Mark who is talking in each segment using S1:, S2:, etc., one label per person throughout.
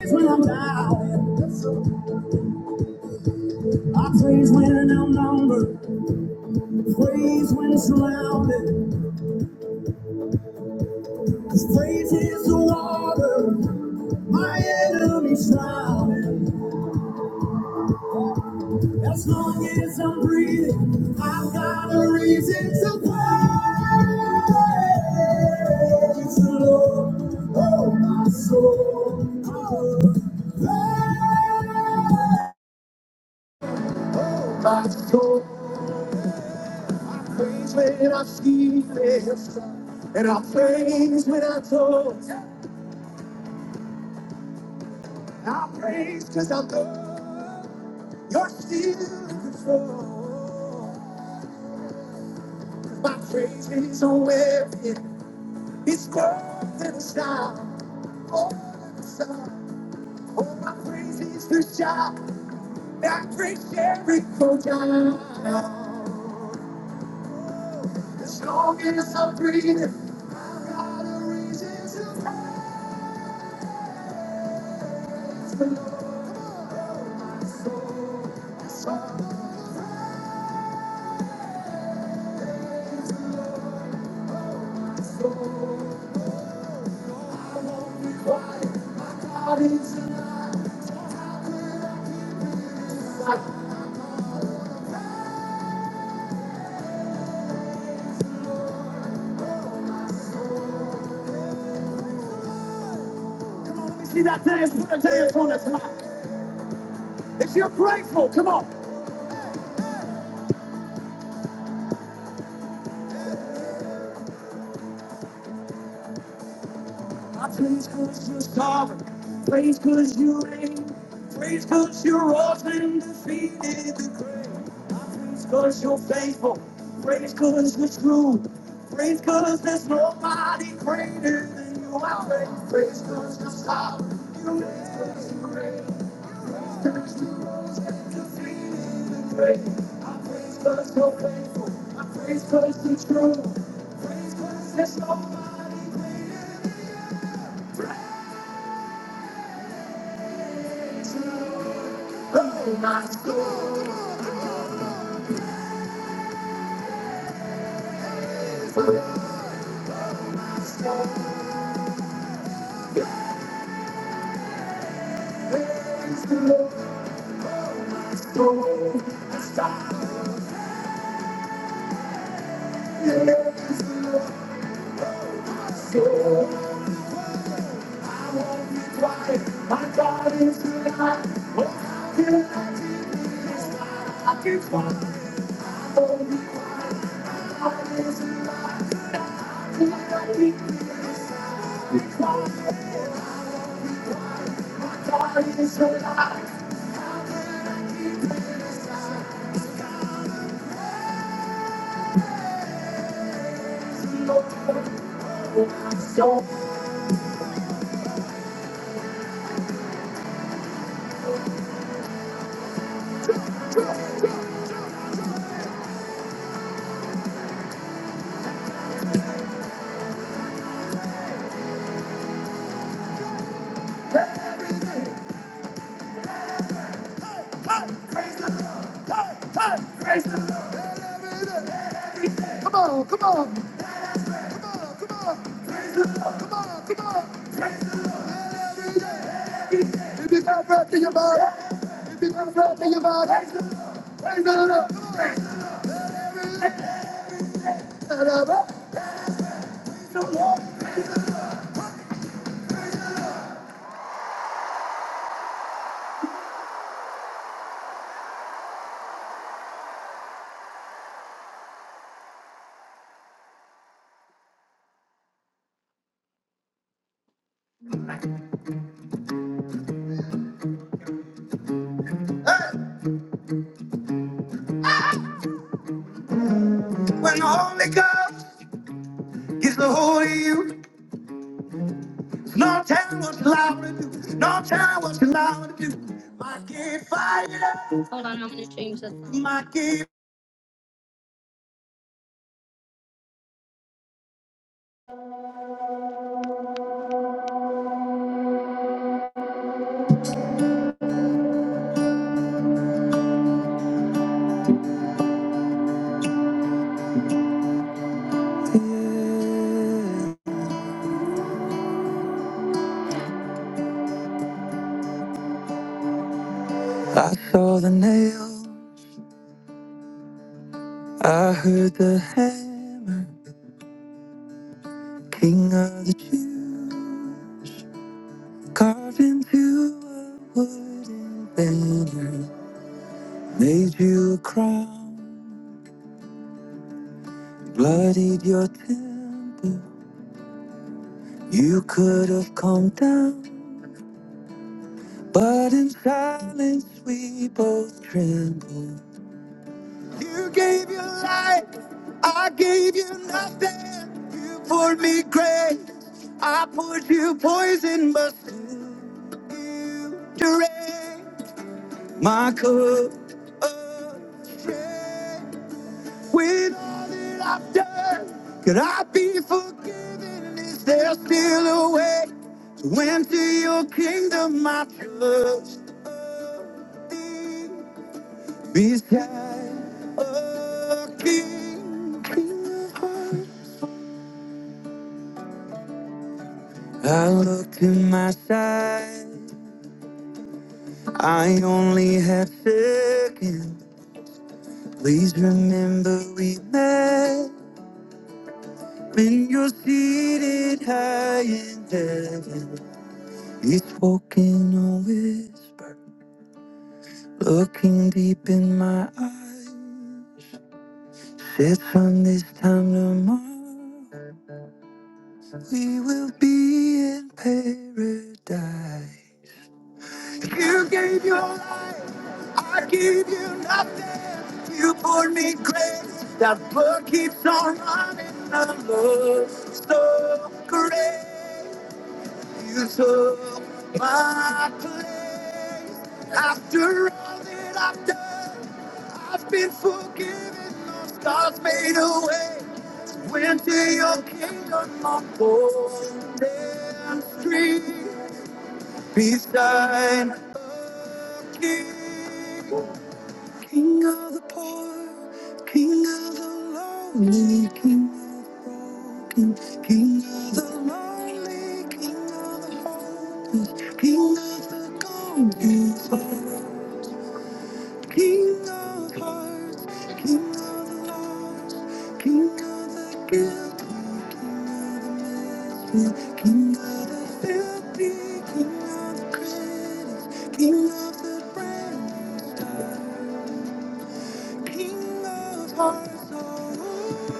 S1: Praise when I'm down. I praise when I'm numbered. Praise when surrounded. Cause praise is the water. My enemy's drowning. As long as I'm breathing, I've got a reason to praise the Lord. Oh, my soul. Oh, praise my soul. praise when I see this. And I praise when I talk. I praise because I know you're still in control. My praise is a weapon. It's more than a sound. More than a sound. Oh, my praise is the shout that breaks every code down. As long as I'm breathing, I've got a reason to praise. See that dance, put a dance on the top. If you're grateful, come on. I praise cause you're sovereign. Praise cause you reign. Praise cause you're often defeated the grave. I praise cause you're faithful. Praise cause you're true. Praise cause there's nobody greater than you. I praise, praise cause you're sovereign. You reign, praise cause you reign. Praise cause you rose and defeated the grave. I praise cause you're faithful. I praise cause you're true. Praise cause there's nobody. Oh, my soul. Come on, come on, come on, come on. Come on, come on. Every day, every day. If you got breath in your body, if you got breath in your body, raise it up. raise it up. it's the whole of you. No time was lost. No time was lost. Hold on, I'm gonna change that. song. I saw the nail. I heard the hammer. King of the Jews, carved into a wooden banner. Made you a crown, bloodied your temple. You could have come down, but in silence we both trembled. You gave your life, I gave you nothing. You poured me grace, I poured you poison, but still you drained my cup. of shame. With all that I've done, could I be forgiven? Is there still a way to enter your kingdom? I trust thee beside a king. king of hearts. I looked to my side, I only had seconds. Please remember we met when you're seated high in heaven. He spoke in a whisper, looking deep in my eyes. Said, son, this time tomorrow, we will be in paradise. You gave your life, I gave you nothing. You poured me grace, that blood keeps on running. The love so great. You took my place. After all that I've done, I've been forgiven. Lost scars made away. Went to your kingdom on golden street. Beside the king. King of the poor, King of the lonely, King of the broken, King of the lonely, King of the hopeless, King of the confused, King of hearts, King of the lost, King of the guilty, King of the filthy, King of the critics, King of the brand. new stars. He loves her so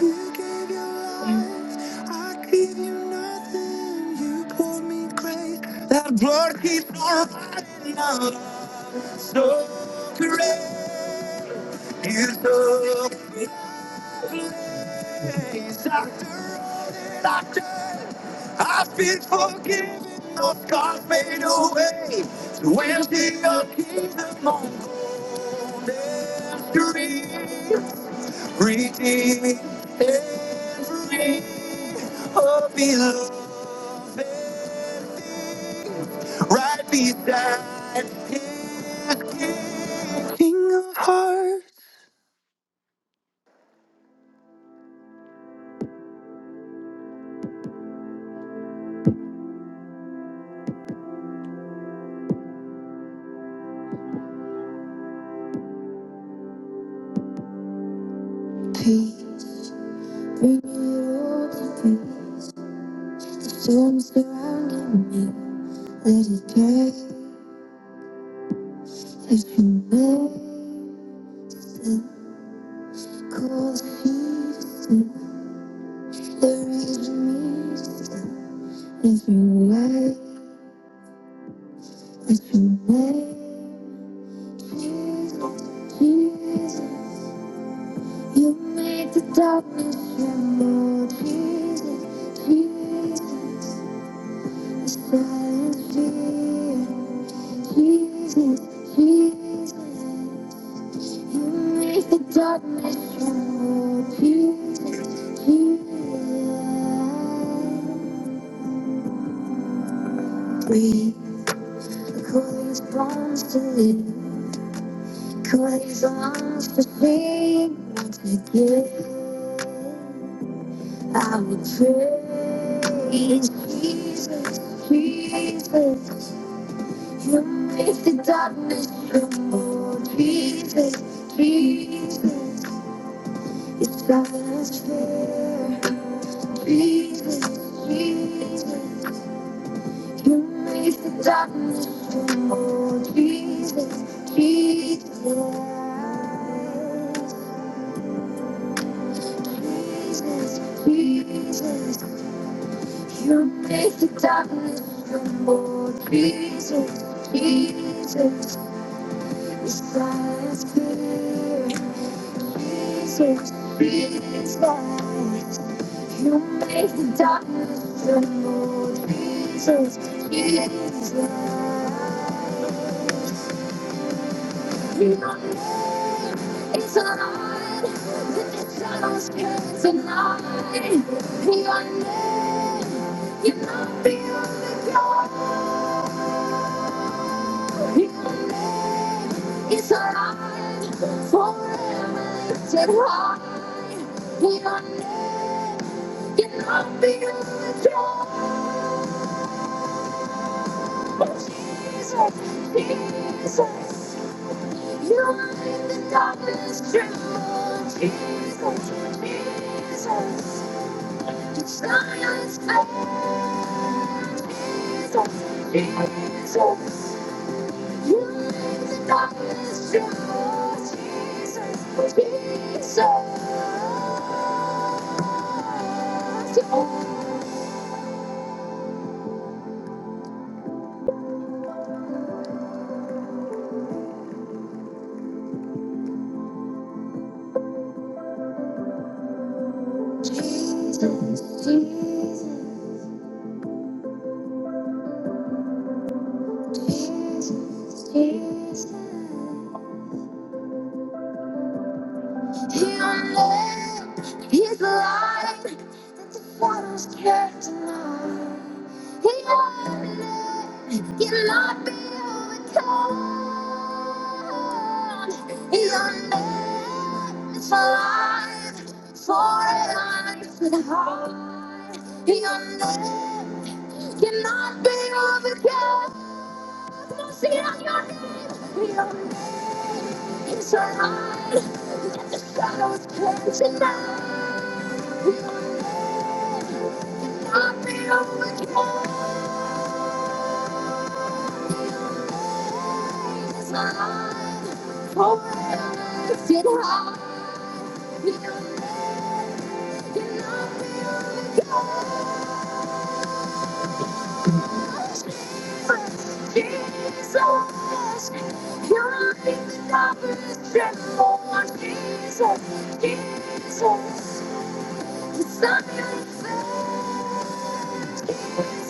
S1: You gave your life. I gave you nothing. You poured me grace. That blood keeps on running out. So great is the grace. After all that I've done, I've been forgiven. Those scars fade away. To empty your the dream. Redeemed. Every hope below. right beside me, King of hearts, peace, bring it all to me. Storms surrounding me, let it drive as you miracles season. There is peace as you light, as you light. Jesus, Jesus, you made the darkness tremble. Jesus, Jesus. Jesus, Jesus, you make the darkness tremble. Jesus, Jesus, breathe. Call these bones to live. Call these lungs to sing once again. I will praise Jesus, Jesus. You make the darkness trembles, Jesus, Jesus, your silence fear. Jesus, Jesus, you make the darkness tremble. Jesus, Jesus, Jesus, Jesus, you make the darkness tremble. Jesus, Jesus. You make the darkness tremble. Jesus, Jesus, you don't know it's a light that the shadows can't deny. Your name, you know beyond the only God. It's a light forever lifted high. Your name is a So use the darkness to Jesus, Jesus, oh Jesus. Jesus, Jesus, Jesus. He unnamed, he's alive, that the shadows can't deny. He unnamed, he cannot be overcome. He unnamed, it's alive, forever it's with high. He unnamed, cannot be overcome. Come on, sing it out your name. He unnamed, it's alive, that the shadows can't deny. Jesus, Jesus, the sun is Blessed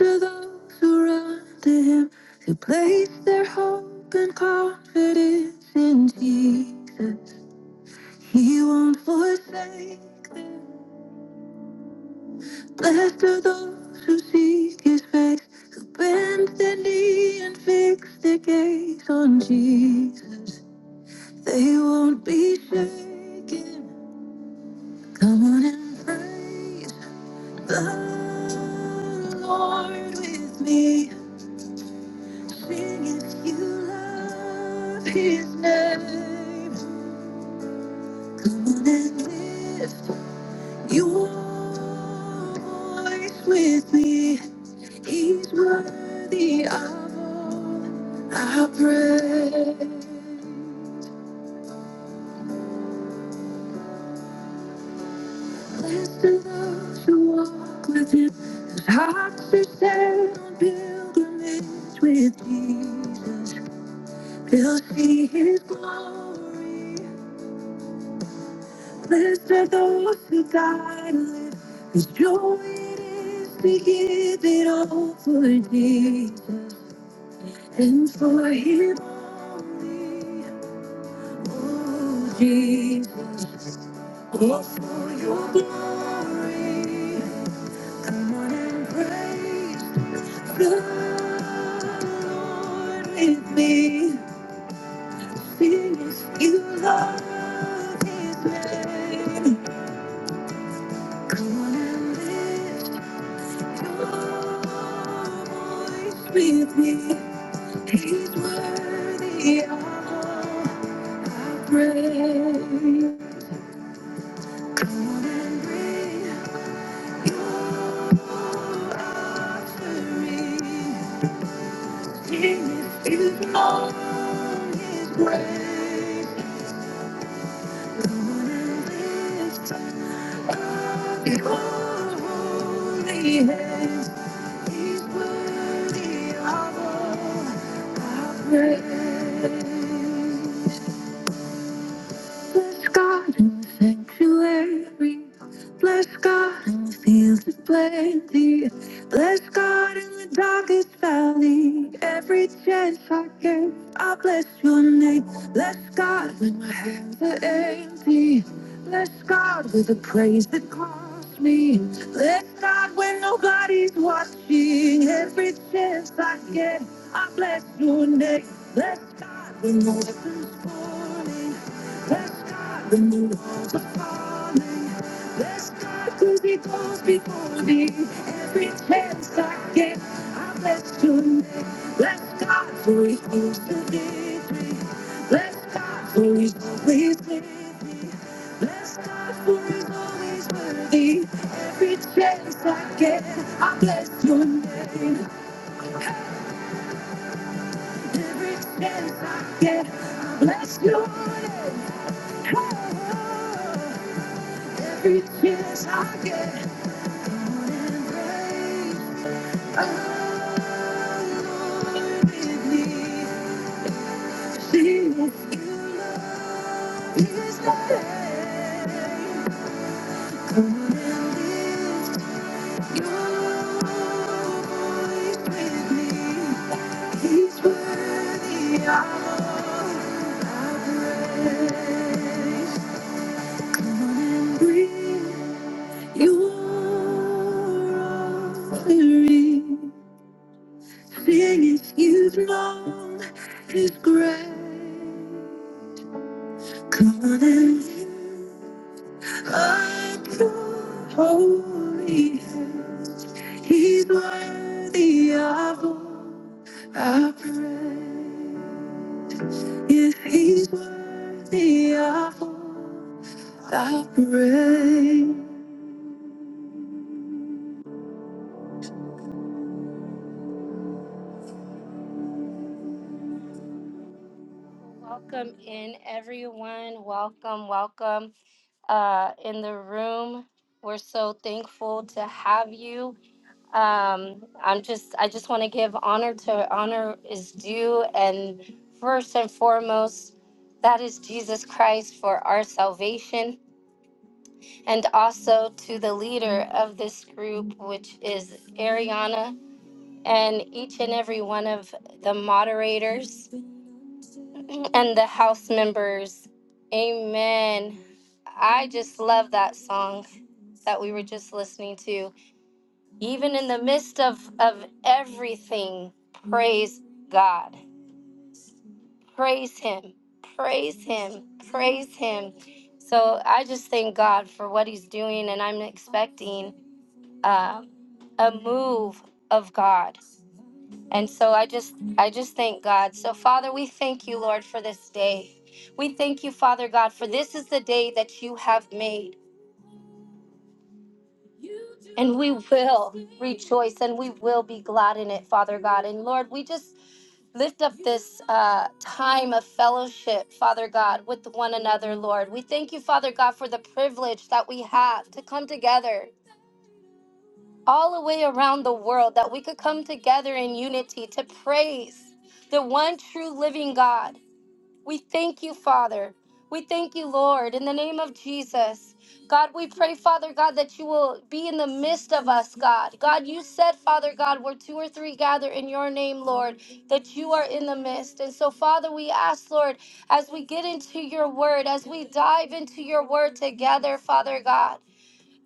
S1: are those who run to him, who place their hope and confidence in thee. He won't forsake them. Blessed are those who seek his face, bend their knee and fix their gaze on thee. They won't be shaken. Come on and praise. You never lived. You always with me. He's worthy of all our praise. Blessed are those who walk with him, whose hearts are set on pilgrimage with Jesus. They'll see his glory Blessed are those who die died, because joy it is to give it all for Jesus and for Him only. Oh, Jesus, all for your glory. Come on and praise the Lord with me. Sing if you love His name. Come on and live. With me, He's worthy of all praise. Praise. Bless God in the sanctuary. Bless God in the fields of plenty. Bless God in the darkest valley. Every chance I get, I bless your name. Bless God when my hands are empty. Bless God with the praise that calls me. Bless God when nobody's watching. Every chance I get, I bless your name. Bless God when no weapon's forming. Bless God, the moon was falling. Bless God, cause he goes before me. Every chance I get, I bless your name. Bless God, for he owns the victory. Bless God, for he's always with me. Bless God, for he's always worthy. Every chance I get, I bless your name. Every chance I get, I bless your name. Oh, Yes, I can. embrace Alone with me. He is the way. Come and lift your voice with me. He's worthy of our praise. Bring your offering. Singing his love, his grace, calling you up your holy hands. He's worthy of all our praise. Yes, he's worthy of all our praise. Welcome in, everyone. Welcome, welcome uh, in the room. We're so thankful to have you. um i'm just i just want to give honor to honor is due and first and foremost that is jesus christ for our salvation and also to the leader of this group which is ariana and each and every one of the moderators and the house members amen i just love that song that we were just listening to Even in the midst of, of everything, praise God. Praise Him. Praise Him. Praise Him. So I just thank God for what He's doing, and I'm expecting uh, a move of God. And so I just I just thank God. So Father, we thank you, Lord, for this day. We thank you, Father God, for this is the day that you have made. And we will rejoice and we will be glad in it, Father God. And Lord, we just lift up this uh, time of fellowship, Father God, with one another, Lord. We thank you, Father God, for the privilege that we have to come together all the way around the world, that we could come together in unity to praise the one true living God. We thank you, Father. We thank you, Lord, in the name of Jesus. God, we pray, Father God, that you will be in the midst of us, God. God, you said, Father God, where two or three gather in your name, Lord, that you are in the midst. And so, Father, we ask, Lord, as we get into your word, as we dive into your word together, Father God,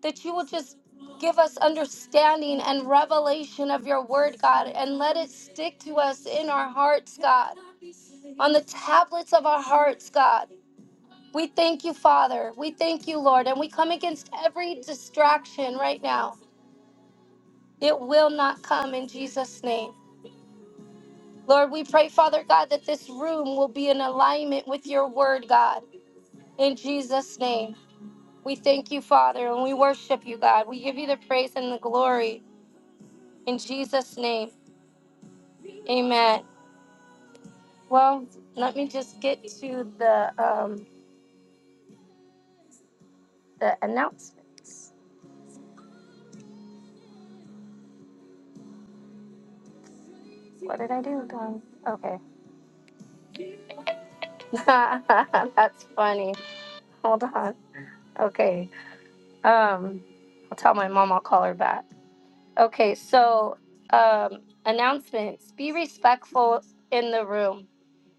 S1: that you will just give us understanding and revelation of your word, God, and let it stick to us in our hearts, God on the tablets of our hearts, God. We thank you, Father. We thank you, Lord. And we come against every distraction right now. It will not come in Jesus' name. Lord, we pray, Father God, that this room will be in alignment with your word, God, in Jesus' name. We thank you, Father, and we worship you, God. We give you the praise and the glory in Jesus' name. Amen. Well, let me just get to the um, the announcements. What did I do, Don? Okay. That's funny. Hold on. Okay. Um, I'll tell my mom I'll call her back. Okay, so um announcements. Be respectful in the room.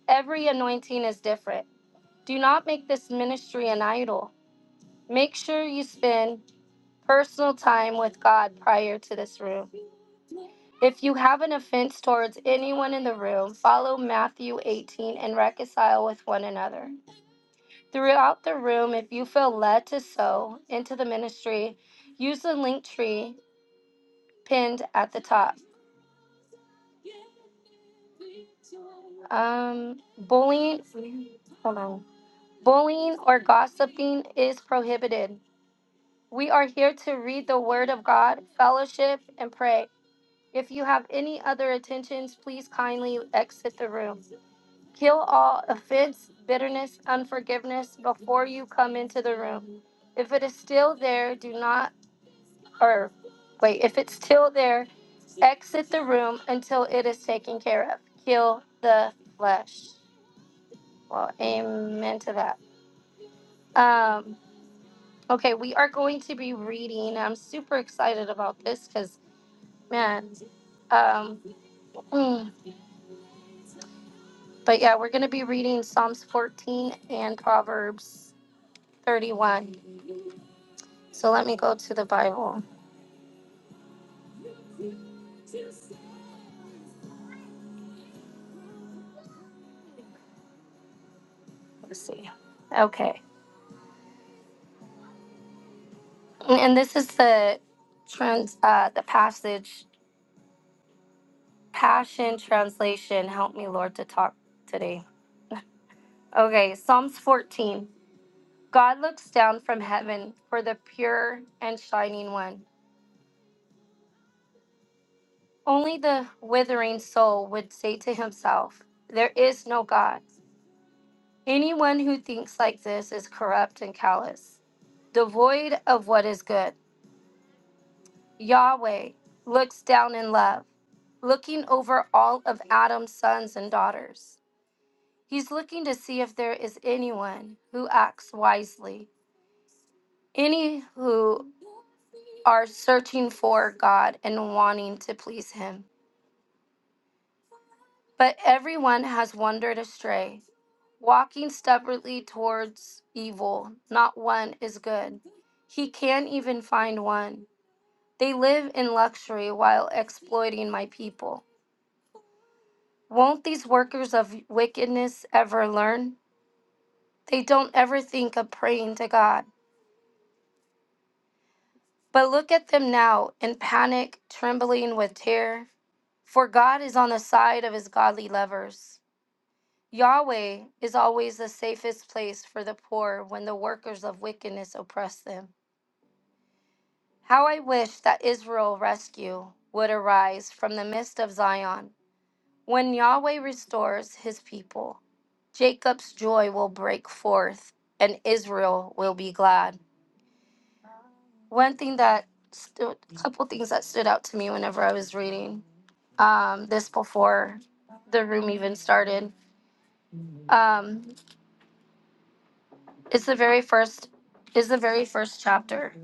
S1: Every anointing is different. Do not make this ministry an idol. Make sure you spend personal time with God prior to this room. If you have an offense towards anyone in the room, follow Matthew 18 and reconcile with one another. Throughout the room, if you feel led to sow into the ministry, use the link tree pinned at the top. Um, bullying, hold on. Bullying or gossiping is prohibited. We are here to read the Word of God, fellowship, and pray. If you have any other attentions, please kindly exit the room. Kill all offense, bitterness, unforgiveness before you come into the room. If it is still there, do not or wait, if it's still there, exit the room until it is taken care of. Kill the flesh. Well, amen to that. Um, okay, we are going to be reading. I'm super excited about this because, man, um, mm, but yeah, we're going to be reading Psalms 14 and Proverbs 31. So let me go to the Bible. Okay, and this is the trans uh, the passage Passion Translation. Help me, Lord, to talk today. Okay, Psalms 14. God looks down from heaven for the pure and shining one. Only the withering soul would say to himself, There is no God. Anyone who thinks like this is corrupt and callous, devoid of what is good. Yahweh looks down in love, looking over all of Adam's sons and daughters. He's looking to see if there is anyone who acts wisely, any who are searching for God and wanting to please Him. But everyone has wandered astray, walking stubbornly towards evil. Not one is good. He can't even find one. They live in luxury while exploiting my people. Won't these workers of wickedness ever learn? They don't ever think of praying to God. But look at them now in panic, trembling with terror, for God is on the side of his godly lovers. Yahweh is always the safest place for the poor when the workers of wickedness oppress them. How I wish that Israel rescue would arise from the midst of Zion. When Yahweh restores his people, Jacob's joy will break forth and Israel will be glad. One thing that stood, a couple things that stood out to me whenever I was reading um, this before the room even started. Um, it's the very first is the very first chapter.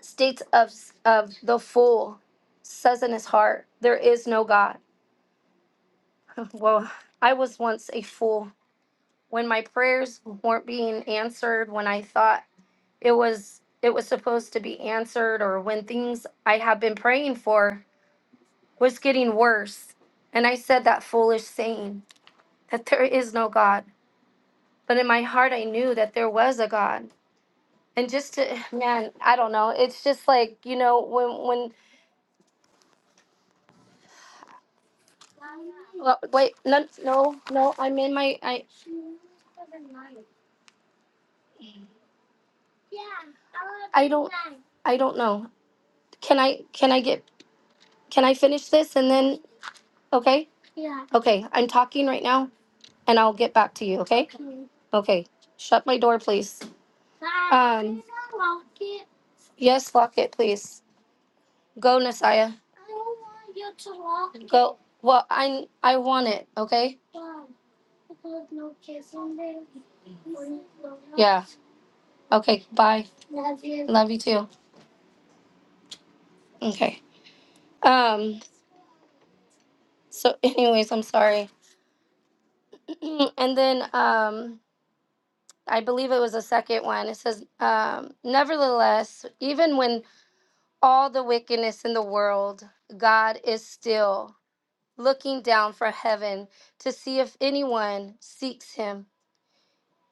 S1: States of of the fool says in his heart, there is no God. Well, I was once a fool when my prayers weren't being answered when I thought it was it was supposed to be answered or when things I had been praying for was getting worse and I said that foolish saying that there is no God. But in my heart, I knew that there was a God. And just to, man, I don't know. It's just like, you know, when, when, well, wait, no, no, no, I'm in my, I, I don't, I don't know. Can I, can I get, can I finish this and then, okay? Okay, I'm talking right now and I'll get back to you, okay? Okay, shut my door, please. Um, yes, lock it, please. Go, Nasaya. I don't want you to lock it. Go. Well, I I want it. Okay. Why? Because no kids in there. When you grow up. Yeah. Okay. Bye. Love you Love you too. Okay. Um. So, anyways, I'm sorry. and then, um, I believe it was the second one. It says, um, nevertheless, even when all the wickedness in the world, God is still looking down from heaven to see if anyone seeks Him.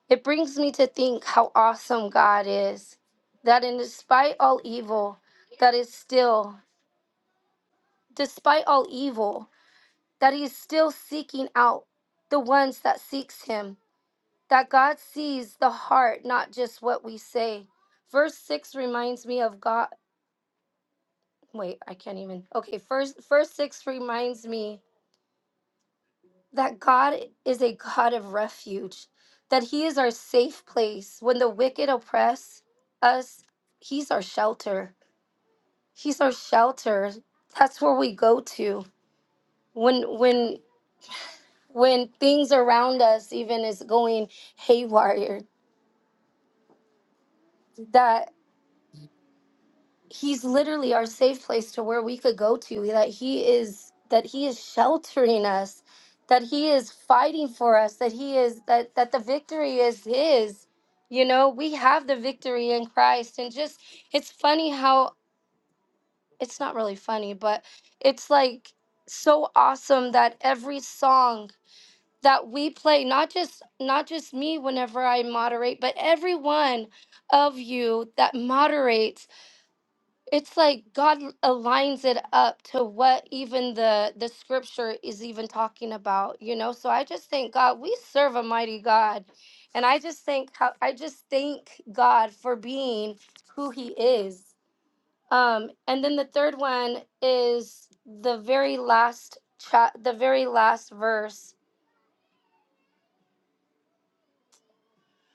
S1: It brings me to think how awesome God is, that in despite all evil, that is still, despite all evil, that He is still seeking out the ones that seeks Him, that God sees the heart, not just what we say. Verse 6 reminds me of God. Wait, I can't even. Okay, first, verse 6 reminds me that God is a God of refuge, that He is our safe place. When the wicked oppress us, He's our shelter. He's our shelter. That's where we go to when when when things around us even is going haywire. That he's literally our safe place to where we could go to that he is that he is sheltering us that he is fighting for us that he is that that the victory is his you know we have the victory in christ and just it's funny how it's not really funny but it's like so awesome that every song that we play not just not just me whenever i moderate but every one of you that moderates it's like God l- aligns it up to what even the the scripture is even talking about, you know. So I just thank God we serve a mighty God, and I just thank how I just thank God for being who He is. Um, and then the third one is the very last chat, the very last verse.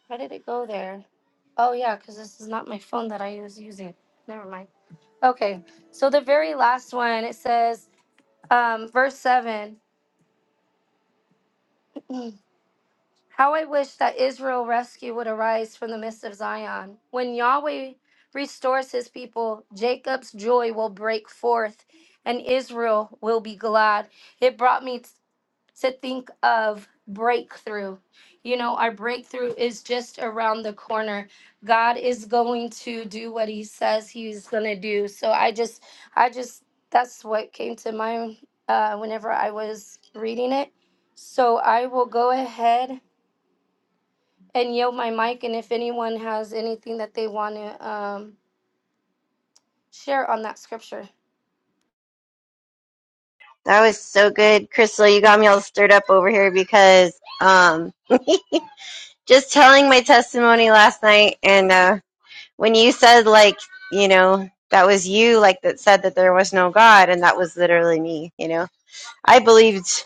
S1: How did it go there? Oh yeah, because this is not my phone that I was using. Never mind. Okay, so the very last one it says. Um, verse 7 How I wish that Israel rescue would arise from the midst of Zion. When Yahweh restores his people, Jacob's joy will break forth and Israel will be glad. It brought me to think of breakthrough. You know, our breakthrough is just around the corner. God is going to do what he says he's going to do. So I just I just that's what came to mind uh whenever I was reading it. So I will go ahead and yield my mic and if anyone has anything that they want to um share on that scripture.
S2: That was so good, Crystal. You got me all stirred up over here because um, just telling my testimony last night, and uh, when you said like you know that was you like that said that there was no God, and that was literally me. You know, I believed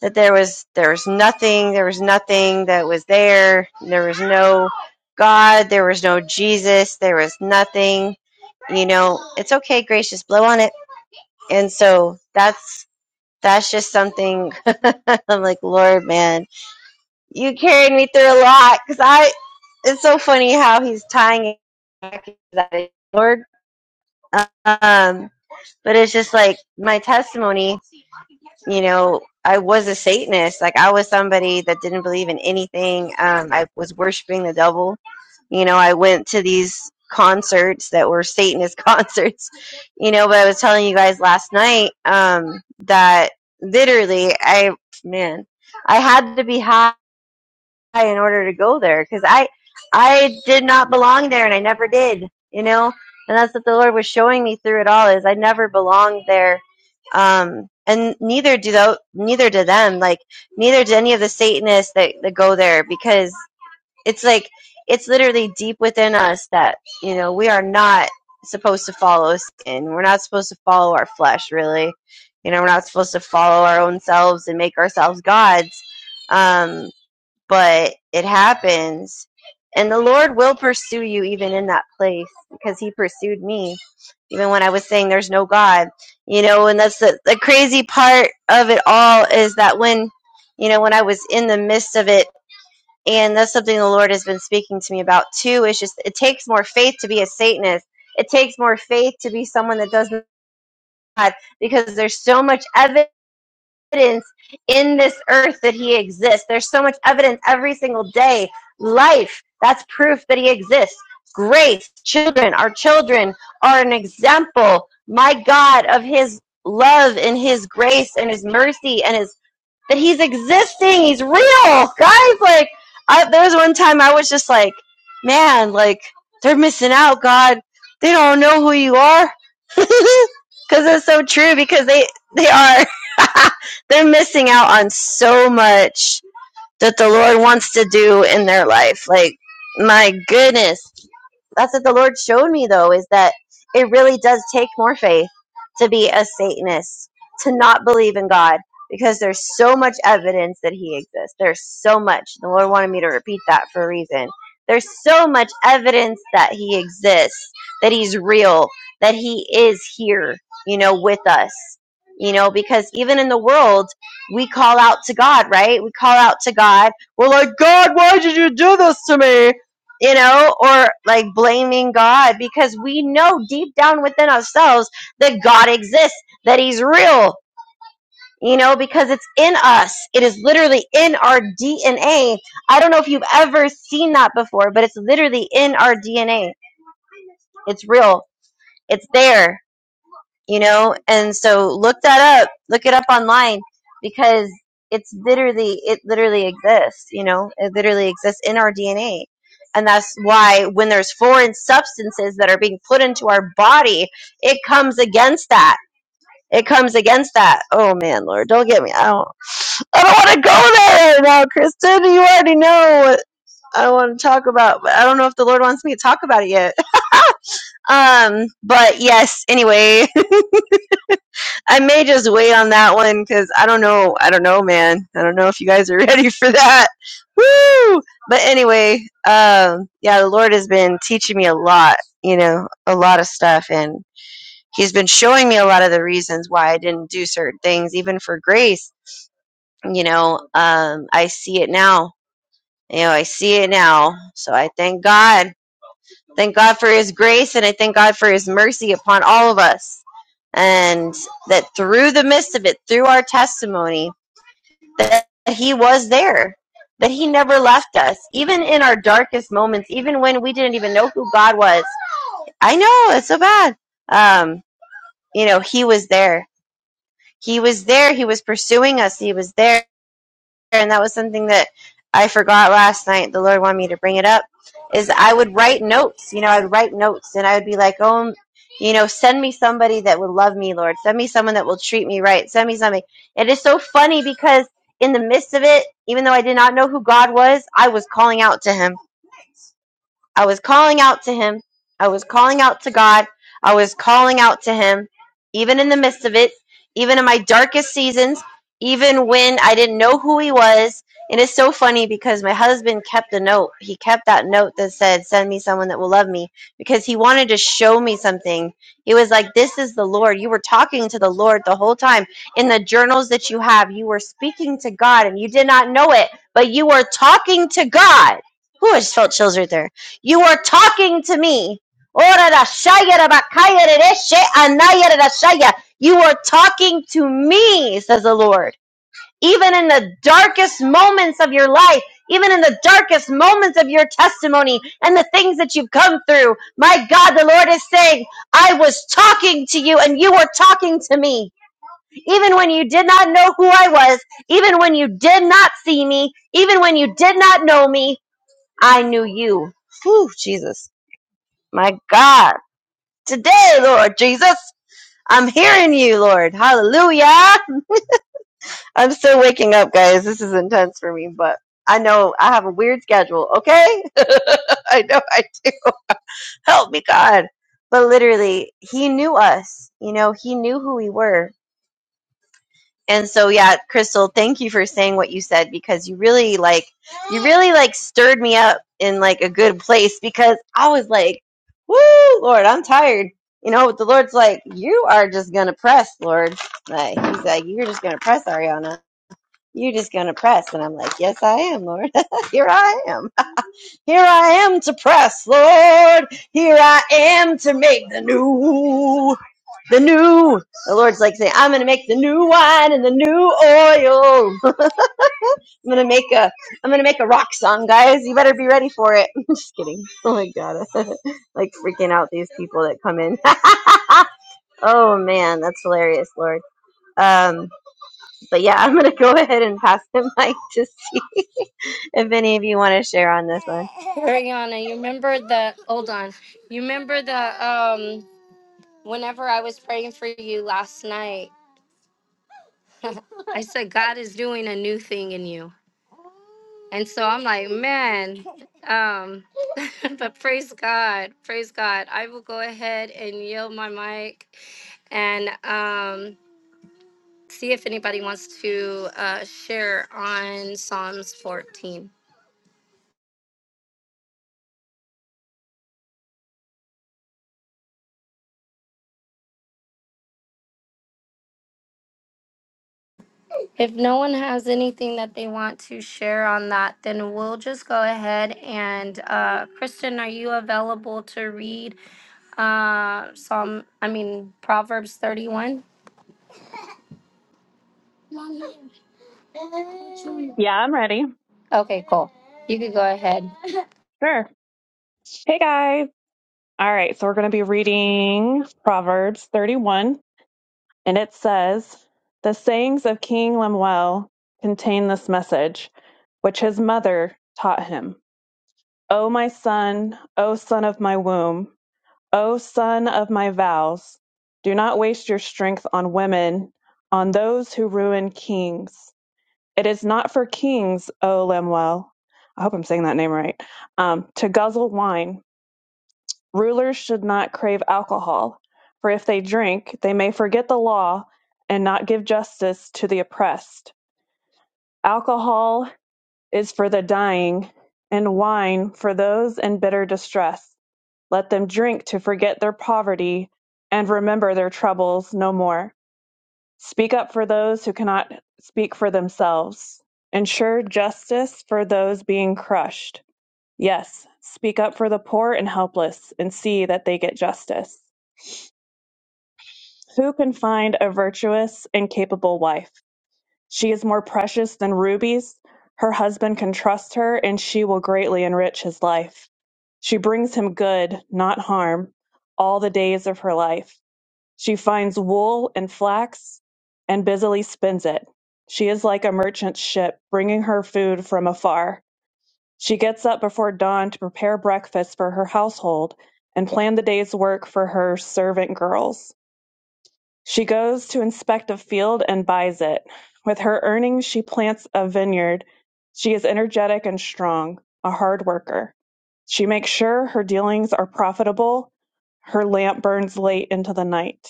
S2: that there was there was nothing, there was nothing that was there. There was no God, there was no Jesus, there was nothing. You know, it's okay, gracious, blow on it. And so that's that's just something I'm like, Lord, man, you carried me through a lot because I. It's so funny how he's tying it back to that Lord. Um, but it's just like my testimony. You know, I was a Satanist. Like I was somebody that didn't believe in anything. Um, I was worshiping the devil. You know, I went to these concerts that were Satanist concerts. You know, but I was telling you guys last night um, that literally, I man, I had to be high in order to go there because I I did not belong there and I never did, you know. And that's what the Lord was showing me through it all is I never belonged there, um, and neither do though neither do them. Like neither do any of the Satanists that, that go there because it's like it's literally deep within us that you know we are not supposed to follow sin. We're not supposed to follow our flesh, really. You know, we're not supposed to follow our own selves and make ourselves gods. Um, but it happens. And the Lord will pursue you even in that place because He pursued me, even when I was saying there's no God. You know, and that's the, the crazy part of it all is that when, you know, when I was in the midst of it, and that's something the Lord has been speaking to me about too, is just it takes more faith to be a Satanist. It takes more faith to be someone that doesn't because there's so much evidence evidence in this earth that he exists. There's so much evidence every single day. Life, that's proof that he exists. Grace, children, our children are an example, my God, of his love and his grace and his mercy and his that he's existing. He's real, guys. Like, I, there was one time I was just like, man, like they're missing out. God, they don't know who you are, because it's so true. Because they they are they're missing out on so much that the Lord wants to do in their life. Like, my goodness that's what the Lord showed me though is that it really does take more faith to be a Satanist, to not believe in God, because there's so much evidence that He exists. There's so much. The Lord wanted me to repeat that for a reason. There's so much evidence that He exists, that He's real, that He is here, you know, with us. You know, because even in the world, we call out to God, right? We call out to God. We're like, God, why did you do this to me? you know, or like blaming God because we know deep down within ourselves that God exists, that He's real, you know, because it's in us. It is literally in our DNA. I don't know if you've ever seen that before, but it's literally in our DNA. It's real, it's there you know and so look that up look it up online because it's literally it literally exists you know it literally exists in our dna and that's why when there's foreign substances that are being put into our body it comes against that it comes against that oh man lord don't get me i don't i don't want to go there right now kristen you already know what i want to talk about but i don't know if the lord wants me to talk about it yet um but yes anyway I may just wait on that one because I don't know. I don't know, man. I don't know if you guys are ready for that. Woo! But anyway, um, yeah, the Lord has been teaching me a lot, you know, a lot of stuff, and He's been showing me a lot of the reasons why I didn't do certain things, even for grace. You know, um, I see it now. You know, I see it now. So I thank God Thank God for His grace, and I thank God for His mercy upon all of us. And that through the midst of it, through our testimony, that He was there, that He never left us, even in our darkest moments, even when we didn't even know who God was. I know it's so bad. Um, you know, He was there. He was there. He was pursuing us. He was there and that was something that I forgot last night. The Lord wanted me to bring it up. Is I would write notes. You know, I would write notes, and I would be like, "Oh, you know, send me somebody that would love me, Lord. Send me someone that will treat me right. Send me something." It is so funny because in the midst of it, even though I did not know who God was, I was calling out to Him I was calling out to him. I was calling out to God. I was calling out to him, even in the midst of it, even in my darkest seasons, even when I didn't know who he was. And it's so funny because my husband kept a note. He kept that note that said, Send me someone that will love me because he wanted to show me something. He was like, This is the Lord. You were talking to the Lord the whole time. In the journals that you have, you were speaking to God and you did not know it, but you were talking to God. Who I just felt chills right there you are talking to me. You are talking to me, says the Lord. Even in the darkest moments of your life, even in the darkest moments of your testimony and the things that you've come through, my God, the Lord is saying, I was talking to you and you were talking to me. Even when you did not know who I was, even when you did not see me, even when you did not know me, I knew you. Whew, Jesus. My God. Today, Lord Jesus, I'm hearing you, Lord. Hallelujah. I'm still waking up, guys. This is intense for me, but I know I have a weird schedule, okay? I know I do. Help me, God. But literally, he knew us. You know, he knew who we were And so yeah, Crystal, thank you for saying what you said because you really like you really like stirred me up in like a good place because I was like, "Woo, Lord, I'm tired." You know, the Lord's like, "You are just going to press, Lord." Like he's like, "You're just going to press, Ariana. You're just going to press." And I'm like, "Yes, I am, Lord. Here I am. Here I am to press, Lord. Here I am to make the new." The new. The Lord's like saying, I'm going to make the new wine and the new oil. I'm gonna make a I'm gonna make a rock song, guys. You better be ready for it. I'm just kidding. Oh my god. like freaking out these people that come in. oh man, that's hilarious, Lord. Um, but yeah, I'm gonna go ahead and pass the mic to see if any of you want to share on this one.
S1: Ariana, you remember the hold on. You remember the um whenever I was praying for you last night, I said God is doing a new thing in you. And so I'm like, man, um, but praise God, praise God. I will go ahead and yield my mic and um, see if anybody wants to uh, share on Psalms 14. If no one has anything that they want to share on that, then we'll just go ahead and uh, Kristen, are you available to read Uh, Psalm, I mean, Proverbs 31.
S3: Yeah, I'm ready.
S1: Okay, cool. You could go ahead.
S3: Sure. Hey, guys. All right, so we're going to be reading Proverbs 31, and it says, The sayings of King Lemuel contain this message, which his mother taught him O my son, O son of my womb, O son of my vows, do not waste your strength on women, on those who ruin kings. It is not for kings, O Lemuel. I hope I'm saying that name right. Um, to guzzle wine Rulers should not crave alcohol, for if they drink, they may forget the law and not give justice to the oppressed. Alcohol is for the dying, and wine for those in bitter distress. Let them drink to forget their poverty and remember their troubles no more. Speak up for those who cannot speak for themselves. Ensure justice for those being crushed. Yes, speak up for the poor and helpless and see that they get justice. Who can find a virtuous and capable wife? She is more precious than rubies. Her husband can trust her, and she will greatly enrich his life. She brings him good, not harm, all the days of her life. She finds wool and flax and busily spins it. She is like a merchant ship, bringing her food from afar. She gets up before dawn to prepare breakfast for her household and plan the day's work for her servant girls. She goes to inspect a field and buys it. With her earnings, she plants a vineyard. She is energetic and strong, a hard worker. She makes sure her dealings are profitable. Her lamp burns late into the night.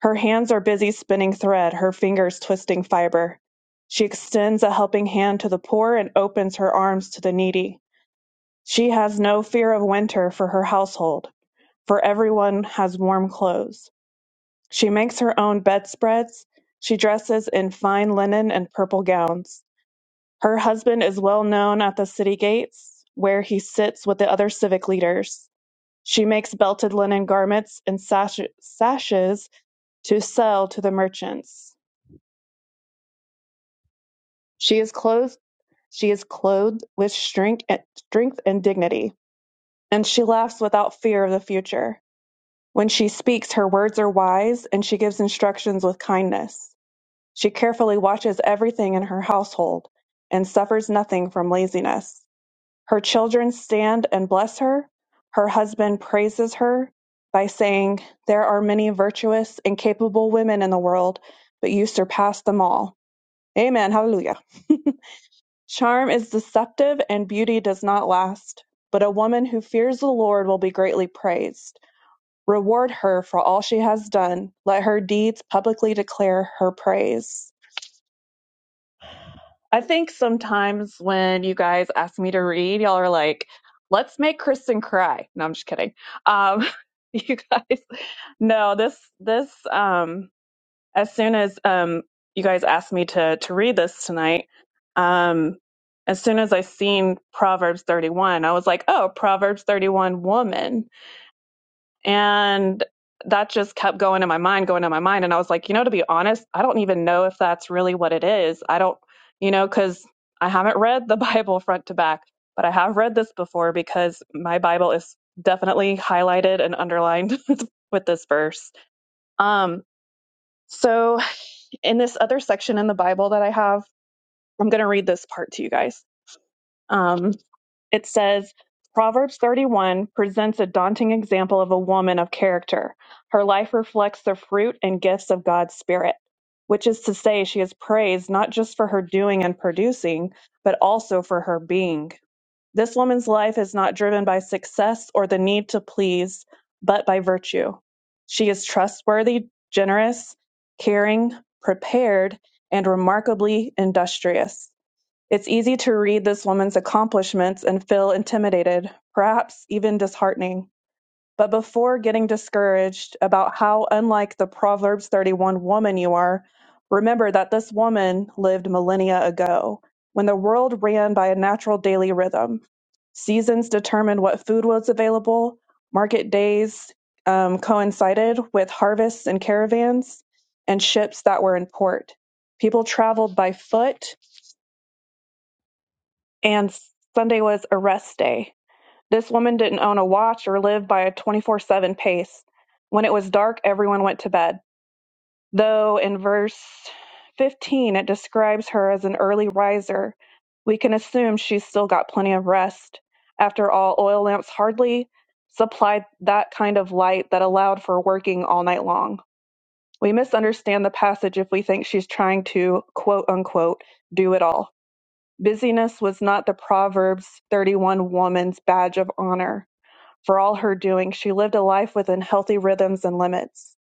S3: Her hands are busy spinning thread, her fingers twisting fiber. She extends a helping hand to the poor and opens her arms to the needy. She has no fear of winter for her household, for everyone has warm clothes. She makes her own bedspreads. She dresses in fine linen and purple gowns. Her husband is well known at the city gates, where he sits with the other civic leaders. She makes belted linen garments and sash- sashes to sell to the merchants. She is clothed. She is clothed with strength and, strength and dignity, and she laughs without fear of the future. When she speaks, her words are wise, and she gives instructions with kindness. She carefully watches everything in her household and suffers nothing from laziness. Her children stand and bless her. Her husband praises her by saying, There are many virtuous and capable women in the world, but you surpass them all. Amen. Hallelujah. Charm is deceptive and beauty does not last, but a woman who fears the Lord will be greatly praised. Reward her for all she has done. Let her deeds publicly declare her praise. I think sometimes when you guys ask me to read, y'all are like, let's make Kristen cry. No, I'm just kidding. Um, you guys, no, this, this, um, as soon as, um, you guys asked me to, to read this tonight, um, as soon as I seen Proverbs 31, I was like, oh, Proverbs 31 woman. And that just kept going in my mind, going in my mind. And I was like, you know, to be honest, I don't even know if that's really what it is. I don't, you know, because I haven't read the Bible front to back, but I have read this before because my Bible is definitely highlighted and underlined with this verse. Um, so in this other section in the Bible that I have, I'm going to read this part to you guys. Um, it says, Proverbs 31 presents a daunting example of a woman of character. Her life reflects the fruit and gifts of God's Spirit, which is to say, she is praised not just for her doing and producing, but also for her being. This woman's life is not driven by success or the need to please, but by virtue. She is trustworthy, generous, caring, prepared, and remarkably industrious. It's easy to read this woman's accomplishments and feel intimidated, perhaps even disheartening. But before getting discouraged about how unlike the Proverbs 31 woman you are, remember that this woman lived millennia ago, when the world ran by a natural daily rhythm. Seasons determined what food was available, market days um, coincided with harvests and caravans, and ships that were in port. People traveled by foot and Sunday was a rest day. This woman didn't own a watch or live by a 24 7 pace. When it was dark, everyone went to bed. Though in verse 15 it describes her as an early riser, we can assume she's still got plenty of rest. After all, oil lamps hardly supplied that kind of light that allowed for working all night long. We misunderstand the passage if we think she's trying to, quote unquote, do it all. Busyness was not the Proverbs 31 woman's badge of honor. For all her doing, she lived a life within healthy rhythms and limits.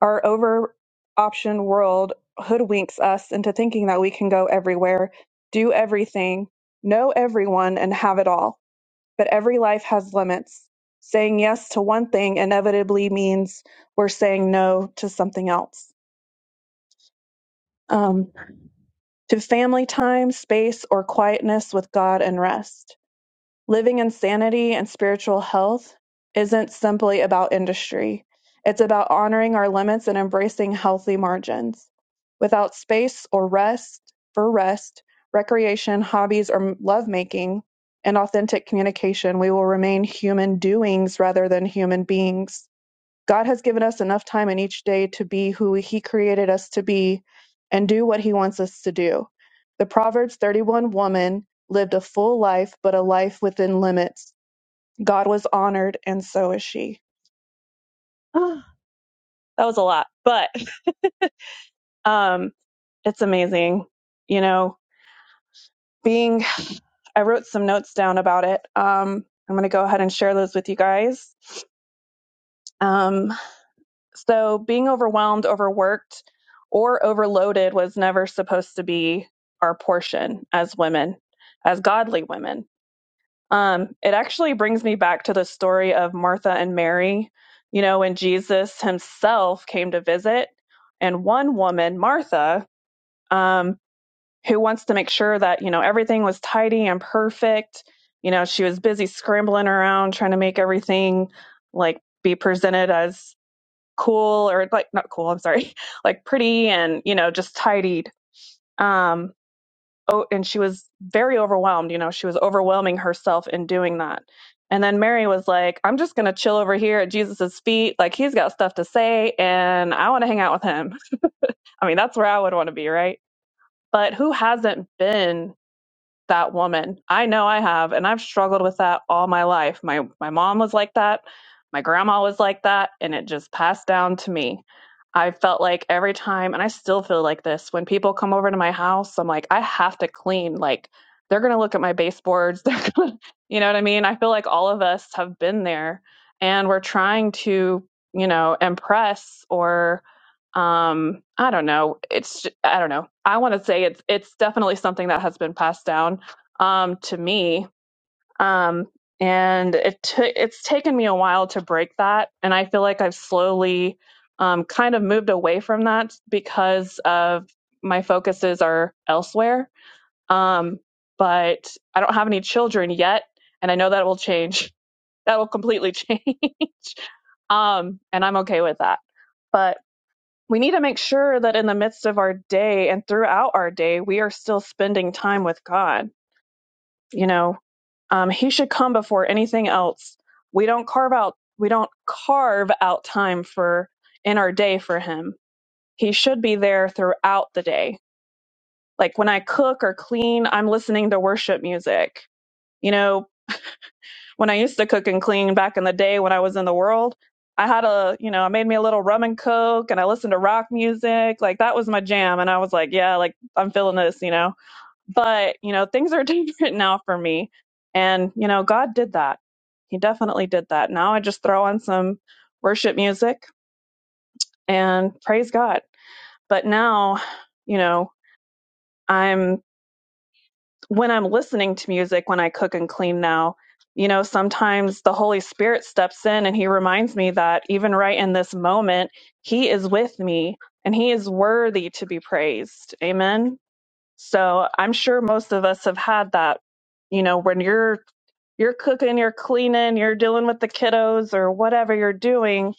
S3: Our over optioned world hoodwinks us into thinking that we can go everywhere, do everything, know everyone, and have it all. But every life has limits. Saying yes to one thing inevitably means we're saying no to something else. Um, to family time, space, or quietness with God and rest. Living in sanity and spiritual health isn't simply about industry. It's about honoring our limits and embracing healthy margins. Without space or rest for rest, recreation, hobbies, or lovemaking, and authentic communication, we will remain human doings rather than human beings. God has given us enough time in each day to be who He created us to be and do what He wants us to do. The Proverbs 31 woman lived a full life, but a life within limits. God was honored, and so is she. that was a lot, but um, it's amazing. You know, being, I wrote some notes down about it. Um, I'm going to go ahead and share those with you guys. Um. So being overwhelmed, overworked, or overloaded was never supposed to be our portion as women, as godly women. Um, it actually brings me back to the story of Martha and Mary, you know, when Jesus himself came to visit, and one woman, Martha, um, who wants to make sure that, you know, everything was tidy and perfect. You know, she was busy scrambling around trying to make everything like be presented as cool or like not cool i'm sorry like pretty and you know just tidied um oh and she was very overwhelmed you know she was overwhelming herself in doing that and then mary was like i'm just going to chill over here at jesus's feet like he's got stuff to say and i want to hang out with him i mean that's where i would want to be right but who hasn't been that woman. I know I have, and I've struggled with that all my life. My my mom was like that, my grandma was like that, and it just passed down to me. I felt like every time, and I still feel like this when people come over to my house, I'm like, I have to clean. Like they're gonna look at my baseboards. They're gonna, you know what I mean? I feel like all of us have been there, and we're trying to, you know, impress or um i don't know it's I i don't know i want to say it's it's definitely something that has been passed down um to me um and it took it's taken me a while to break that and i feel like i've slowly um kind of moved away from that because of my focuses are elsewhere um but i don't have any children yet and i know that will change that will completely change um and i'm okay with that but we need to make sure that in the midst of our day and throughout our day, we are still spending time with God. You know, um, He should come before anything else. We don't carve out we don't carve out time for in our day for Him. He should be there throughout the day. Like when I cook or clean, I'm listening to worship music. You know, when I used to cook and clean back in the day when I was in the world, I had a, you know, I made me a little rum and coke and I listened to rock music. Like that was my jam. And I was like, yeah, like I'm feeling this, you know. But, you know, things are different now for me. And, you know, God did that. He definitely did that. Now I just throw on some worship music and praise God. But now, you know, I'm when I'm listening to music, when I cook and clean now, you know, sometimes the Holy Spirit steps in and he reminds me that even right in this moment, he is with me and he is worthy to be praised. Amen. So I'm sure most of us have had that, you know, when you're you're cooking, you're cleaning, you're dealing with the kiddos or whatever you're doing,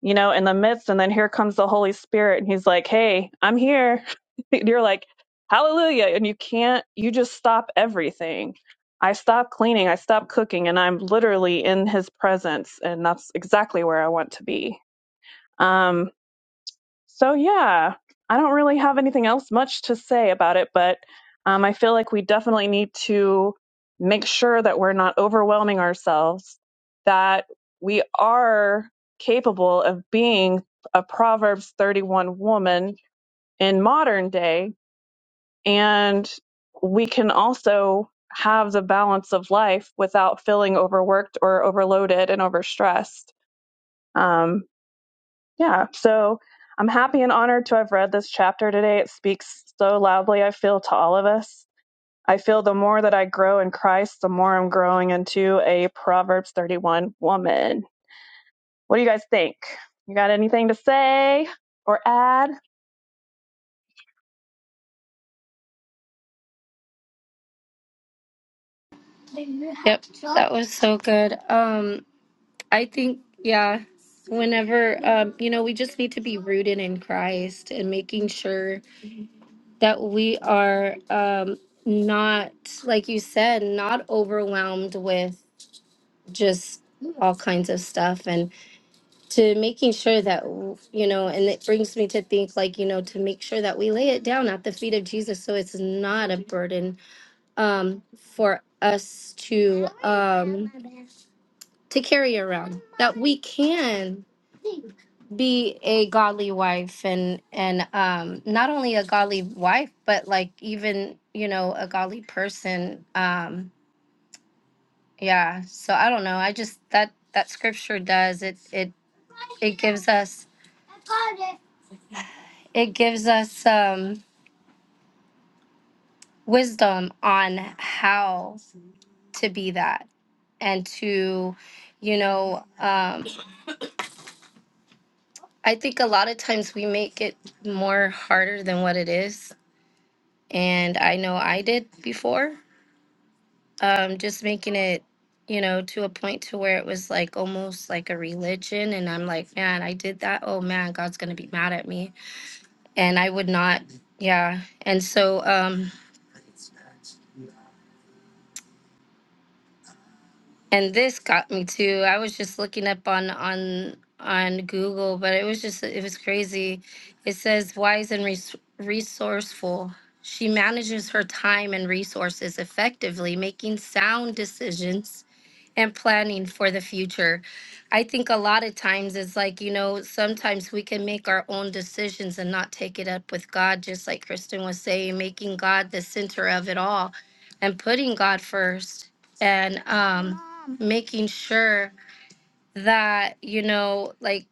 S3: you know, in the midst. And then here comes the Holy Spirit, and He's like, Hey, I'm here. and you're like, Hallelujah. And you can't, you just stop everything. I stop cleaning, I stop cooking, and I'm literally in His presence. And that's exactly where I want to be. Um, so, yeah, I don't really have anything else much to say about it, but um, I feel like we definitely need to make sure that we're not overwhelming ourselves, that we are capable of being a Proverbs 31 woman in modern day, and we can also have the balance of life without feeling overworked or overloaded and overstressed. Um, yeah, so I'm happy and honored to have read this chapter today. It speaks so loudly, I feel, to all of us. I feel the more that I grow in Christ, the more I'm growing into a Proverbs 31 woman. What do you guys think? You got anything to say or add?
S1: Yep, that was so good. Um, I think, yeah, whenever, um, you know, we just need to be rooted in Christ and making sure that we are um, not, like you said, not overwhelmed with just all kinds of stuff. And to making sure that you know and it brings me to think like you know to make sure that we lay it down at the feet of jesus so it's not a burden um for us to um to carry around that we can be a godly wife and and um not only a godly wife but like even you know a godly person um yeah, so I don't know. I just that that scripture does it it it gives us it gives us um wisdom on how to be that and to you know um I think a lot of times we make it more harder than what it is and I know I did before um just making it you know to a point to where it was like almost like a religion and i'm like man i did that oh man god's gonna be mad at me and i would not yeah and so um and this got me too i was just looking up on on on google but it was just it was crazy it says wise and res- resourceful she manages her time and resources effectively making sound decisions and planning for the future. I think a lot of times it's like, you know, sometimes we can make our own decisions and not take it up with God, just like Kristen was saying, making God the center of it all and putting God first and um, making sure that, you know, like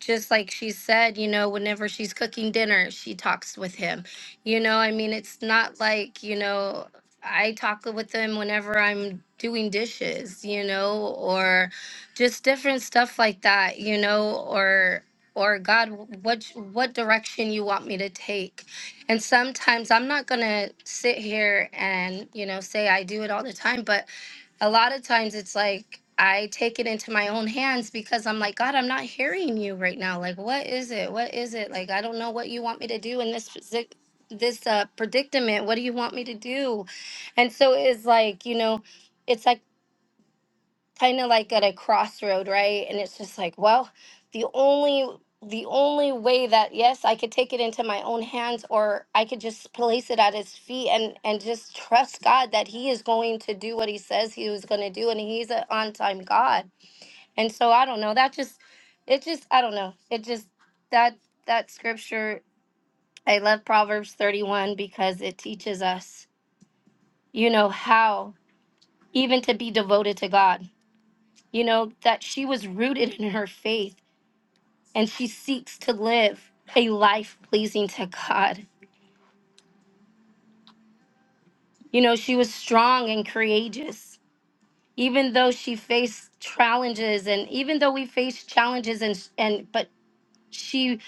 S1: just like she said, you know, whenever she's cooking dinner, she talks with him. You know, I mean, it's not like, you know, I talk with him whenever I'm doing dishes, you know, or just different stuff like that, you know, or or God, what what direction you want me to take? And sometimes I'm not gonna sit here and you know say I do it all the time, but a lot of times it's like I take it into my own hands because I'm like, God, I'm not hearing you right now. Like, what is it? What is it? Like, I don't know what you want me to do in this physic- this uh, predicament. What do you want me to do? And so it's like, you know, it's like kind of like at a crossroad, right? And it's just like, well, the only the only way that yes, I could take it into my own hands or I could just place it at his feet and and just trust God that he is going to do what he says he was going to do and he's an on-time God. And so I don't know, that just it just I don't know. It just that that scripture I love Proverbs 31 because it teaches us, you know, how even to be devoted to God you know, that she was rooted in her faith and she seeks to live a life pleasing to God. You know, she was strong and courageous, even though she faced challenges and even though we faced challenges and and but she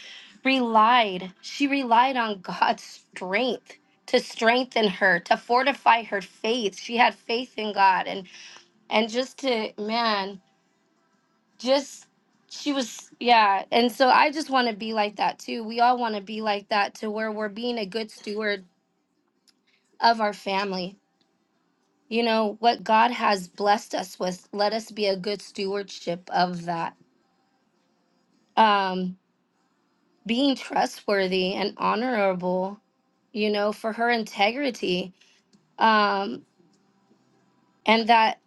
S1: relied, she relied on God's strength to strengthen her, to fortify her faith. She had faith in God and and just to man just she was yeah and so i just want to be like that too we all want to be like that to where we're being a good steward of our family you know what god has blessed us with let us be a good stewardship of that um being trustworthy and honorable you know for her integrity um and that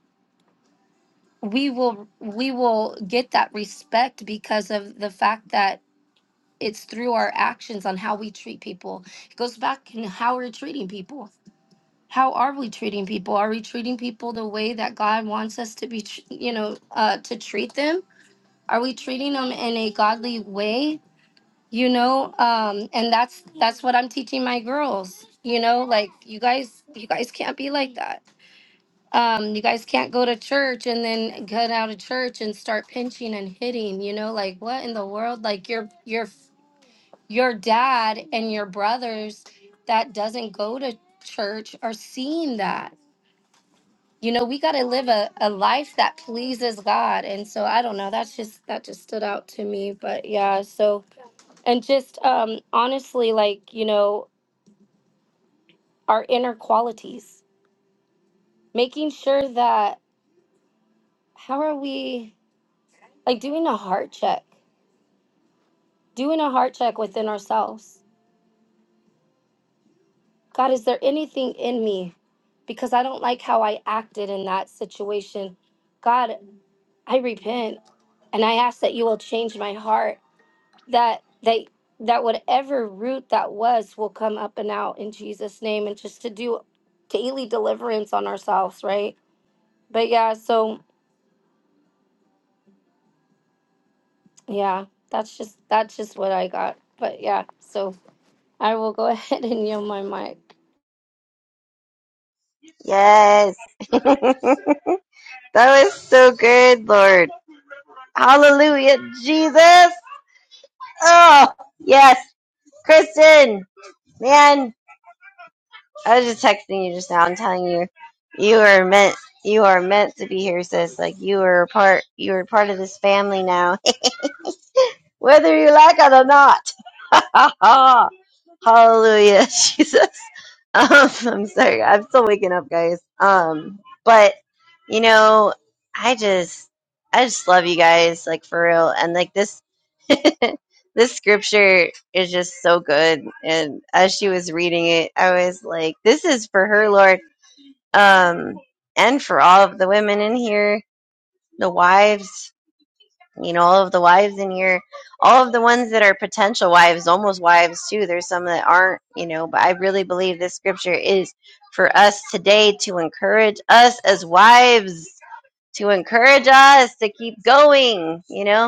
S1: we will we will get that respect because of the fact that it's through our actions on how we treat people. It goes back in how we're treating people. How are we treating people? Are we treating people the way that God wants us to be, tr- you know, uh, to treat them? Are we treating them in a godly way? You know, um, and that's that's what I'm teaching my girls. You know, like you guys, you guys can't be like that. Um, you guys can't go to church and then get out of church and start pinching and hitting. You know, like what in the world? Like you're you're your dad and your brothers that doesn't go to church are seeing that. You know, we got to live a, a life that pleases God. And so I don't know, that's just, that just stood out to me. But yeah, so, and just um, honestly, like, you know, our inner qualities, making sure that how are we like doing a heart check, doing a heart check within ourselves God, is there anything in me? Because I don't like how I acted in that situation. God, I repent and I ask that you will change my heart, that that that whatever root that was will come up and out in Jesus' name and just to do daily deliverance on ourselves, right? But yeah, so yeah, that's just that's just what I got. But yeah, so I will go ahead and yield my mic.
S2: Yes. that was so good, Lord. Hallelujah, Jesus. Oh yes. Kristen, man, I was just texting you just now and telling you you are meant you are meant to be here, sis. Like you are part you are part of this family now, whether you like it or not. Hallelujah, Jesus. Um, I'm sorry, I'm still waking up, guys. Um, but you know, I just I just love you guys, like for real, and like this. this scripture is just so good and as she was reading it i was like this is for her lord um and for all of the women in here the wives you know all of the wives in here all of the ones that are potential wives almost wives too there's some that aren't you know but i really believe this scripture is for us today to encourage us as wives to encourage us to keep going you know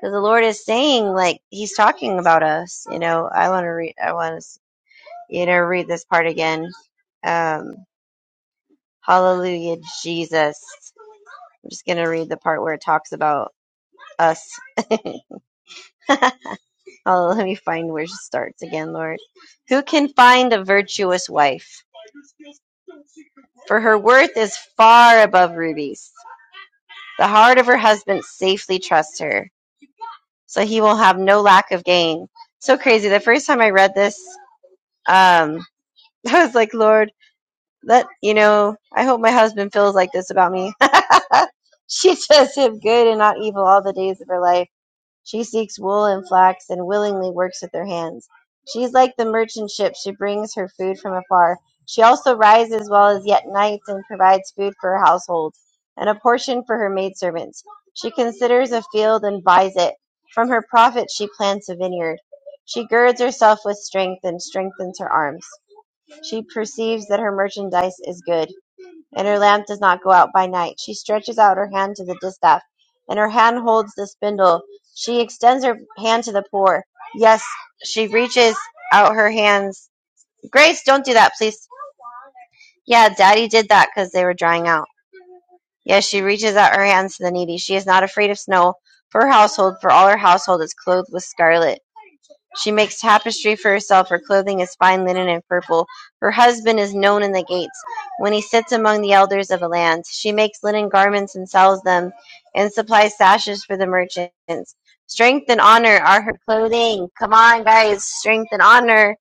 S2: because the Lord is saying, like, He's talking about us. You know, I want to read. I want to, you know, read this part again. Um, Hallelujah, Jesus. I'm just gonna read the part where it talks about us. oh, let me find where she starts again, Lord. Who can find a virtuous wife? For her worth is far above rubies. The heart of her husband safely trusts her, so he will have no lack of gain. So crazy. The first time I read this, um, I was like, Lord, let you know, I hope my husband feels like this about me. she does him good and not evil all the days of her life. She seeks wool and flax and willingly works with her hands. She is like the merchant ship. She brings her food from afar. She also rises while it is yet night and provides food for her household and a portion for her maidservants. She considers a field and buys it. From her profit she plants a vineyard. She girds herself with strength and strengthens her arms. She perceives that her merchandise is good, and her lamp does not go out by night. She stretches out her hand to the distaff, and her hand holds the spindle. She extends her hand to the poor. Yes, she reaches out her hands. Grace, don't do that, please. Yeah, Daddy did that because they were drying out. Yes, she reaches out her hands to the needy. She is not afraid of snow. For her household, for all her household is clothed with scarlet. She makes tapestry for herself; her clothing is fine linen and purple. Her husband is known in the gates when he sits among the elders of the land. She makes linen garments and sells them, and supplies sashes for the merchants. Strength and honor are her clothing. Come on, guys. Strength and honor.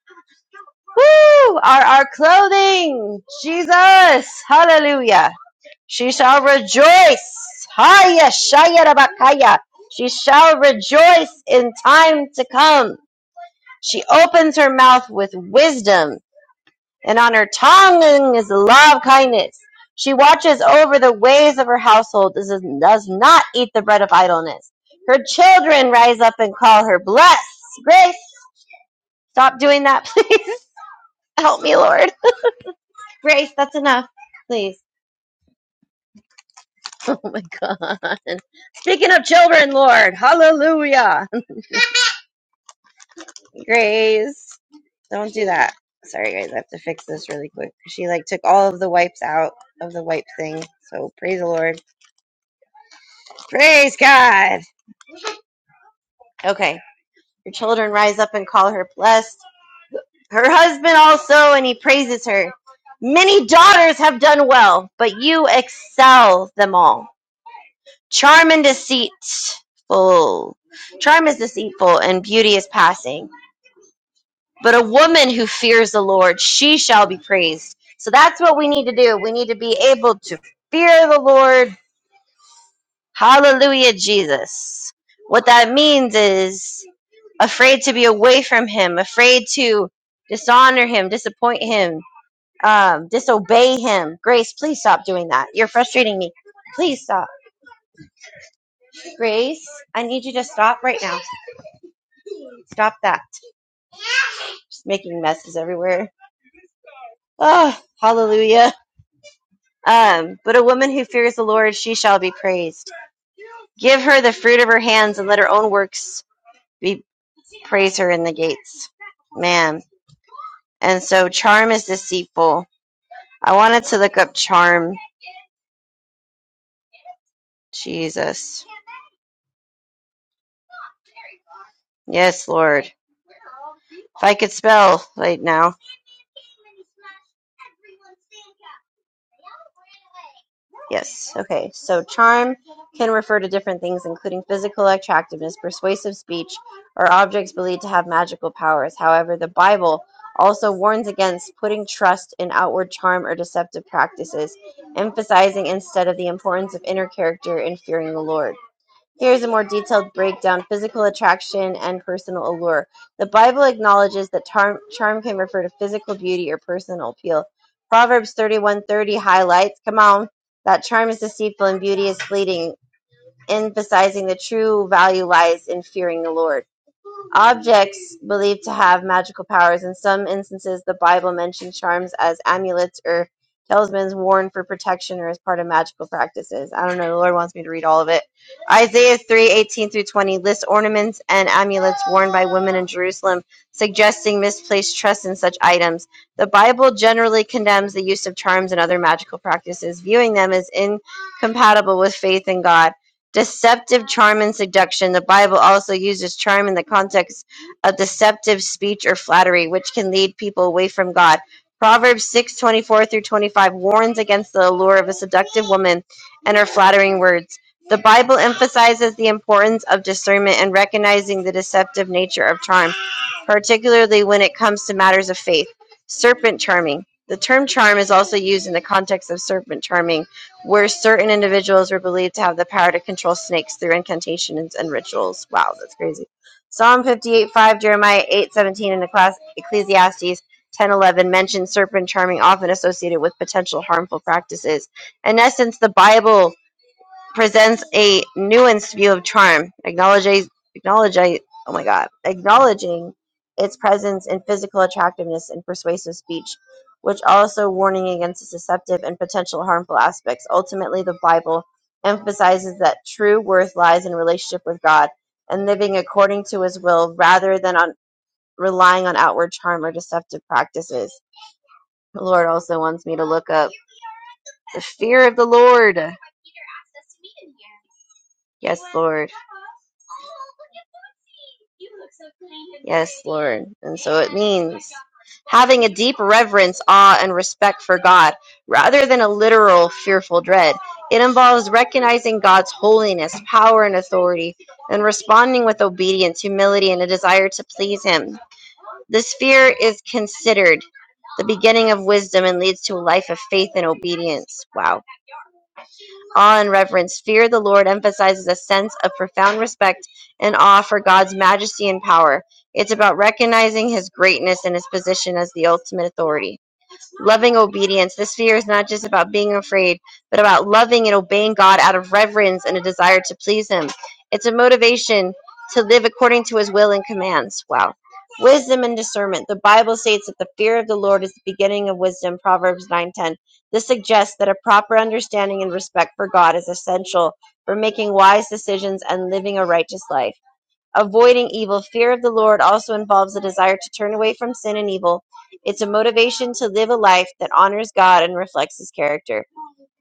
S2: Woo! Are our clothing. Jesus. Hallelujah. She shall rejoice. Haya shaya rabakaya. She shall rejoice in time to come. She opens her mouth with wisdom, and on her tongue is the law of kindness. She watches over the ways of her household, does does not eat the bread of idleness. Her children rise up and call her blessed. Grace, stop doing that, please. Help me, Lord. Grace, that's enough, please. Oh my God. Speaking of children, Lord, hallelujah. Grace, don't do that. Sorry, guys, I have to fix this really quick. She like took all of the wipes out of the wipe thing. So praise the Lord. Praise God. Okay, her children rise up and call her blessed. Her husband also, and he praises her. Many daughters have done well, but you excel them all. Charm and deceitful. Charm is deceitful, and beauty is passing. But a woman who fears the Lord, she shall be praised. So that's what we need to do. We need to be able to fear the Lord. Hallelujah, Jesus. What that means is afraid to be away from Him, afraid to dishonor Him, disappoint Him, um, disobey Him. Grace, please stop doing that. You're frustrating me. Please stop. Grace, I need you to stop right now. Stop that. Just making messes everywhere. Oh, hallelujah. Um, but a woman who fears the Lord, she shall be praised. Give her the fruit of her hands, and let her own works be praise her in the gates. Man, and so charm is deceitful. I wanted to look up charm. Jesus, yes, Lord. If I could spell right now. Yes. Okay. So charm can refer to different things, including physical attractiveness, persuasive speech, or objects believed to have magical powers. However, the Bible also warns against putting trust in outward charm or deceptive practices, emphasizing instead of the importance of inner character and fearing the Lord. Here is a more detailed breakdown: physical attraction and personal allure. The Bible acknowledges that charm, charm can refer to physical beauty or personal appeal. Proverbs 31:30 highlights, come on, that charm is deceitful and beauty is fleeting, emphasizing the true value lies in fearing the Lord. Objects believed to have magical powers. In some instances, the Bible mentions charms as amulets or talismans worn for protection or as part of magical practices. I don't know. The Lord wants me to read all of it. Isaiah three eighteen through 20 lists ornaments and amulets worn by women in Jerusalem, suggesting misplaced trust in such items. The Bible generally condemns the use of charms and other magical practices, viewing them as incompatible with faith in God. Deceptive charm and seduction. The Bible also uses charm in the context of deceptive speech or flattery, which can lead people away from God. Proverbs 6 24 through 25 warns against the allure of a seductive woman and her flattering words. The Bible emphasizes the importance of discernment and recognizing the deceptive nature of charm, particularly when it comes to matters of faith. Serpent charming. The term charm is also used in the context of serpent charming where certain individuals were believed to have the power to control snakes through incantations and rituals. Wow, that's crazy. Psalm 58 5, Jeremiah eight seventeen, and Ecclesi- Ecclesiastes ten eleven mention serpent charming often associated with potential harmful practices. In essence, the Bible presents a nuanced view of charm, acknowledging, acknowledging, oh my god, acknowledging its presence in physical attractiveness and persuasive speech, which also warning against its deceptive and potential harmful aspects. Ultimately, the Bible emphasizes that true worth lies in relationship with God and living according to His will, rather than on relying on outward charm or deceptive practices. The Lord also wants me to look up the fear of the Lord Yes, Lord. Yes, Lord. And so it means having a deep reverence, awe, and respect for God rather than a literal fearful dread. It involves recognizing God's holiness, power, and authority, and responding with obedience, humility, and a desire to please Him. This fear is considered the beginning of wisdom and leads to a life of faith and obedience. Wow awe and reverence. Fear of the Lord emphasizes a sense of profound respect and awe for God's majesty and power. It's about recognizing his greatness and his position as the ultimate authority loving obedience. This fear is not just about being afraid, but about loving and obeying God out of reverence and a desire to please Him. It's a motivation to live according to His will and commands. Wow. Wisdom and discernment. The Bible states that the fear of the Lord is the beginning of wisdom, Proverbs 9:10. This suggests that a proper understanding and respect for God is essential for making wise decisions and living a righteous life. Avoiding evil. Fear of the Lord also involves a desire to turn away from sin and evil. It's a motivation to live a life that honors God and reflects His character.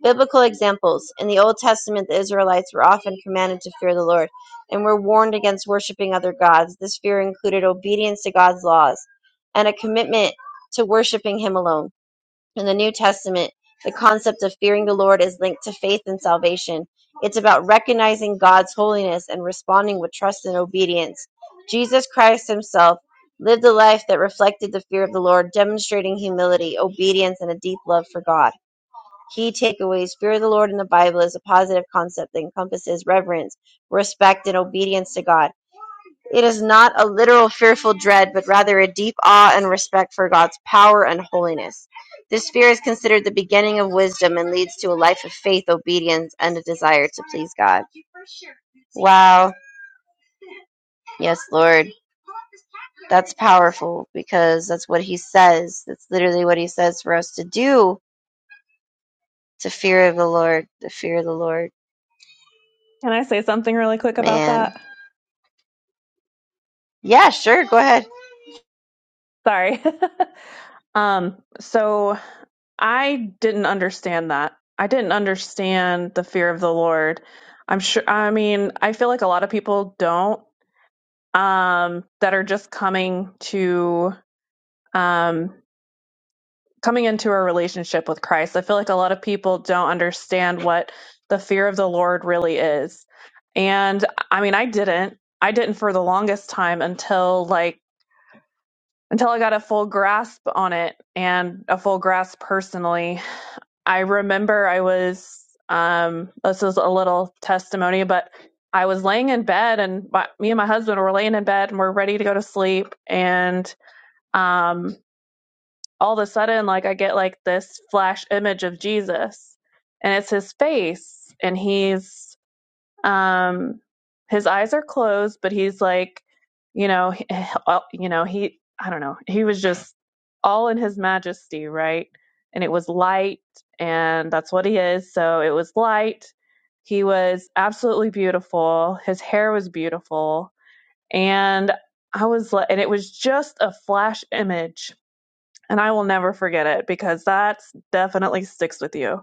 S2: Biblical examples. In the Old Testament, the Israelites were often commanded to fear the Lord and were warned against worshiping other gods. This fear included obedience to God's laws and a commitment to worshiping Him alone. In the New Testament, the concept of fearing the Lord is linked to faith and salvation. It's about recognizing God's holiness and responding with trust and obedience. Jesus Christ himself lived a life that reflected the fear of the Lord, demonstrating humility, obedience, and a deep love for God. Key takeaways Fear of the Lord in the Bible is a positive concept that encompasses reverence, respect, and obedience to God. It is not a literal fearful dread, but rather a deep awe and respect for God's power and holiness. This fear is considered the beginning of wisdom and leads to a life of faith, obedience, and a desire to please God. Wow. Yes, Lord. That's powerful because that's what he says. That's literally what he says for us to do to fear of the Lord, the fear of the Lord.
S3: Can I say something really quick about
S2: Man.
S3: that?
S2: Yeah, sure. Go ahead.
S3: Sorry. um, so I didn't understand that. I didn't understand the fear of the Lord. I'm sure, I mean, I feel like a lot of people don't um, that are just coming to um, coming into a relationship with Christ. I feel like a lot of people don't understand what the fear of the Lord really is, and I mean, I didn't. I didn't for the longest time until like until I got a full grasp on it and a full grasp personally. I remember I was um, this is a little testimony, but I was laying in bed and my, me and my husband were laying in bed and we're ready to go to sleep and um, all of a sudden, like I get like this flash image of Jesus, and it's his face, and he's um, his eyes are closed, but he's like, you know, he- uh, you know, he, I don't know, he was just all in his majesty, right? And it was light, and that's what he is. So it was light. He was absolutely beautiful. His hair was beautiful, and I was like, and it was just a flash image and I will never forget it because that definitely sticks with you.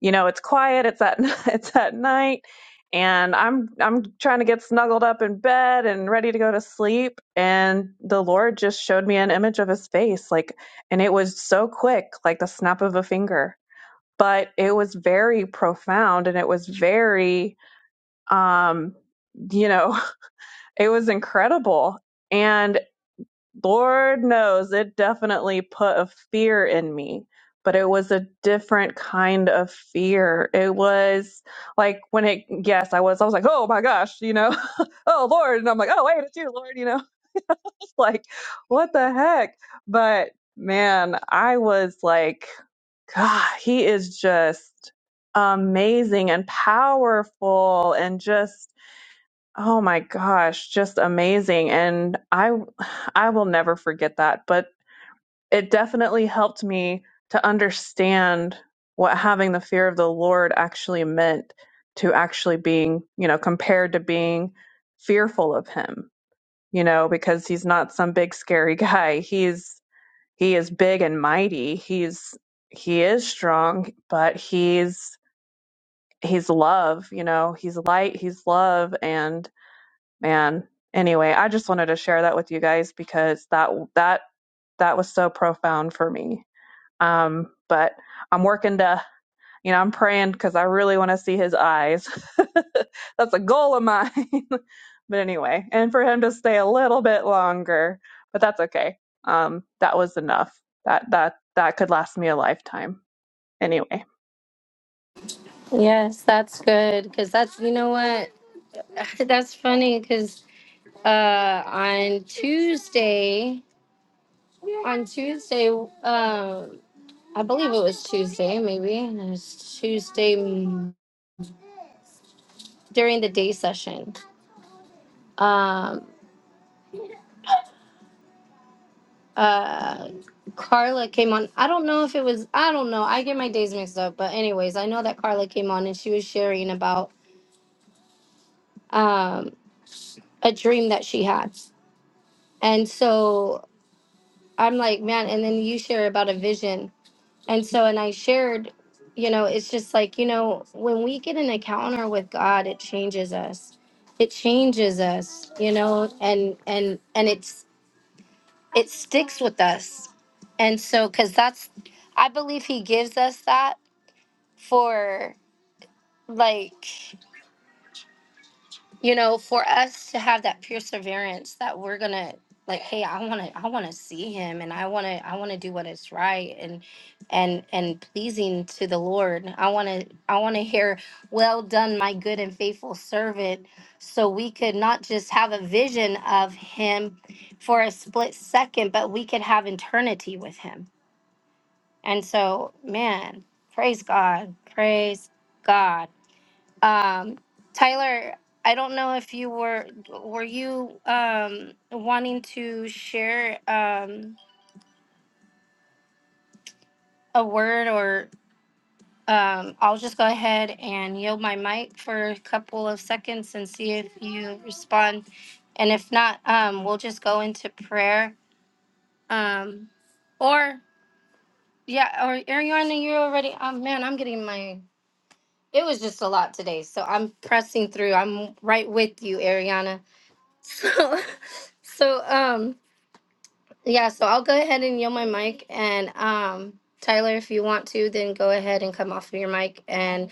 S3: You know, it's quiet, it's at it's at night, and I'm I'm trying to get snuggled up in bed and ready to go to sleep, and the Lord just showed me an image of his face like and it was so quick, like the snap of a finger. But it was very profound and it was very um you know, it was incredible. and. Lord knows it definitely put a fear in me, but it was a different kind of fear. It was like when it, yes, I was, I was like, oh my gosh, you know, oh Lord. And I'm like, oh, wait, it's you, Lord, you know, it's like, what the heck? But man, I was like, God, he is just amazing and powerful and just, oh my gosh, just amazing. And I, I will never forget that. But it definitely helped me to understand what having the fear of the Lord actually meant to actually being, you know, compared to being fearful of him, you know, because he's not some big scary guy. He's he is big and mighty. He's he is strong, but he's he's love, you know, he's light, he's love and man, anyway, I just wanted to share that with you guys because that that that was so profound for me. Um, but I'm working to, you know, I'm praying because I really want to see his eyes. that's a goal of mine. but anyway, and for him to stay a little bit longer, but that's okay. Um, that was enough. That that that could last me a lifetime. Anyway,
S1: Yes, that's good. Cause that's you know what? that's funny because uh on tuesday on tuesday um i believe it was tuesday maybe it was tuesday mm, during the day session um uh carla came on i don't know if it was i don't know i get my days mixed up but anyways i know that carla came on and she was sharing about um a dream that she had and so i'm like man and then you share about a vision And so, and I shared, you know, it's just like, you know, when we get an encounter with God, it changes us. It changes us, you know, and and and it's it sticks with us. And so cuz that's I believe he gives us that for like you know for us to have that perseverance that we're gonna like hey i want to i want to see him and i want to i want to do what is right and and and pleasing to the lord i want to i want to hear well done my good and faithful servant so we could not just have a vision of him for a split second but we could have eternity with him and so man praise god praise god um, Tyler, I don't know if you were were you um, wanting to share um, a word or um, I'll just go ahead and yield my mic for a couple of seconds and see if you respond. And if not, um, we'll just go into prayer. Um, or yeah, or Ariana, you're already. Oh man, I'm getting my. It was just a lot today, so I'm pressing through. I'm right with you, Ariana So, so um, yeah. So I'll go ahead and yield my mic, and um, Tyler, if you want to, then go ahead and come off of your mic, and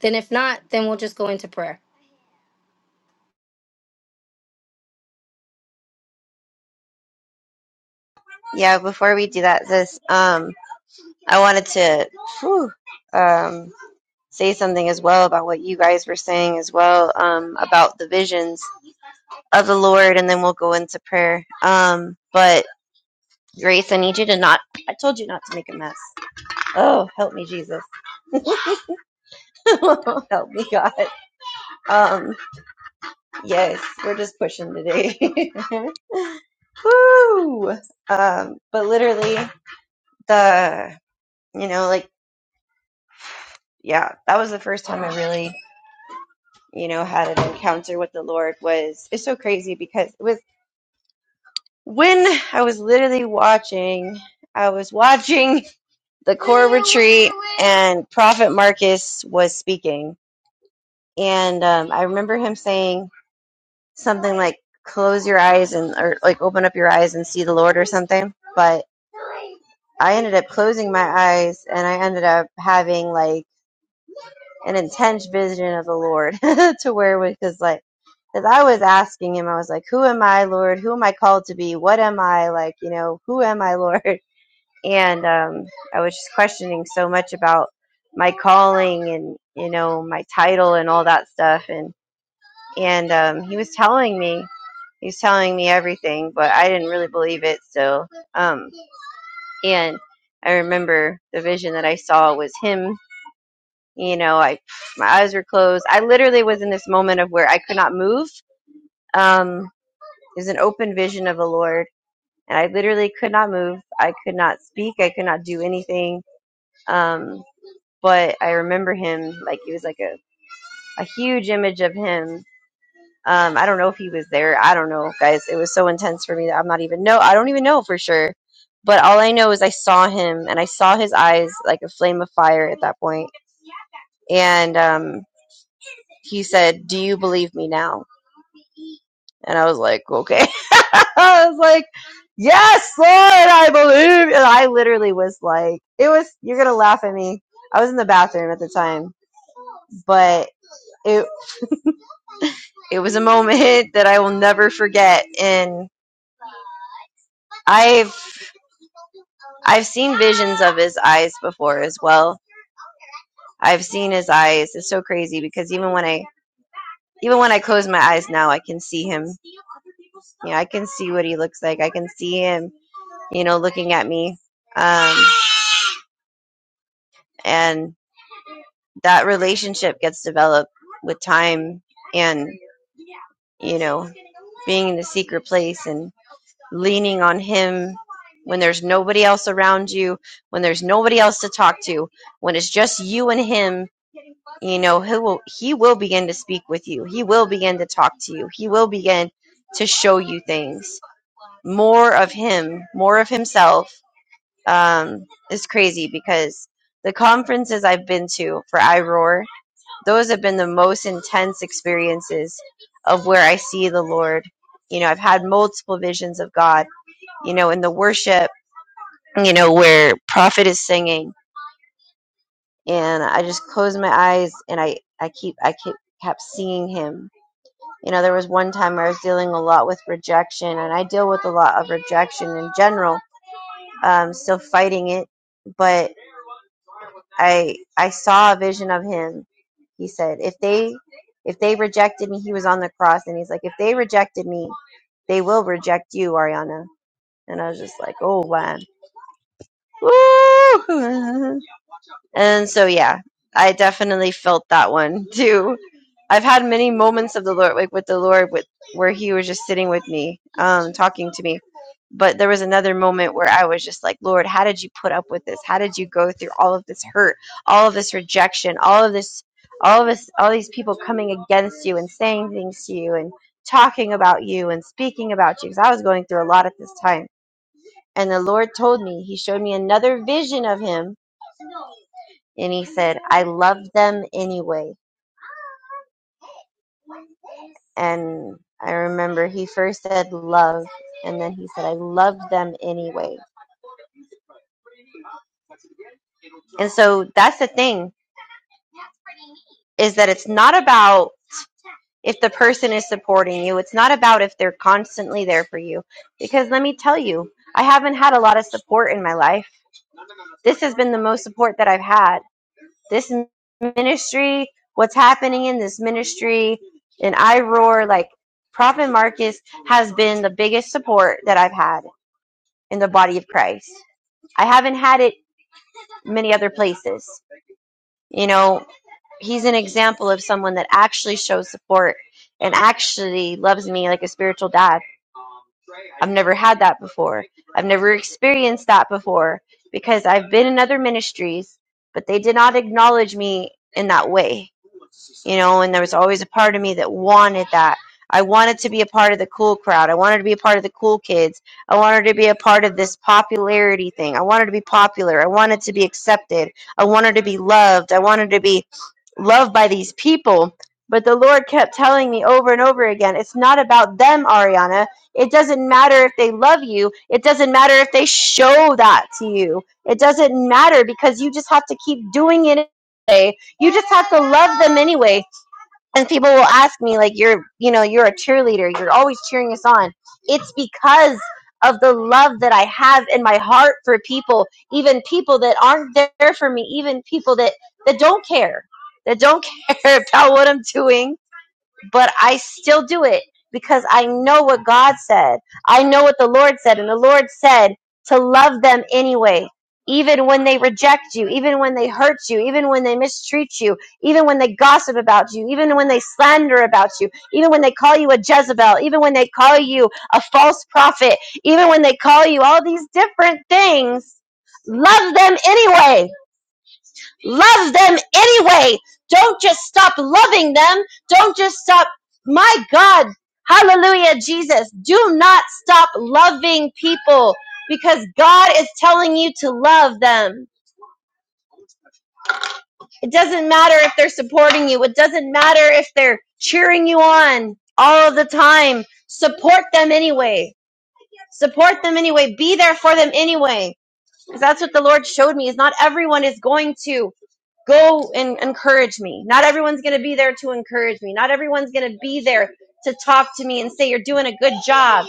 S1: then if not, then we'll just go into prayer.
S2: Yeah, before we do that, this, um, I wanted to, whew, um, say something as well about what you guys were saying as well um, about the visions of the Lord, and then we'll go into prayer. Um, but Grace, I need you to not. I told you not to make a mess. Oh, help me, Jesus. help me, God. Um, yes, we're just pushing today. Woo! Um, but literally, the you know, like yeah, that was the first time I really you know had an encounter with the Lord. Was it's so crazy because it was. when I was literally watching, I was watching the core retreat, and Prophet Marcus was speaking, and um, I remember him saying something like, "Close your eyes and or like open up your eyes and see the Lord" or something. But I ended up closing my eyes, and I ended up having like an intense vision of the Lord to where it was because like. as I was asking him, I was like, "Who am I, Lord? Who am I called to be? What am I like? You know, who am I, Lord?" and um, I was just questioning so much about my calling and you know my title and all that stuff and and um, he was telling me he was telling me everything but I didn't really believe it still um, and I remember the vision that I saw was him you know I my eyes were closed I literally was in this moment of where I could not move um, it was an open vision of the Lord and I literally could not move I could not speak I could not do anything Um, but I remember him like it was like a, a huge image of him. Um, I don't know if he was there. I don't know, guys. It was so intense for me that I'm not even know. I don't even know for sure. But all I know is I saw him and I saw his eyes like a flame of fire at that point. And um, he said, "Do you believe me now?" And I was like, "Okay." I was like, "Yes, Lord, I believe." And I literally was like, "It was." You're gonna laugh at me. I was in the bathroom at the time, but. it. it was a moment that I will never forget. And I've I've seen visions of his eyes before as well. I've seen his eyes. It's so crazy because even when I even when I close my eyes now, I can see him. You know, I can see what he looks like. I can see him. You know, looking at me. Um, and that relationship gets developed with time and you know being in the secret place and. leaning on Him when there's nobody else around you, when there's nobody else to talk to, when it's just you and Him. You know, He will He will begin to speak with you. He will begin to talk to you. He will begin to show you things. More of Him, more of Himself. Um, is crazy because the conferences I've been to for iRoar, those have been the most intense experiences of where I see the Lord. You know, I've had multiple visions of God you know, in the worship, you know, where prophet is singing, and I just closed my eyes and I I keep I keep kept seeing him. You know, there was one time where I was dealing a lot with rejection, and I deal with a lot of rejection in general. Um, still fighting it, but I I saw a vision of him. He said, if they if they rejected me, he was on the cross, and he's like, if they rejected me, they will reject you, Ariana. And I was just like, oh man, Woo! And so, yeah, I definitely felt that one too. I've had many moments of the Lord, like with the Lord, with where He was just sitting with me, um, talking to me. But there was another moment where I was just like, Lord, how did you put up with this? How did you go through all of this hurt, all of this rejection, all of this, all of this, all these people coming against you and saying things to you and talking about you and speaking about you? Because I was going through a lot at this time. And the Lord told me, He showed me another vision of Him and he said, I love them anyway. And I remember he first said love, and then he said, I love them anyway. And so that's the thing is that it's not about if the person is supporting you, it's not about if they're constantly there for you. Because let me tell you, I haven't had a lot of support in my life. This has been the most support that I've had. this ministry, what's happening in this ministry, and I roar like Prophet Marcus has been the biggest support that I've had in the body of Christ. I haven't had it many other places. You know, he's an example of someone that actually shows support and actually loves me like a spiritual dad. I've never had that before. I've never experienced that before because I've been in other ministries, but they did not acknowledge me in that way you know, and there was always a part of me that wanted that. I wanted to be a part of the cool crowd. I wanted to be a part of the cool kids. I wanted to be a part of this popularity thing. I wanted to be popular. I wanted to be accepted. I wanted to be loved. I wanted to be loved by these people. But the Lord kept telling me over and over again, it's not about them, Ariana. It doesn't matter if they love you. It doesn't matter if they show that to you. It doesn't matter because you just have to keep doing it anyway." you just have to love them anyway and people will ask me like you're you know you're a cheerleader you're always cheering us on it's because of the love that i have in my heart for people even people that aren't there for me even people that that don't care that don't care about what i'm doing but I still do it because I know what God said. I know what the Lord said. And the Lord said to love them anyway, even when they reject you, even when they hurt you, even when they mistreat you, even when they gossip about you, even when they slander about you, even when they call you a Jezebel, even when they call you a false prophet, even when they call you all these different things. Love them anyway Love them anyway. Don't just stop loving them. Don't just stop. My God. Hallelujah, Jesus. Do not stop loving people because God is telling you to love them. It doesn't matter if they're supporting you. It doesn't matter if they're cheering you on all of the time. Support them anyway. Support them anyway. Be there for them anyway Because that's what the Lord showed me is not everyone is going to go and encourage me. Not everyone's going to be there to encourage me. Not everyone's going to be there to talk to me and say, you're doing a good job.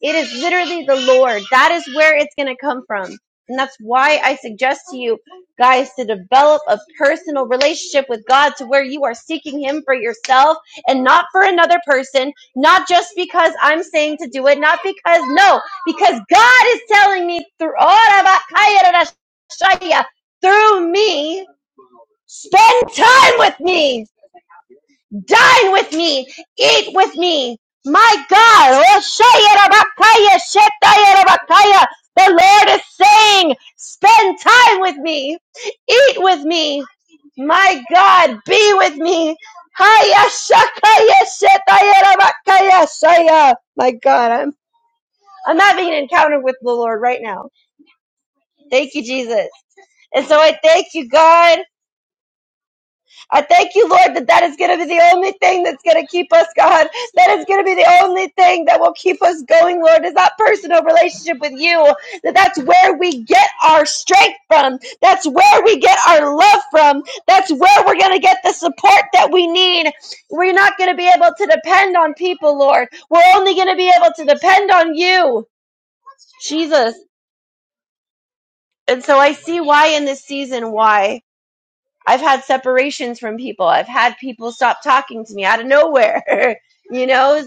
S2: It is literally the Lord. That is where it's going to come from. And that's why I suggest to you guys to develop a personal relationship with God to where you are seeking Him for yourself and not for another person, not just because I'm saying to do it, not because, no, because God is telling me through, through me, spend time with me. Dine with me. Eat with me. My God. Oh, Shayarabakaya, Shetayarabakaya. The Lord is saying, spend time with me. Eat with me. My God, be with me. Haya Shakaya, Shetayarabakaya, Shaya. My God, I'm, I'm having an encounter with the Lord right now. Thank you, Jesus. And so I thank you, God. I thank you, Lord, that that is going to be the only thing that's going to keep us, God. That is going to be the only thing that will keep us going, Lord, is that personal relationship with you. That that's where we get our strength from. That's where we get our love from. That's where we're going to get the support that we need. We're not going to be able to depend on people, Lord. We're only going to be able to depend on you, Jesus. And so I see why in this season, why. I've had separations from people. I've had people stop talking to me out of nowhere. you know,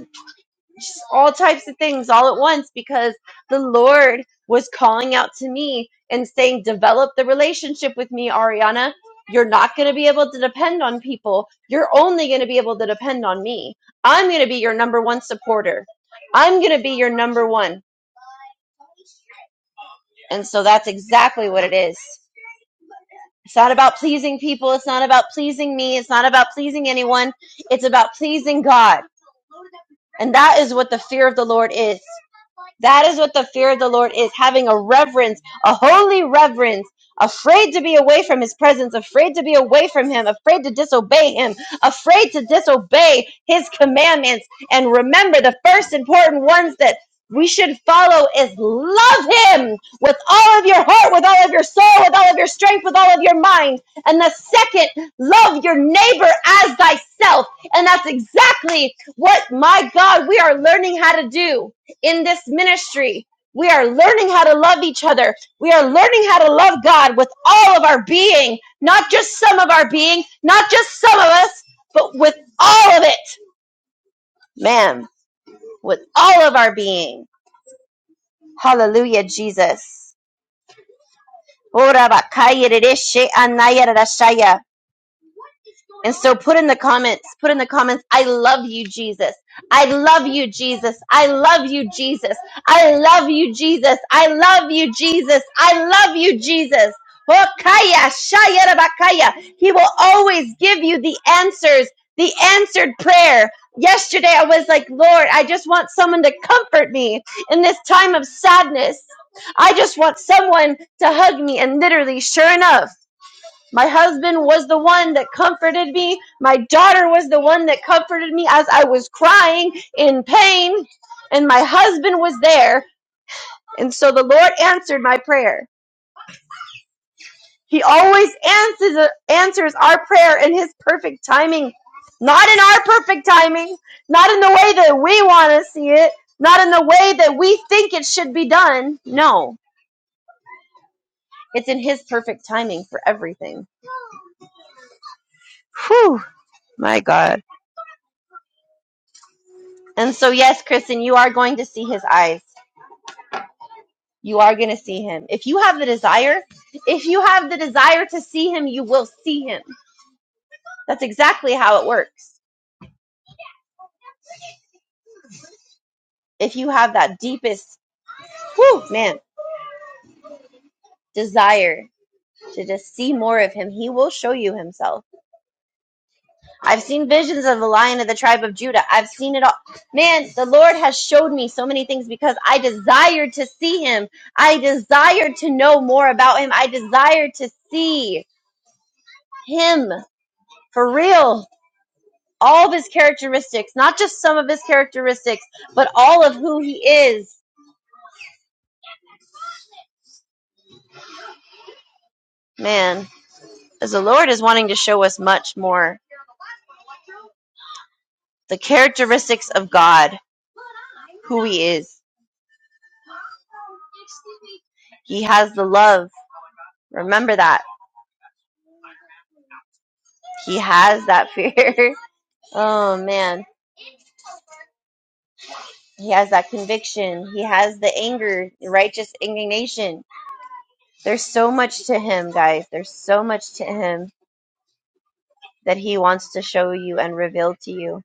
S2: just all types of things all at once because the Lord was calling out to me and saying, Develop the relationship with me, Ariana. You're not going to be able to depend on people. You're only going to be able to depend on me. I'm going to be your number one supporter. I'm going to be your number one. And so that's exactly what it is. It's not about pleasing people. It's not about pleasing me. It's not about pleasing anyone. It's about pleasing God. And that is what the fear of the Lord is. That is what the fear of the Lord is having a reverence, a holy reverence, afraid to be away from his presence, afraid to be away from him, afraid to disobey him, afraid to disobey his commandments. And remember, the first important ones that we should follow is love him with all of your heart, with all of your soul, with all of your strength, with all of your mind. And the second, love your neighbor as thyself. And that's exactly what, my God, we are learning how to do in this ministry. We are learning how to love each other. We are learning how to love God with all of our being, not just some of our being, not just some of us, but with all of it. Man, with all of our being. Hallelujah, Jesus. Ora bakaya dereshe anaya rarashaya. And so put in the comments, put in the comments, I love you, Jesus. I love you, Jesus. I love you, Jesus. I love you, Jesus. I love you, Jesus. I love you, Jesus. Hokaya, shaya, rabakaya. He will always give you the answers, the answered prayer. Yesterday I was like, Lord, I just want someone to comfort me in this time of sadness. I just want someone to hug me. And literally, sure enough, my husband was the one that comforted me. My daughter was the one that comforted me as I was crying in pain. And my husband was there. And so the Lord answered my prayer. He always answers, answers our prayer in His perfect timing. Not in our perfect timing, not in the way that we want to see it, not in the way that we think it should be done. No, it's in His perfect timing for everything. Whew, my God. And so, yes, Kristen, you are going to see his eyes. You are going to see him. If you have the desire, if you have the desire to see him, you will see him. That's exactly how it works. If you have that deepest, whew, man, desire to just see more of him, he will show you himself. I've seen visions of the lion of the tribe of Judah. I've seen it all. Man, the Lord has showed me so many things because I desired to see him. I desired to know more about him. I desired to see him. for real all of his characteristics not just some of his characteristics but all of who he is man as the lord is wanting to show us much more the characteristics of god who he is he has the love remember that he has that fear oh man he has that conviction he has the anger righteous indignation there's so much to him guys there's so much to him that he wants to show you and reveal to you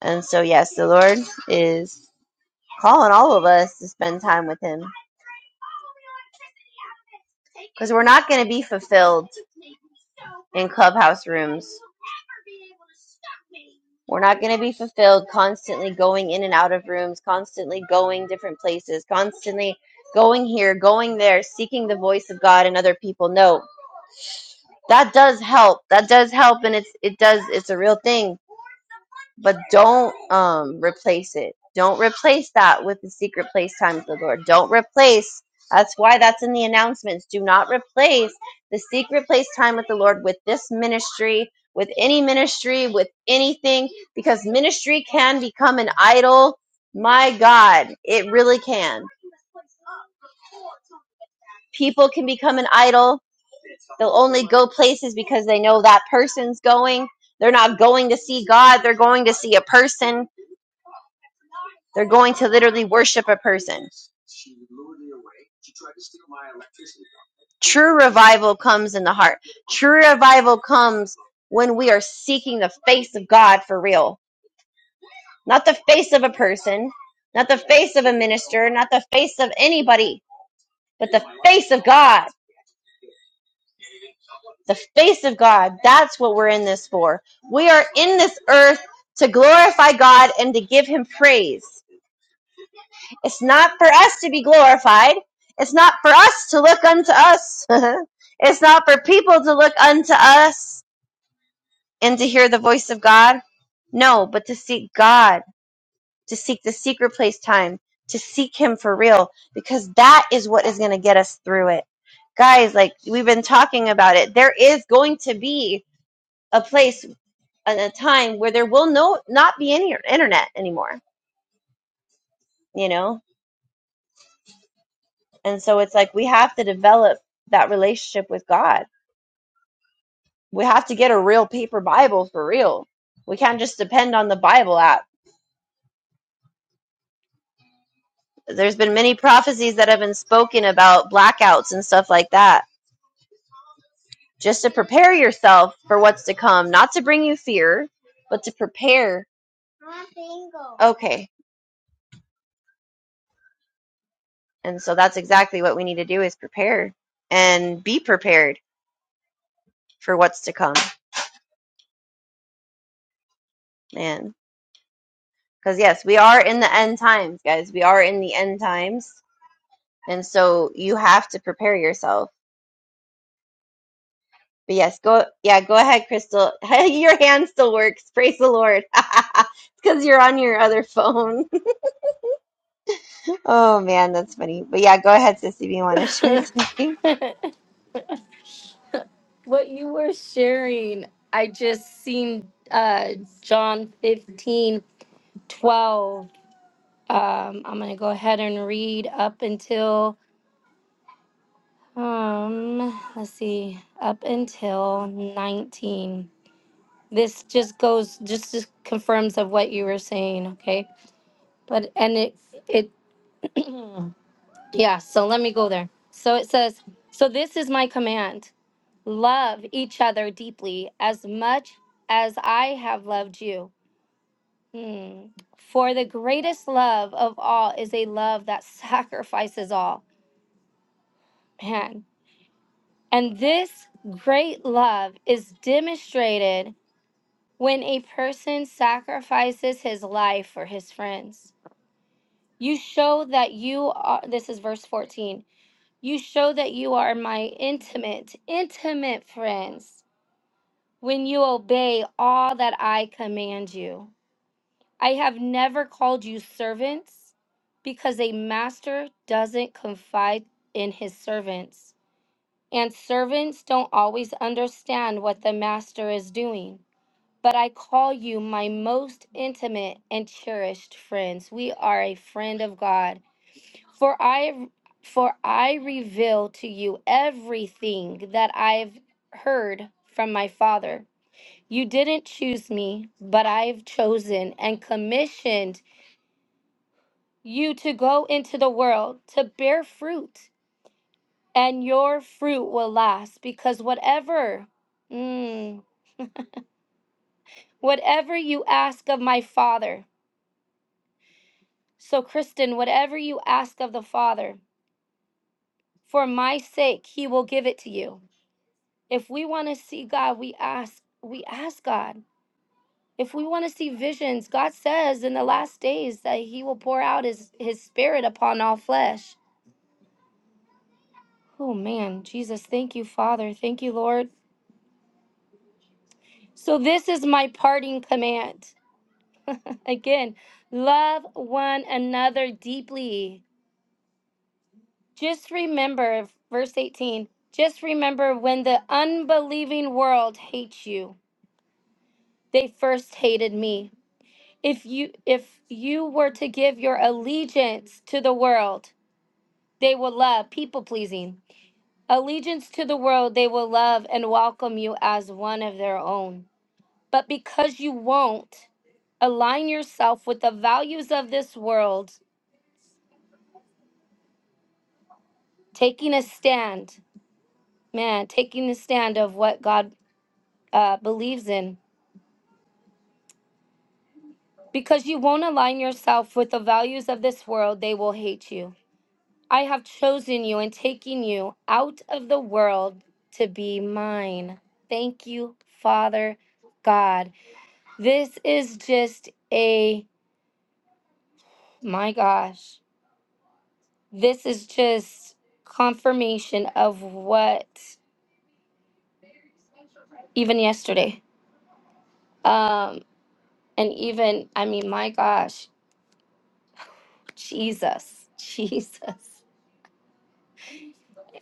S2: And so, yes, the Lord is calling all of us to spend time with Him because we're not going to be fulfilled in clubhouse rooms. We're not going to be fulfilled constantly going in and out of rooms, constantly going different places, constantly going here, going there, seeking the voice of God and other people. No, that does help. That does help, and it's it does it's a real thing but don't um replace it. Don't replace that with the secret place time with the Lord. Don't replace. That's why that's in the announcements. Do not replace the secret place time with the Lord with this ministry, with any ministry, with anything, because ministry can become an idol. My God, it really can. People can become an idol. They'll only go places because they know that person's going. They're not going to see God, they're going to see a person They're going to literally worship a person. True revival comes in the heart. True revival comes when we are seeking the face of God for real. Not the face of a person, not the face of a minister, not the face of anybody, but the face of God. The face of God. That's what we're in this for. We are in this earth to glorify God and to give him praise. It's not for us to be glorified. It's not for us to look unto us. it's not for people to look unto us and to hear the voice of God. No, but to seek God, to seek the secret place time, to seek Him for real, because that is what is going to get us through it. Guys, like we've been talking about it, there is going to be a place and a time where there will no not be any internet anymore. You know, And so it's like we have to develop that relationship with God. We have to get a real paper Bible for real. We can't just depend on the Bible app. There's been many prophecies that have been spoken about blackouts and stuff like that, just to prepare yourself for what's to come, not to bring you fear, but to prepare. Okay. And so that's exactly what we need to do is prepare and be prepared for what's to come. Man. Because yes, we are in the end times, guys. We are in the end times And so you have to prepare yourself. But yes, go yeah, go ahead, Crystal. your hand still works. Praise the Lord. It's Because you're on your other phone. oh man, that's funny. But yeah, go ahead, sissy, if you want to share something.
S1: what you were sharing, I just seen uh John 1512 Um, I'm gonna go ahead and read up until um, let's see, up until 19. this just goes just just confirms of what you were saying okay but and it it yeah so let me go there so it says so this is my command love each other deeply as much as i have loved you hmm. for the greatest love of all is a love that sacrifices all man and this great love is demonstrated when a person sacrifices his life for his friends You show that you are, this is verse 14. You show that you are my intimate, intimate friends when you obey all that I command you. I have never called you servants because a master doesn't confide in his servants. And servants don't always understand what the master is doing. But I call you my most intimate and cherished friends. We are a friend of God For I for I reveal to you everything that I've heard from my Father. You didn't choose me, but I've chosen and commissioned you to go into the world to bear fruit, and your fruit will last because whatever mm, whatever you ask of my Father. So Kristen, whatever you ask of the Father, for my sake he will give it to you. If we want to see God, we ask, we ask God. If we want to see visions, God says in the last days that he will pour out his his spirit upon all flesh. Oh man, Jesus, thank you, Father. Thank you, Lord. So this is my parting command. Again, love one another deeply. Just remember verse 18. Just remember when the unbelieving world hates you, they first hated me. if you if you were to give your allegiance to the world they will love people pleasing allegiance to the world they will love and welcome you as one of their own but because you won't align yourself with the values of this world taking a stand man taking a stand of what god uh, believes in because you won't align yourself with the values of this world they will hate you I have chosen you and taken you out of the world to be mine. Thank you, Father God. This is just a, my gosh, this is just confirmation of what, even yesterday. Um, and even, I mean, my gosh, Jesus, Jesus.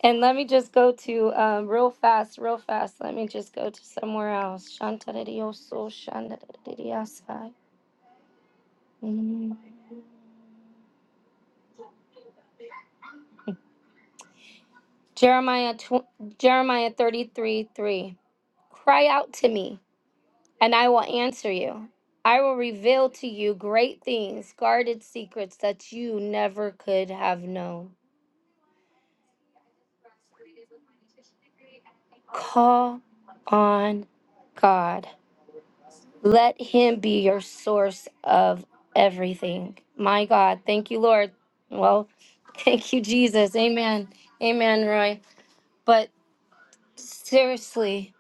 S1: And let me just go to um, real fast, real fast. Let me just go to somewhere else. Shantararioso, shantarariasa. Mm. Jeremiah tw- Jeremiah 33 3. Cry out to me, and I will answer you. I will reveal to you great things, guarded secrets that you never could have known. Call on God. Let Him be your source of everything. My God. Thank you, Lord. Well, thank you, Jesus. Amen. Amen, Roy. But seriously,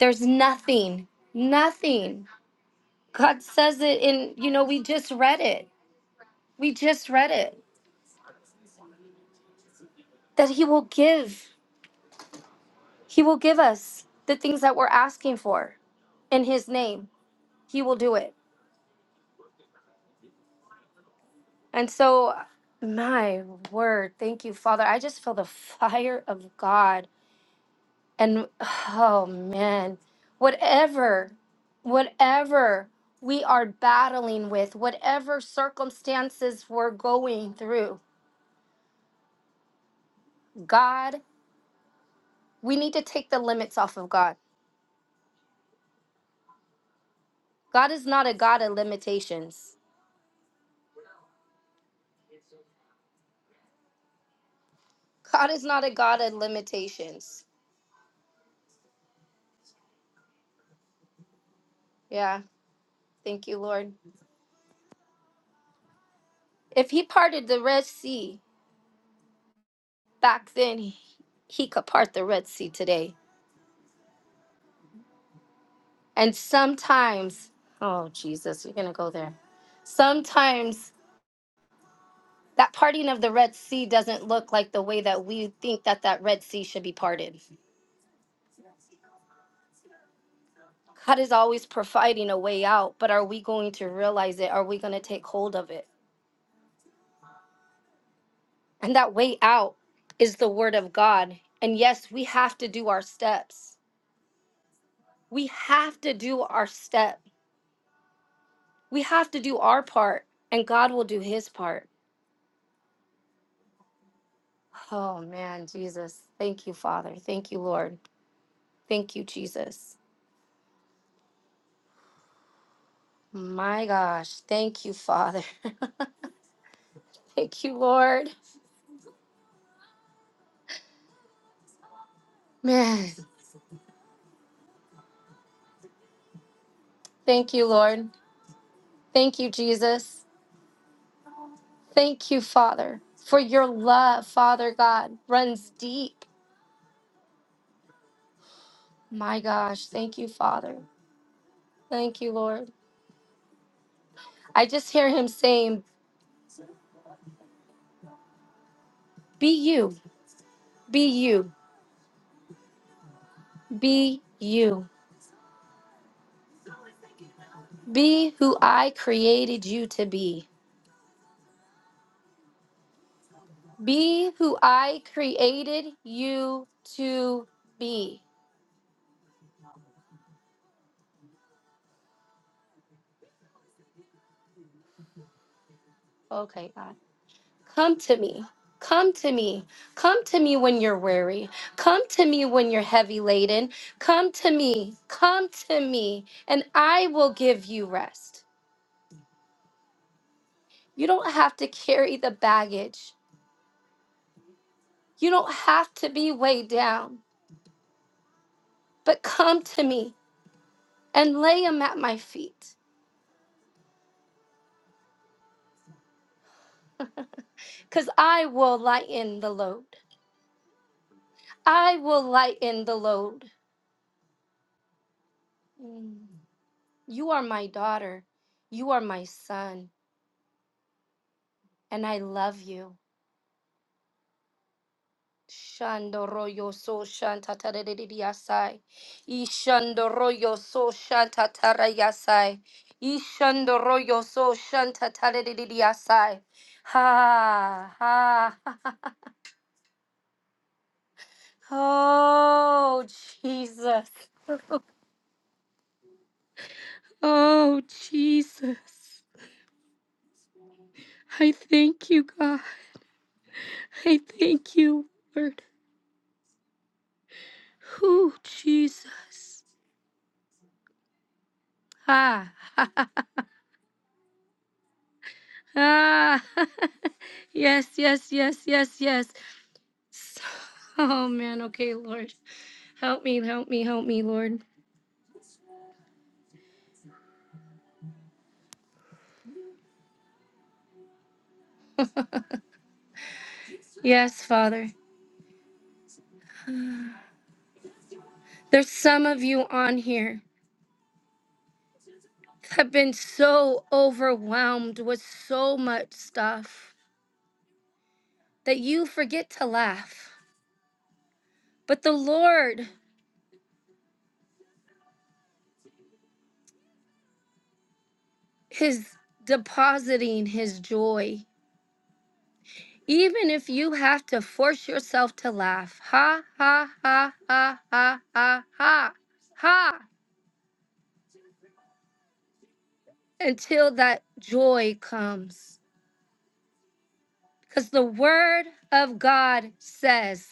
S1: there's nothing, nothing God says it in, you know, we just read it. We just read it that He will give. He will give us the things that we're asking for in His name. He will do it. And so, my word, thank you, Father. I just feel the fire of God. And oh, man, whatever, whatever we are battling with, whatever circumstances we're going through, God, we need to take the limits off of God God is not a God of limitations. God is not a God of limitations. Yeah, thank you, Lord. If He parted the Red Sea back then, He, he could part the Red Sea today. And sometimes, oh, Jesus, you're going to go there. Sometimes that parting of the Red Sea doesn't look like the way that we think that that Red Sea should be parted. God is always providing a way out, but are we going to realize it? Are we going to take hold of it? And that way out is the word of God. And yes, we have to do our steps. We have to do our step. We have to do our part, and God will do his part. Oh, man, Jesus. Thank you, Father. Thank you, Lord. Thank you, Jesus. My gosh. Thank you, Father. thank you, Lord. Man, thank you, Lord. Thank you, Jesus. Thank you, Father, for your love, Father God, runs deep. My gosh. Thank you, Father. Thank you, Lord. I just hear him saying, Be you, be you, be you, be who I created you to be, be who I created you to be. Okay, God. Come to me. Come to me. Come to me when you're weary. Come to me when you're heavy laden. Come to me. Come to me, and I will give you rest. You don't have to carry the baggage. You don't have to be weighed down. but come to me and lay him at my feet, because I will lighten the load. I will lighten the load. Mm. You are my daughter. You are my son, and I love you. Shandoroyo so shantatarayasai. Ishandoroyo so shantatarayasai. Ishandoroyo so shantatarayasai. Ha ha Oh, Jesus. Oh, Jesus. I thank you, God. I thank you, Lord. Oh, Jesus. Ah, ah. yes, yes, yes, yes, yes. Oh, man. Okay, Lord. Help me, help me, help me, Lord. Yes, Father. There's some of you on here that have been so overwhelmed with so much stuff. that you forget to laugh. But the Lord is depositing his joy. Even if you have to force yourself to laugh, ha, ha, ha, ha, ha, ha, ha, ha, until that joy comes. Because the word of God says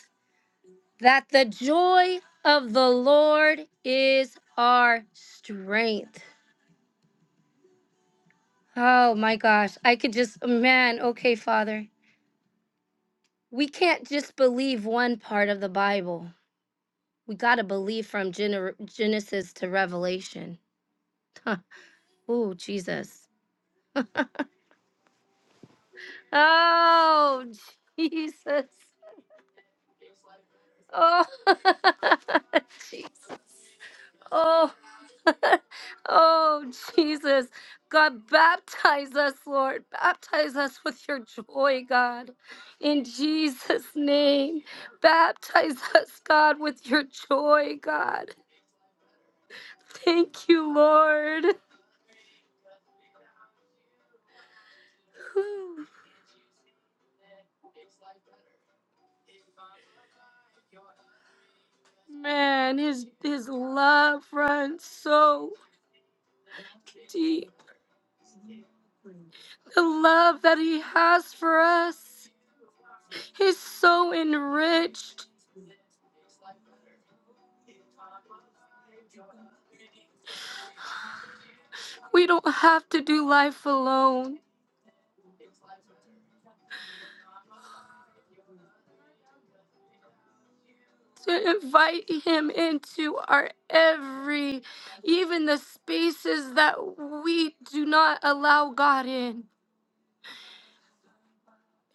S1: that the joy of the Lord is our strength. Oh my gosh, I could just, man, okay, Father. we can't just believe one part of the Bible. We got to believe from Gener- Genesis to Revelation. Huh. Oh, Jesus. Oh, Jesus. Oh, Jesus. Oh, oh, Jesus. God, baptize us, Lord. Baptize us with your joy, God. In Jesus' name, baptize us, God, with your joy, God. Thank you, Lord. Whew. Man, his his love runs so deep. The love that he has for us is so enriched. We don't have to do life alone. To invite him into our every, even the spaces that we do not allow God in.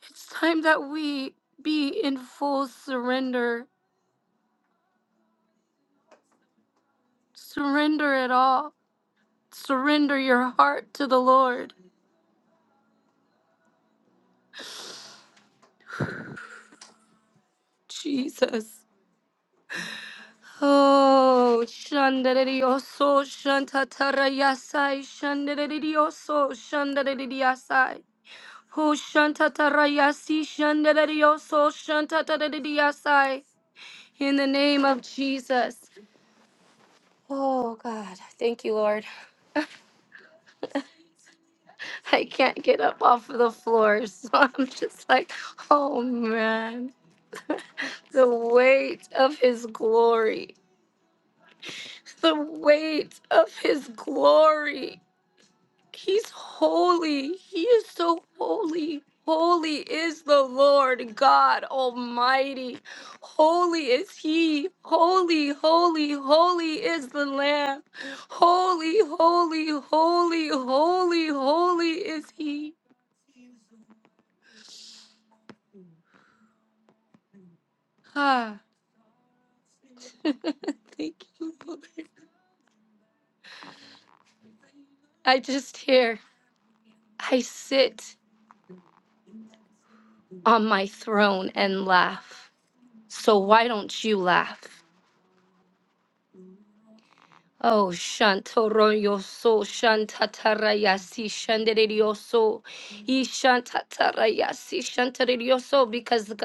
S1: It's time that we be in full surrender. Surrender it all. Surrender your heart to the Lord. Jesus. Oh, shandarerioso, shantatarayasai, shandarerioso, shandareriasai. Oh, shantatarayasi, shandarerioso, shantatarariasai. In the name of Jesus. Oh, God. Thank you, Lord. I can't get up off of the floor. So I'm just like, oh, man. the weight of his glory. the weight of his glory. He's holy. He is so holy. Holy is the Lord God Almighty. Holy is He. Holy, holy, holy is the Lamb. Holy, holy, holy, holy, holy is He. Ah. Thank you, Lord. I just hear, I sit on my throne and laugh. So why don't you laugh? Oh, Shantoroyoso, Shantatarayasi, Shanderidioso, Ishantatarayasi, Shantaridioso, because the,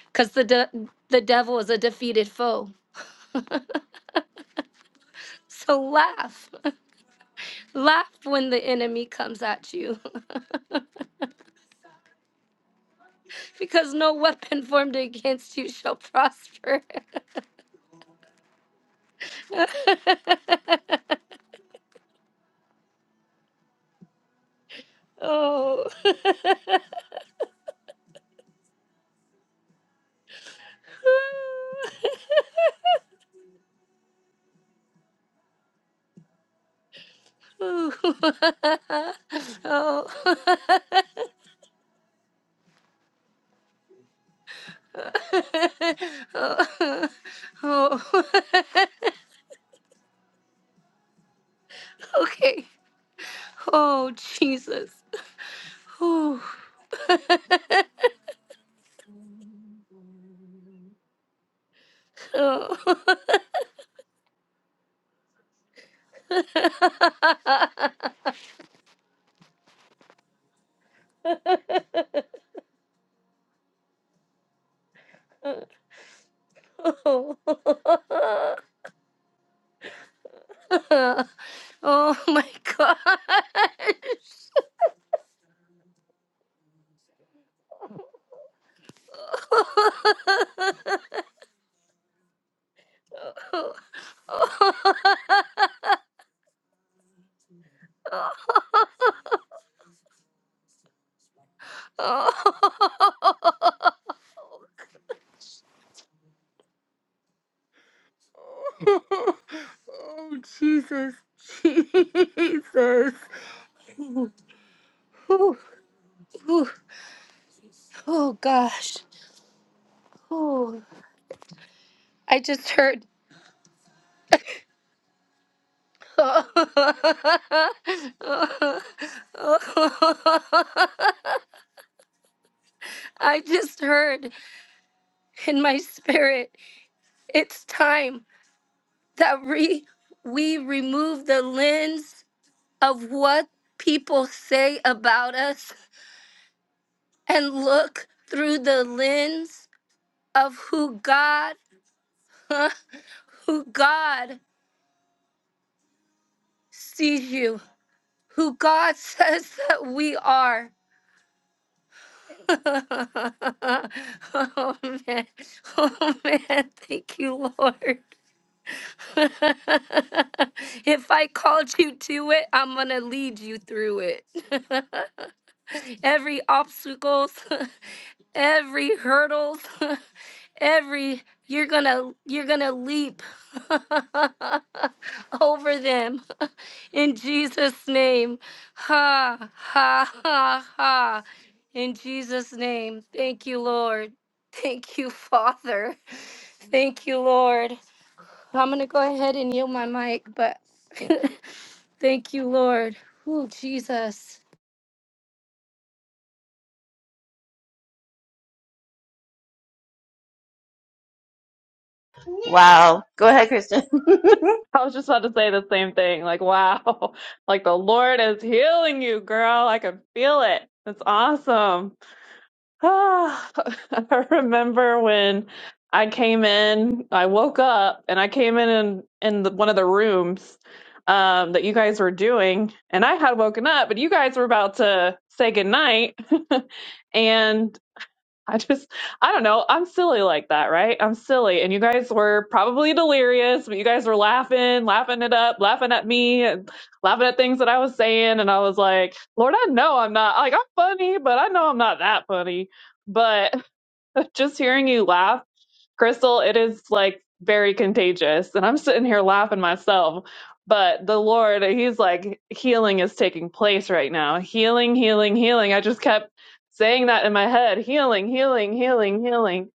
S1: because the de- the devil is a defeated foe. So laugh, laugh when the enemy comes at you, because no weapon formed against you shall prosper. oh. Ooh. oh. oh, oh, okay. Oh, Jesus. Oh. Oh. Oh oh my god. Oh, oh. Ooh, ooh, oh gosh. Oh, I just heard I just heard in my spirit, it's time that we, we remove the lens of what people say about us and look through the lens of who God, huh, who God sees you, who God says that we are. oh man. Oh man. Thank you, Lord. if I called you to it, I'm going to lead you through it. every obstacles, every hurdles, every you're gonna you're gonna leap over them in Jesus' name. Ha ha ha ha. In Jesus' name. Thank you, Lord. Thank you, Father. Thank you, Lord. I'm gonna go ahead and yield my mic, but thank you, Lord. Oh, Jesus.
S2: Wow. Go ahead, Kristen.
S3: I was just about to say the same thing. Like, wow, like the Lord is healing you, girl. I can feel it. It's awesome. Ah, I remember when I came in, I woke up and I came in in, in the, one of the rooms um, that you guys were doing, and I had woken up, but you guys were about to say goodnight. and I just, I don't know. I'm silly like that, right? I'm silly. And you guys were probably delirious, but you guys were laughing, laughing it up, laughing at me, and laughing at things that I was saying. And I was like, Lord, I know I'm not, like, I'm funny, but I know I'm not that funny. But just hearing you laugh Crystal, it is like very contagious. And I'm sitting here laughing myself. But the Lord, He's like, healing is taking place right now. Healing, healing, healing. I just kept saying that in my head healing, healing, healing, healing.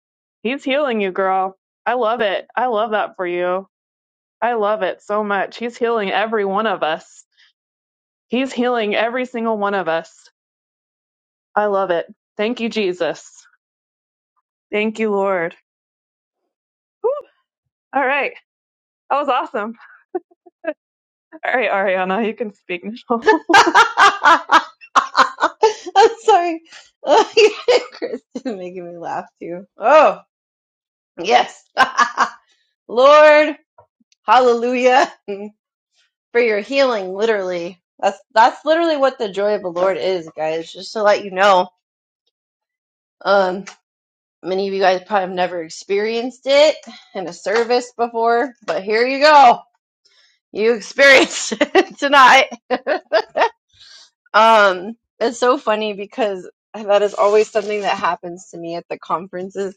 S3: He's healing you, girl. I love it. I love that for you. I love it so much. He's healing every one of us. He's healing every single one of us. I love it. Thank you, Jesus. Thank you, Lord. Whew. All right. That was awesome. All right, Ariana, you can speak now.
S2: I'm sorry. Oh, yeah, Kristen making me laugh too. Oh, yes. Lord, hallelujah. for your healing, literally. That's that's literally what the joy of the Lord is, guys. Just to let you know. Um, many of you guys probably have never experienced it in a service before, but here you go. You experienced it tonight. Um, it's so funny because that is always something that happens to me at the conferences.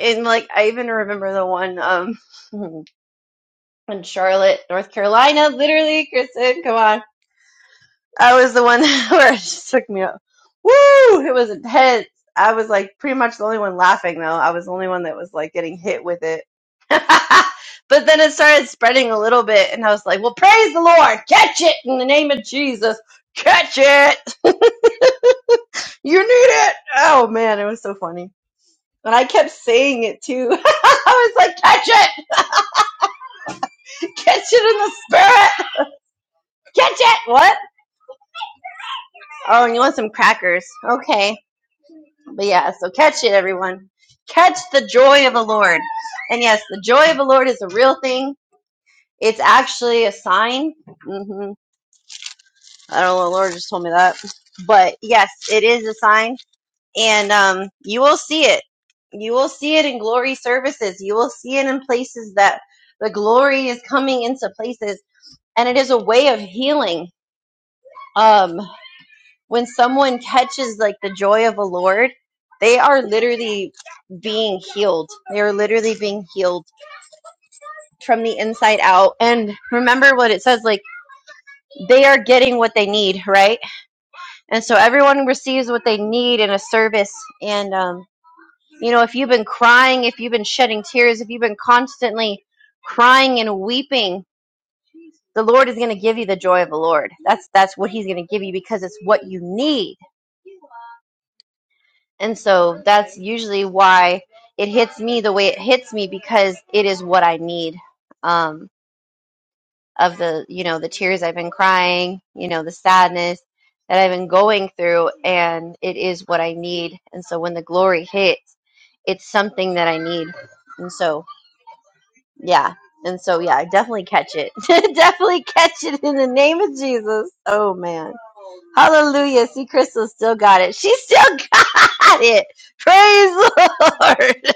S2: And like, I even remember the one um in Charlotte, North Carolina. Literally, Kristen, come on. I was the one where it just took me up. Woo! It was intense. I was like pretty much the only one laughing though. I was the only one that was like getting hit with it. but then it started spreading a little bit and I was like, well, praise the Lord. Catch it in the name of Jesus. Catch it. you need it. Oh man, it was so funny. And I kept saying it too. I was like, catch it. Catch it in the spirit. Catch it. What? Oh, and you want some crackers. Okay. But yeah, so catch it, everyone. Catch the joy of the Lord. And yes, the joy of the Lord is a real thing. It's actually a sign. hmm I don't know, the Lord just told me that. But yes, it is a sign. And um, you will see it. You will see it in glory services. You will see it in places that the glory is coming into places. And it is a way of healing. Um, when someone catches like the joy of the Lord, they are literally being healed. They are literally being healed from the inside out. And remember what it says like they are getting what they need, right? And so everyone receives what they need in a service. And, um, you know, if you've been crying, if you've been shedding tears, if you've been constantly crying and weeping, the Lord is going to give you the joy of the Lord. That's that's what he's going to give you because it's what you need And so that's usually why it hits me the way it hits me because it is what I need um, of the, you know, the tears I've been crying, you know, the sadness that I've been going through. And it is what I need. And so when the glory hits, it's something that I need. And so, yeah. And so, yeah, I definitely catch it. definitely catch it in the name of Jesus. Oh, man. Hallelujah. See, Crystal still got it. She still got it. Praise the Lord.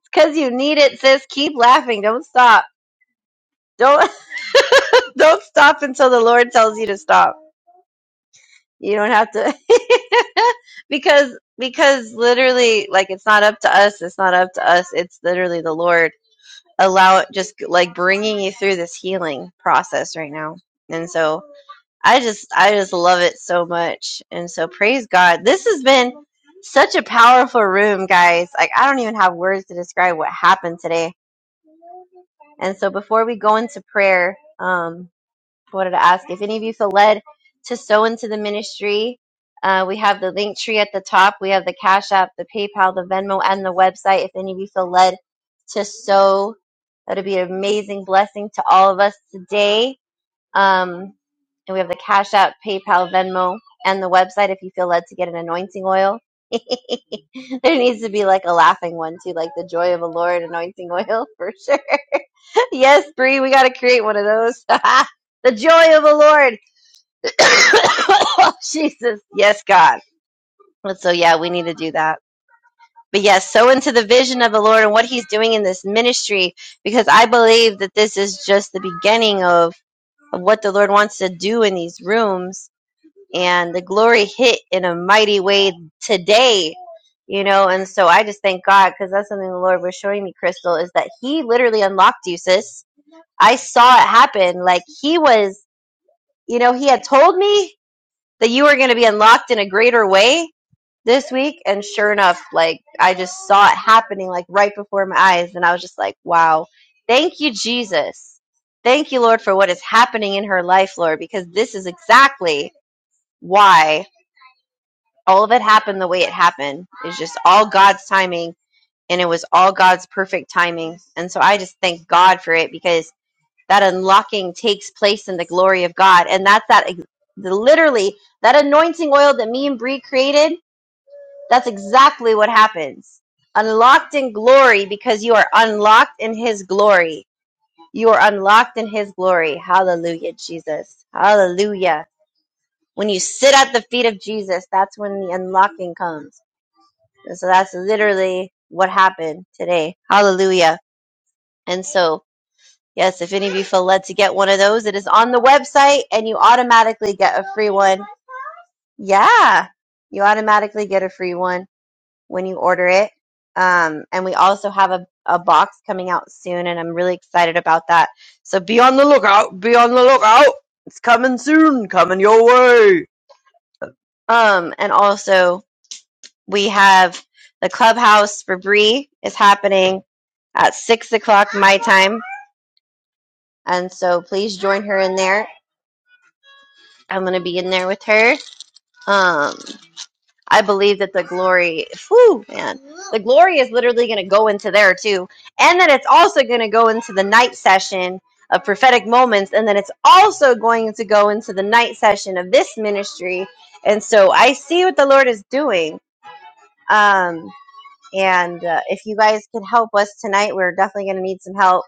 S2: It's Because you need it, sis. Keep laughing. Don't stop. Don't don't stop until the Lord tells you to stop. You don't have to because because literally like it's not up to us, it's not up to us. It's literally the Lord allow it just like bringing you through this healing process right now. And so I just I just love it so much. And so praise God. This has been such a powerful room, guys. Like I don't even have words to describe what happened today. And so before we go into prayer, um, I wanted to ask if any of you feel led to sow into the ministry. Uh, we have the link tree at the top. We have the Cash App, the PayPal, the Venmo, and the website. If any of you feel led to sow, that'd be an amazing blessing to all of us today. Um, and we have the Cash App, PayPal, Venmo, and the website if you feel led to get an anointing oil. there needs to be like a laughing one too, like the joy of the Lord anointing oil for sure. yes, Bree, we got to create one of those. the joy of the Lord. Oh, Jesus. Yes, God. And so, yeah, we need to do that. But yes, sow into the vision of the Lord and what He's doing in this ministry, because I believe that this is just the beginning of of what the Lord wants to do in these rooms. And the glory hit in a mighty way today, you know. And so I just thank God because that's something the Lord was showing me, Crystal, is that He literally unlocked you, sis. I saw it happen. Like He was, you know, He had told me that you were going to be unlocked in a greater way this week and sure enough like i just saw it happening like right before my eyes and i was just like wow thank you jesus thank you lord for what is happening in her life lord because this is exactly why all of it happened the way it happened it's just all god's timing and it was all god's perfect timing and so i just thank god for it because that unlocking takes place in the glory of god and that's that ex- the, literally that anointing oil that me and Bree created that's exactly what happens. Unlocked in glory because you are unlocked in his glory. You are unlocked in his glory. Hallelujah, Jesus. Hallelujah. When you sit at the feet of Jesus, that's when the unlocking comes. And so that's literally what happened today. Hallelujah. And so, yes, if any of you feel led to get one of those, it is on the website and you automatically get a free one. Yeah. You automatically get a free one when you order it. Um, and we also have a, a box coming out soon, and I'm really excited about that. So be on the lookout. Be on the lookout. It's coming soon. Coming your way. Um, and also we have the clubhouse for Bree is happening at six o'clock my time, and so please join her in there. I'm gonna be in there with her. Um, I believe that the glory, whew, man, the glory is literally going to go into there too. And then it's also going to go into the night session of prophetic moments. And then it's also going to go into the night session of this ministry. And so I see what the Lord is doing. Um, and uh, if you guys can help us tonight, we're definitely going to need some help.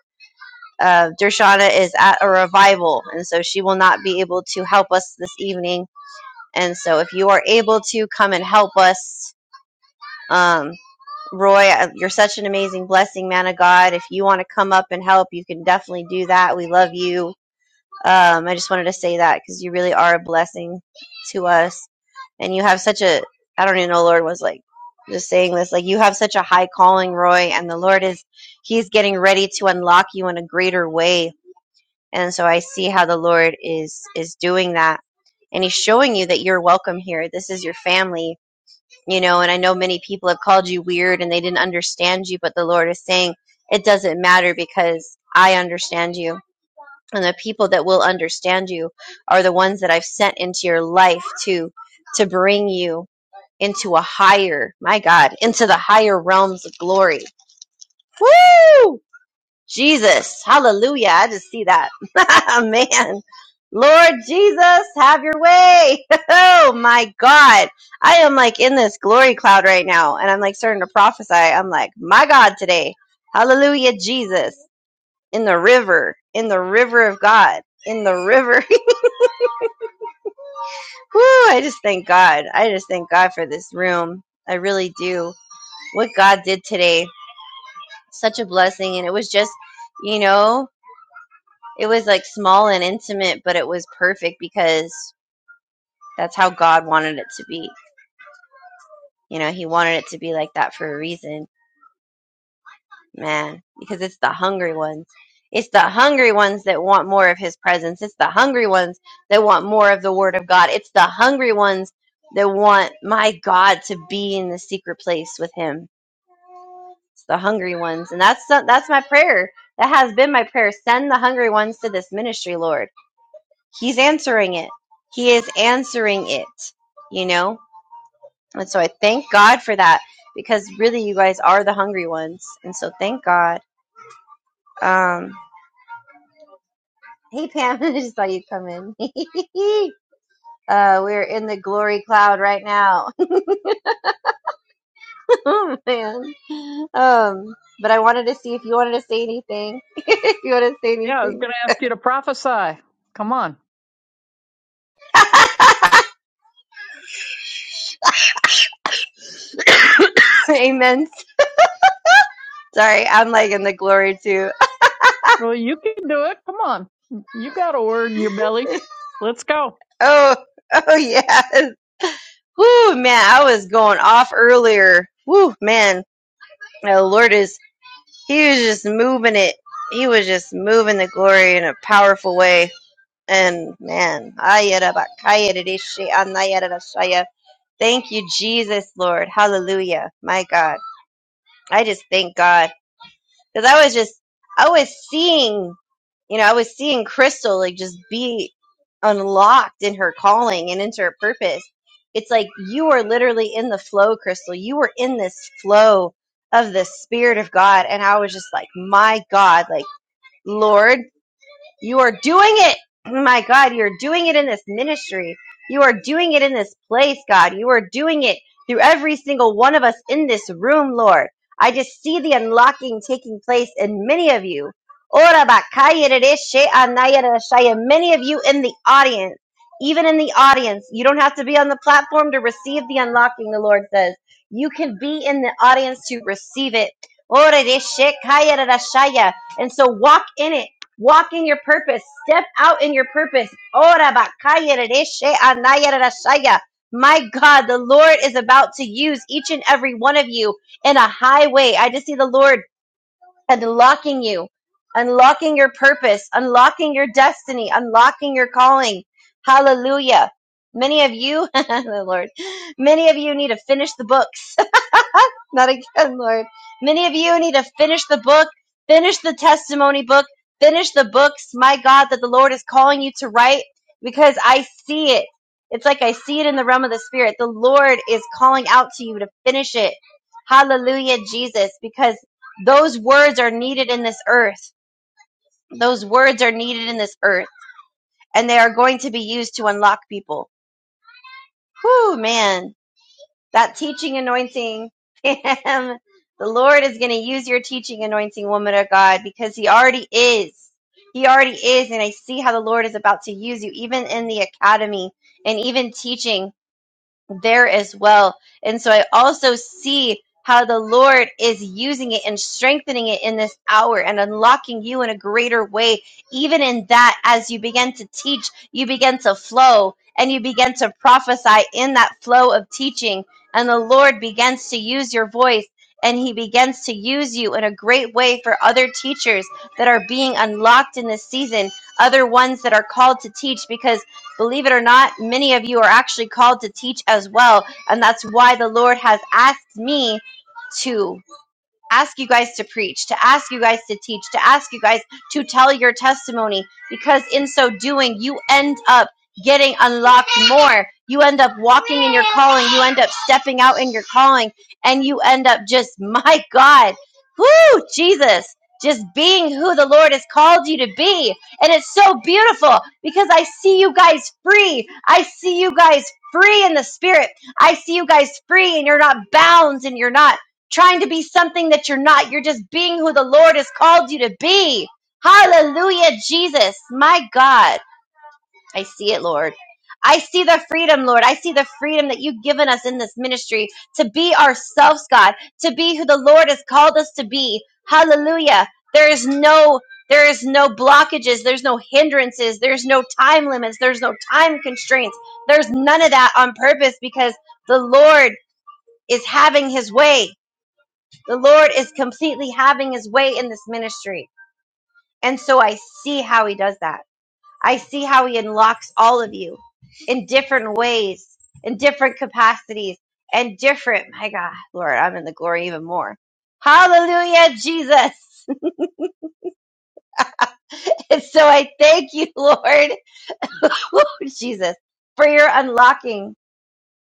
S2: Uh, Dershana is at a revival, and so she will not be able to help us this evening. And so if you are able to come and help us, um. Roy, uh, you're such an amazing blessing, man of God. If you want to come up and help, you can definitely do that. We love you. Um, I just wanted to say that because you really are a blessing to us. And you have such a, I don't even know, Lord was like just saying this, like you have such a high calling, Roy, and the Lord is, He's getting ready to unlock you in a greater way. And so I see how the Lord is, is doing that. And He's showing you that you're welcome here. This is your family you know and i know many people have called you weird and they didn't understand you but the lord is saying it doesn't matter because i understand you and the people that will understand you are the ones that i've sent into your life to to bring you into a higher my god into the higher realms of glory Woo! Jesus. Hallelujah. I just see that. Man. Lord Jesus, have your way. Oh my God. I am like in this glory cloud right now. And I'm like starting to prophesy. I'm like, my God today. Hallelujah, Jesus. In the river, in the river of God, in the river. Whew, I just thank God. I just thank God for this room. I really do. What God did today, such a blessing. And it was just, you know, It was like small and intimate, but it was perfect because that's how God wanted it to be. You know, He wanted it to be like that for a reason, man, because it's the hungry ones. It's the hungry ones that want more of His presence. It's the hungry ones that want more of the Word of God. It's the hungry ones that want my God to be in the secret place with Him. It's the hungry ones, and that's that's my prayer. That has been my prayer. Send the hungry ones to this ministry, Lord He's answering it. He is answering it, you know? And so I thank God for that because really you guys are the hungry ones. And so thank God. Um, hey, Pam, I just thought you would come in. uh, we're in the glory cloud right now. oh, man. Um, but I wanted to see if you wanted to say anything. if you want to say
S4: Yeah, I was
S2: anything.
S4: going to ask you to prophesy. Come on.
S2: Amen. Sorry, I'm like in the glory too.
S4: Well, you can do it. Come on. You got a word in your belly. Let's go.
S2: Oh, oh yes. Whoo, man, I was going off earlier. Whoo, man, the Lord is, he was just moving it. He was just moving the glory in a powerful way. And man, ayarabakayarishi anayarashaya. thank you, Jesus, Lord. Hallelujah. My God. I just thank God because I was just I was seeing, you know, I was seeing Crystal like just be unlocked in her calling and into her purpose. It's like you are literally in the flow, Crystal. You were in this flow of the Spirit of God, and I was just like, my God, like Lord. You are doing it. Oh My God, you're doing it in this ministry. You are doing it in this place, God. You are doing it through every single one of us in this room, Lord. I just see the unlocking taking place in many of you. Ora bakaya rereshe anaya rereshaya. Many of you in the audience, even in the audience, you don't have to be on the platform to receive the unlocking, the Lord says. You can be in the audience to receive it. Ora rereshe kaya rereshaya. And so walk in it Walk in your purpose. Step out in your purpose. My God, the Lord is about to use each and every one of you in a highway. I just see the Lord unlocking you, unlocking your purpose, unlocking your destiny, unlocking your calling. Hallelujah. Many of you, the Lord, many of you need to finish the books. Not again, Lord. Many of you need to finish the book, finish the testimony book, finish the books, my God, that the Lord is calling you to write because I see it. It's like I see it in the realm of the spirit. The Lord is calling out to you to finish it. Hallelujah, Jesus, because those words are needed in this earth. Those words are needed in this earth, and they are going to be used to unlock people. Whew, man. that teaching anointing, Pam. The Lord is going to use your teaching anointing, woman of God, because He already is. He already is. And I see how the Lord is about to use you, even in the academy and even teaching there as well. And so I also see how the Lord is using it and strengthening it in this hour and unlocking you in a greater way. Even in that, as you begin to teach, you begin to flow and you begin to prophesy in that flow of teaching. And the Lord begins to use your voice and he begins to use you in a great way for other teachers that are being unlocked in this season, other ones that are called to teach because Believe it or not, many of you are actually called to teach as well. And that's why the Lord has asked me to ask you guys to preach, to ask you guys to teach, to ask you guys to tell your testimony, because in so doing, you end up getting unlocked more. You end up walking in your calling, you end up stepping out in your calling, and you end up just, my God, whoo, Jesus. Just being who the Lord has called you to be. And it's so beautiful because I see you guys free. I see you guys free in the spirit. I see you guys free and you're not bound and you're not trying to be something that you're not. You're just being who the Lord has called you to be. Hallelujah, Jesus. My God. I see it, Lord. I see the freedom, Lord. I see the freedom that you've given us in this ministry to be ourselves, God, to be who the Lord has called us to be. Hallelujah. There is no there is no blockages, there's no hindrances, there's no time limits, there's no time constraints. There's none of that on purpose because the Lord is having his way. The Lord is completely having his way in this ministry. And so I see how he does that. I see how he unlocks all of you in different ways, in different capacities, and different. My God, Lord, I'm in the glory even more. Hallelujah, Jesus. and so I thank you, Lord, Jesus, for your unlocking.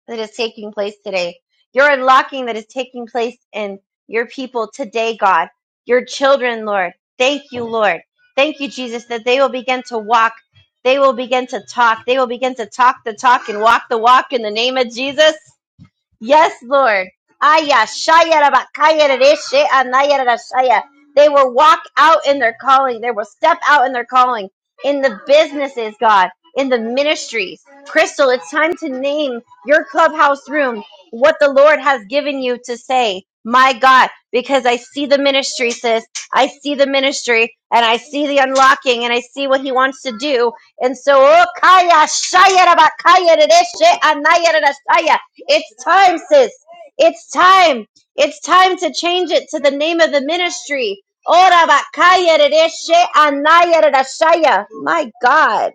S2: that is taking place today. Your unlocking that is taking place in your people today, God. Your children, Lord. Thank you, Lord. Thank you, Jesus, that they will begin to walk. They will begin to talk. They will begin to talk the talk and walk the walk in the name of Jesus. Yes, Lord. Aya, shaya, raba, kaya, rereshe, anaya, rara, shaya. They will walk out in their calling. They will step out in their calling. In the businesses, God, in the ministries. Crystal, it's time to name your clubhouse room what the Lord has given you to say. My God, because I see the ministry, sis. I see the ministry and I see the unlocking and I see what he wants to do. And so, oh, kaya, shaya, raba, kaya, rereshe, anaya, rara, shaya. It's time, sis. It's time. It's time to change it to the name of the ministry. Ora bakaya rereshe anaya rerashaya. My God.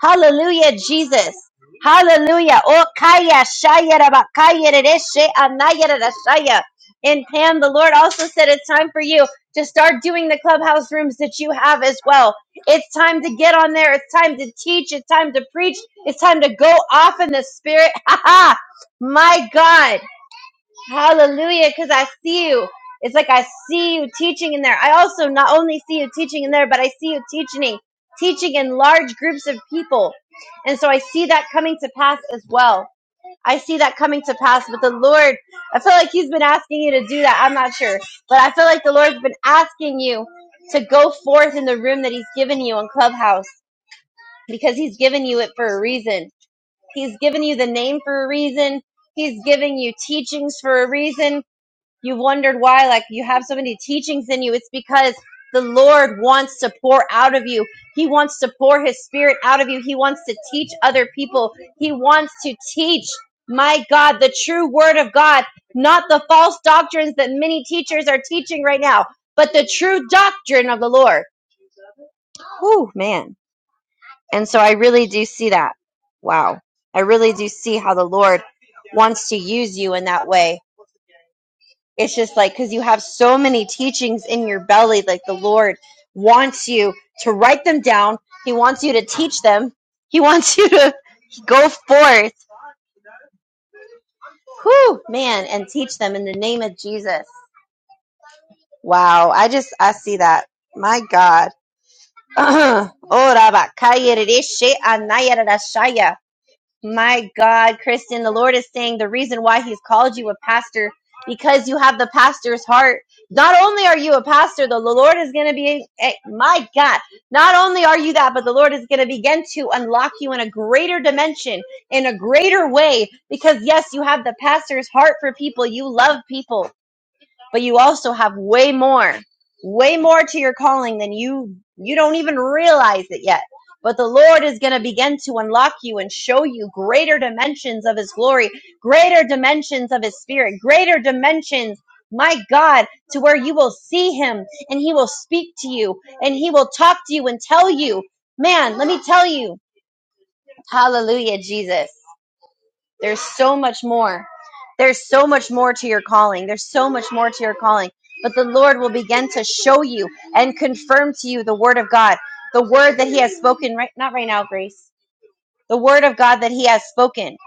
S2: Hallelujah, Jesus. Hallelujah. Oh, kaya shaya raba, kaya rereshe anaya rarashaya. In Pam, the Lord also said it's time for you to start doing the clubhouse rooms that you have as well. It's time to get on there. It's time to teach. It's time to preach. It's time to go off in the spirit. Ha ha. My God. Hallelujah, because I see you. It's like I see you teaching in there. I also not only see you teaching in there, but I see you teaching, teaching in large groups of people. And so I see that coming to pass as well. I see that coming to pass. But the Lord, I feel like He's been asking you to do that. I'm not sure. But I feel like the Lord's been asking you to go forth in the room that He's given you on Clubhouse because He's given you it for a reason. He's given you the name for a reason. He's giving you teachings for a reason you wondered why, like you have so many teachings in you, it's because the Lord wants to pour out of you. He wants to pour his spirit out of you. He wants to teach other people. He wants to teach, my God, the true word of God, not the false doctrines that many teachers are teaching right now, but the true doctrine of the Lord. Whew, man. And so I really do see that. Wow. I really do see how the Lord wants to use you in that way It's just like because you have so many teachings in your belly, like the Lord wants you to write them down. He wants you to teach them. He wants you to go forth, whew, man, and teach them in the name of Jesus. Wow, I just I see that. My God. Oh, Rabba, Rishi, Anaya, Rashaya. My God, Kristen, the Lord is saying the reason why He's called you a pastor because you have the pastor's heart. Not only are you a pastor, though, the Lord is going to be, eh, my God, not only are you that, but the Lord is going to begin to unlock you in a greater dimension, in a greater way, because yes, you have the pastor's heart for people. You love people but you also have way more, way more to your calling than you, you don't even realize it yet. But the Lord is going to begin to unlock you and show you greater dimensions of His glory, greater dimensions of His Spirit, greater dimensions, my God, to where you will see Him and He will speak to you and He will talk to you and tell you, man, let me tell you, hallelujah, Jesus. There's so much more. There's so much more to your calling. There's so much more to your calling. But the Lord will begin to show you and confirm to you the word of God, the word that He has spoken right not right now, Grace. The word of God that He has spoken.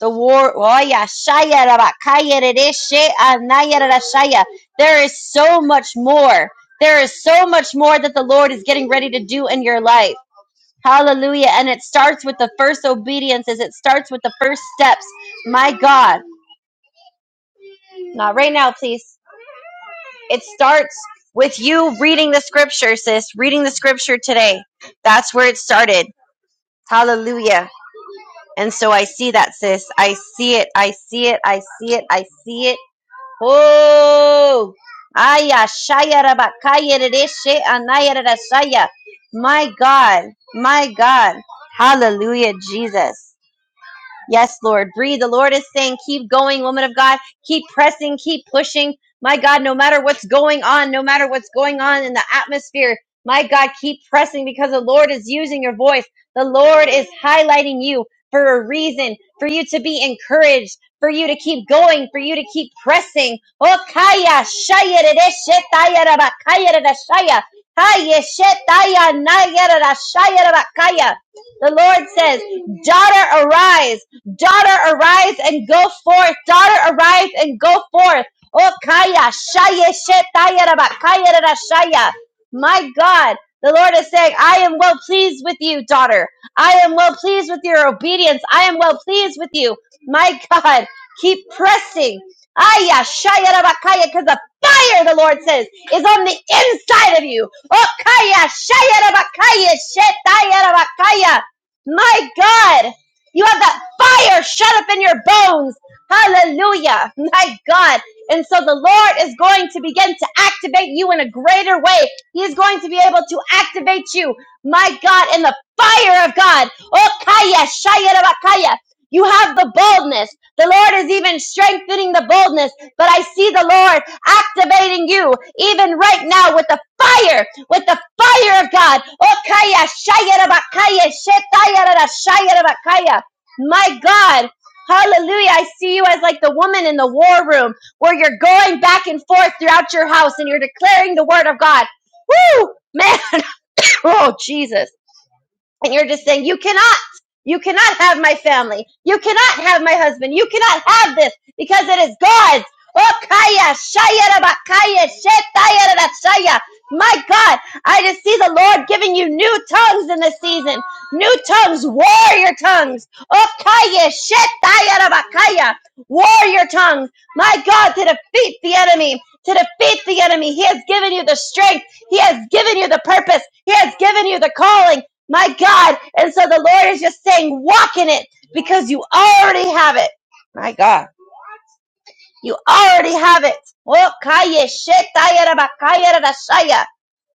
S2: The war oh yeah, shaya raba, kaya rere, she there is so much more. There is so much more that the Lord is getting ready to do in your life. Hallelujah. And it starts with the first obediences. It starts with the first steps. My God. Not right now, please. It starts with you reading the scripture, sis. Reading the scripture today. That's where it started. Hallelujah. And so I see that, sis. I see it. I see it. I see it. I see it. Oh. Aya shaya rabakaya rereshe anaya rerashaya. My God. My God. Hallelujah, Jesus. Yes, Lord. Breathe. The Lord is saying, keep going, woman of God. Keep pressing, keep pushing. My God, no matter what's going on, no matter what's going on in the atmosphere, my God, keep pressing because the Lord is using your voice. The Lord is highlighting you for a reason, for you to be encouraged, for you to keep going, for you to keep pressing. Oh, kaya, shaya, rede, shetaya, raba, kaya, rada, shaya. Kaya, shetaya, naya, rada, shaya, raba, kaya. The Lord says, daughter, arise. Daughter, arise and go forth. Daughter, arise and go forth. Oh, kaya, shaya, shetaya, raba, kaya, rara, shaya. My God, the Lord is saying, I am well pleased with you, daughter. I am well pleased with your obedience. I am well pleased with you. My God, keep pressing. Aya, shaya, raba, kaya, because the fire, the Lord says, is on the inside of you. Oh, kaya, shaya, raba, kaya, shetaya, raba, kaya. My God. You have that fire shut up in your bones. Hallelujah. My God. And so the Lord is going to begin to activate you in a greater way. He is going to be able to activate you, my God, in the fire of God. Oh, kaya, shaya, raba, You have the boldness. The Lord is even strengthening the boldness, but I see the Lord activating you even right now with the fire, with the fire of God. Oh, kaya, shaya, raba, kaya, shetaya, rara, shaya, my God. Hallelujah. I see you as like the woman in the war room where you're going back and forth throughout your house and you're declaring the word of God. Woo! Man, oh Jesus and you're just saying you cannot you cannot have my family you cannot have my husband you cannot have this because it is god's Oh, kaya, shaya, raba, kaya, shetaya, rara, shaya. my god i just see the lord giving you new tongues in this season new tongues warrior tongues Oh, kaya, shetaya, raba, kaya. warrior tongues my god to defeat the enemy to defeat the enemy he has given you the strength he has given you the purpose he has given you the calling my God. And so the Lord is just saying, walk in it because you already have it. My God. You already have it. Oh, kaya shetaya raba kaya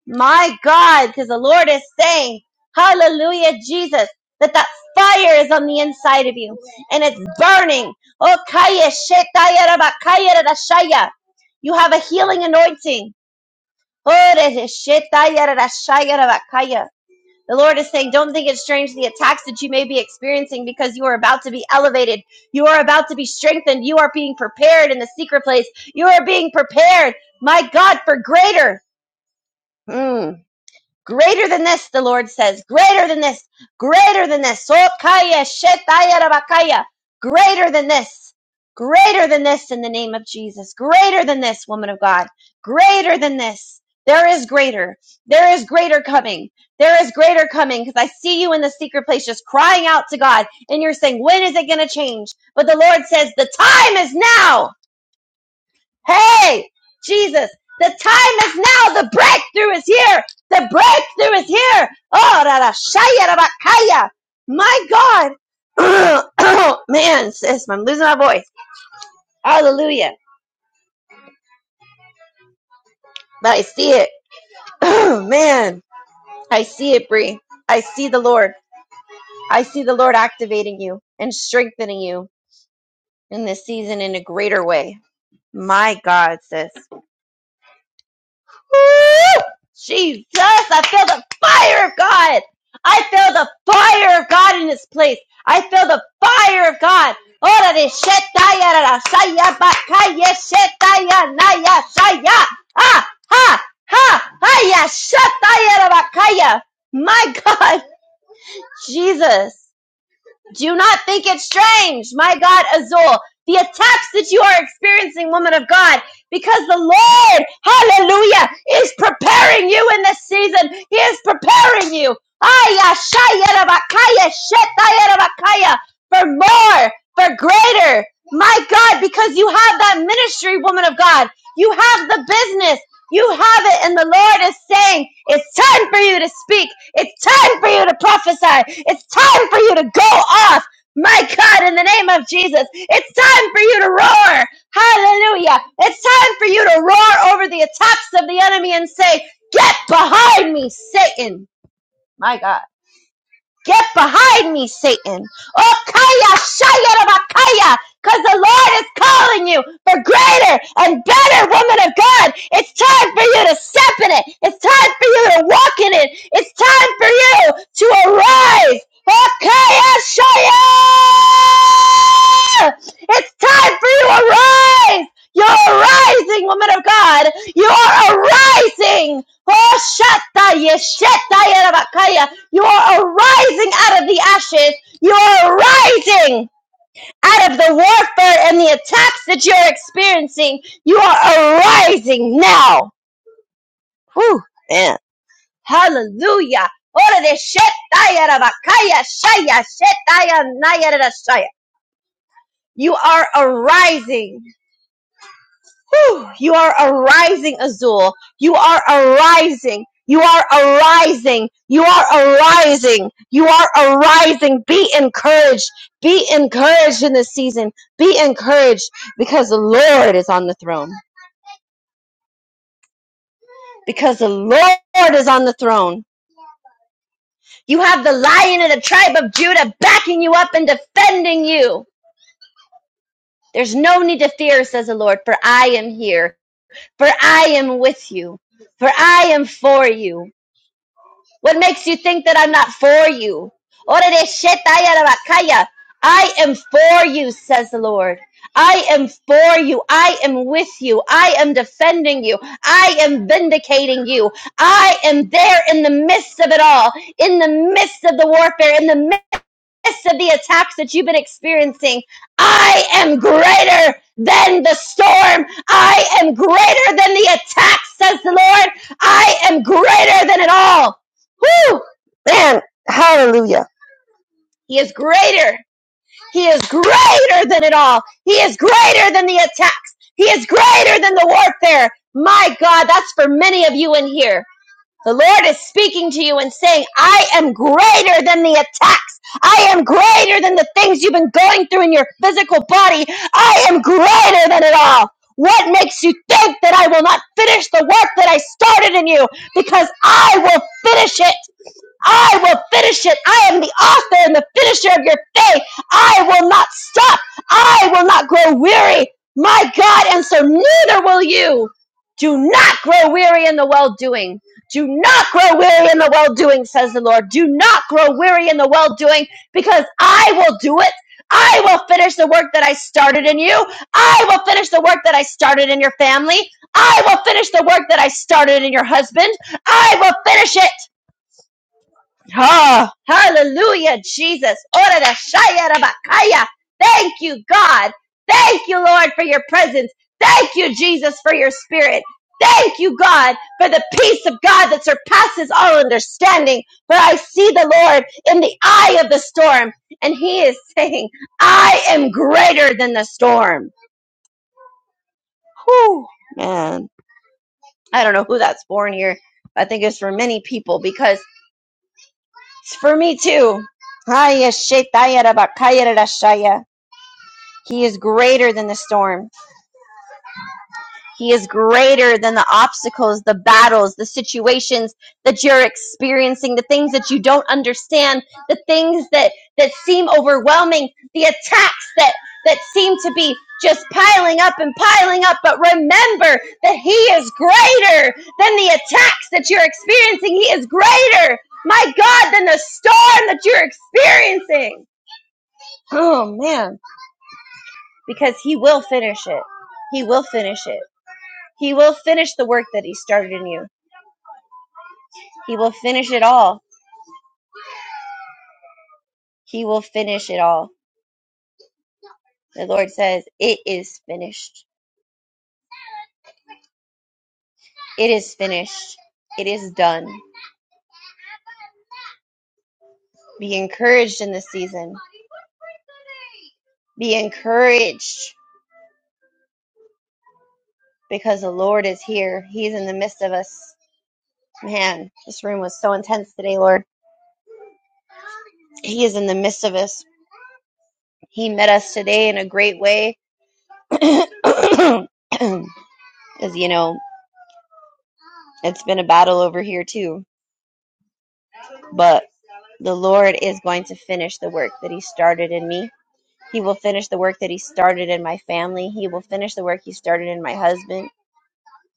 S2: My God. Because the Lord is saying, hallelujah, Jesus, that that fire is on the inside of you and it's burning. Oh, kaya shetaya raba kaya You have a healing anointing. Oh, re- shetaya rara the Lord is saying, don't think it's strange the attacks that you may be experiencing because you are about to be elevated. You are about to be strengthened. You are being prepared in the secret place. You are being prepared, my God, for greater. Mm. Greater than this, the Lord says. Greater than this. Greater than this. Sokaya shetaya rabakaya. Greater than this. Greater than this in the name of Jesus. Greater than this, woman of God. Greater than this. There is greater. There is greater coming. There is greater coming because I see you in the secret place just crying out to God and you're saying, when is it going to change? But the Lord says, the time is now. Hey, Jesus, the time is now. The breakthrough is here. The breakthrough is here. Oh, rara, shaya, rara, My God. Man, sis, I'm losing my voice. Hallelujah. But I see it. Man, I see it, Bree. I see the Lord. I see the Lord activating you and strengthening you in this season in a greater way. My God, sis. Woo! Jesus, I feel the fire of God. I feel the fire of God in this place. I feel the fire of God. Ora de shetaya ra ra shaya bakaya shetaya naya shaya. Ah, ha, ha, haya shetaya ra bakaya. My God, Jesus. Do not think it strange, my God Azul, the attacks that you are experiencing, woman of God, because the Lord, hallelujah, is preparing you in this season. He is preparing you. Aya, shaya, rabakaya, shetaya, For more, for greater. My God, because you have that ministry, woman of God. You have the business. You have it, and the Lord is saying, It's time for you to speak. It's time for you to prophesy. It's time for you to go off. My God, in the name of Jesus, it's time for you to roar. Hallelujah. It's time for you to roar over the attacks of the enemy and say, Get behind me, Satan. My God. Get behind me, Satan. Oh, Kaya, Shayarabakaya, because the Lord is calling you for greater and better, woman of God. It's time for you to step in it. It's time for you to walk in it. It's time for you to arise. Oh, Kaya, Shaya! It's time for you to arise. You're arising, woman of God. You are arising. Oh, Shatta, Yeshetta, Yarabakaya. You are arising out of the ashes. You are arising out of the warfare and the attacks that you're experiencing. You are arising now. Whew, man. Hallelujah. You are arising. Whew! You are arising, Azul. You are arising. You are arising. You are arising. You are arising. Be encouraged. Be encouraged in this season. Be encouraged because the Lord is on the throne. Because the Lord is on the throne. You have the lion of the tribe of Judah backing you up and defending you. There's no need to fear, says the Lord, for I am here. For I am with you. For I am for you What makes you think that I'm not for you? I am for you, says the Lord. I am for you. I am with you. I am defending you. I am vindicating you. I am there in the midst of it all, in the midst of the warfare, in the midst midst of the attacks that you've been experiencing, I am greater than the storm. I am greater than the attack, says the Lord. I am greater than it all. Woo! Man, hallelujah. He is greater. He is greater than it all. He is greater than the attacks. He is greater than the warfare. My God, that's for many of you in here. The Lord is speaking to you and saying, I am greater than the attacks. I am greater than the things you've been going through in your physical body. I am greater than it all. What makes you think that I will not finish the work that I started in you? Because I will finish it I will finish it. I am the author and the finisher of your faith. I will not stop. I will not grow weary. My God, and so neither will you. Do not grow weary in the well doing. Do not grow weary in the well doing, says the Lord. Do not grow weary in the well doing because I will do it. I will finish the work that I started in you. I will finish the work that I started in your family. I will finish the work that I started in your husband. I will finish it. Ah, hallelujah, Jesus. Ora da shaya Rabakaya. Thank you, God. Thank you, Lord, for your presence. Thank you, Jesus, for your spirit. Thank you, God, for the peace of God that surpasses all understanding. For I see the Lord in the eye of the storm, and He is saying, I am greater than the storm. Whew, man. I don't know who that's for in here. I think it's for many people because It's for me too. He is greater than the storm. He is greater than the obstacles, the battles, the situations that you're experiencing, the things that you don't understand, the things that, that seem overwhelming, the attacks that, that seem to be just piling up and piling up. But remember that He is greater than the attacks that you're experiencing. He is greater, my God, than the storm that you're experiencing. Oh man, because he will finish it. He will finish it. He will finish the work that he started in you. He will finish it all. He will finish it all. The Lord says, It is finished. It is finished. It is done. Be encouraged in this season. Be encouraged because the Lord is here. He's in the midst of us. Man, this room was so intense today, Lord. He is in the midst of us. He met us today in a great way. And because you know it's been a battle over here too but the lord is going to finish the work that he started in me he will finish the work that he started in my family he will finish the work he started in my husband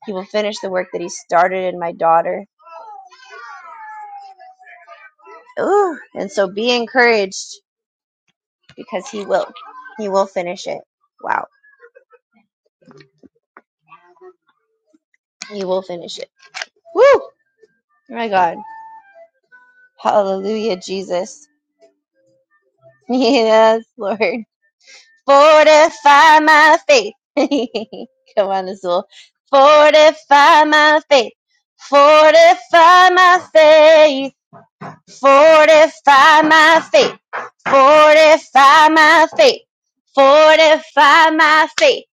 S2: he will finish the work that he started in my daughter Ooh, and so be encouraged because he will he will finish it wow he will finish it woo Oh my god hallelujah jesus yes lord Fortify my faith. Come on, Azul. Fortify my faith. Fortify my faith. Fortify my faith. Fortify my faith. Fortify my faith.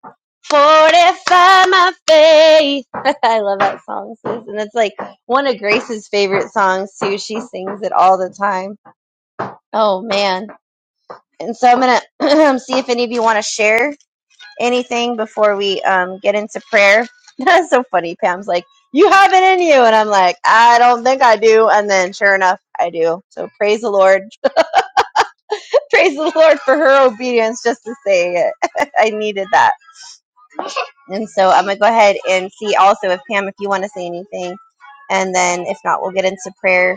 S2: Fortify my faith. I love that song, sis. And it's like one of Grace's favorite songs, too. She sings it all the time. Oh, man. And so I'm going to see if any of you want to share anything before we um, get into prayer? That's so funny. Pam's like, You have it in you. And I'm like, I don't think I do. And then sure enough, I do. So praise the Lord. praise the Lord for her obedience just to say it. I needed that. And so I'm going to go ahead and see also if Pam, if you want to say anything. And then if not, we'll get into prayer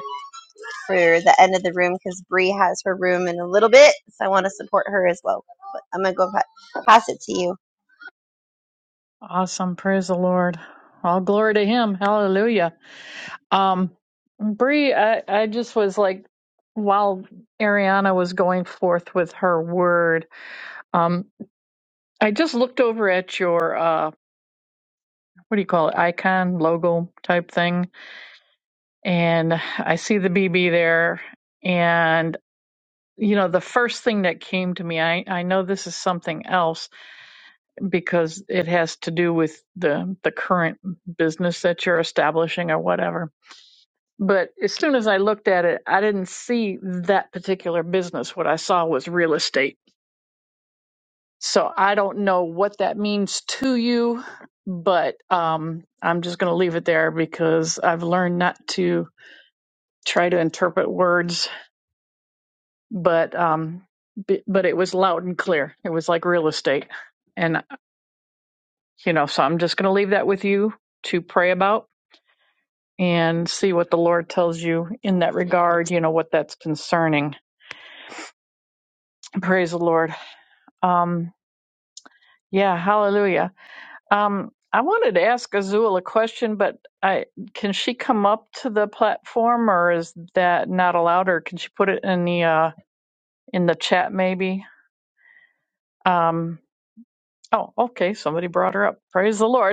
S2: for the end of the room because Bree has her room in a little bit. So I want to support her as well. But I'm going to go pa- pass it to you.
S4: Awesome. Praise the Lord. All glory to him. Hallelujah. Um Bree, I, I just was like while Ariana was going forth with her word, um, I just looked over at your uh what do you call it? Icon logo type thing. And I see the BB there. you know the first thing that came to me i i know this is something else because it has to do with the the current business that you're establishing or whatever but as soon as i looked at it i didn't see that particular business what i saw was real estate so i don't know what that means to you but um i'm just going to leave it there because i've learned not to try to interpret words but um b- but it was loud and clear it was like real estate and you know so i'm just going to leave that with you to pray about and see what the lord tells you in that regard you know what that's concerning praise the lord um yeah hallelujah um i wanted to ask azul a question but i can she come up to the platform or is that not allowed or can she put it in the uh in the chat maybe um oh okay somebody brought her up praise the lord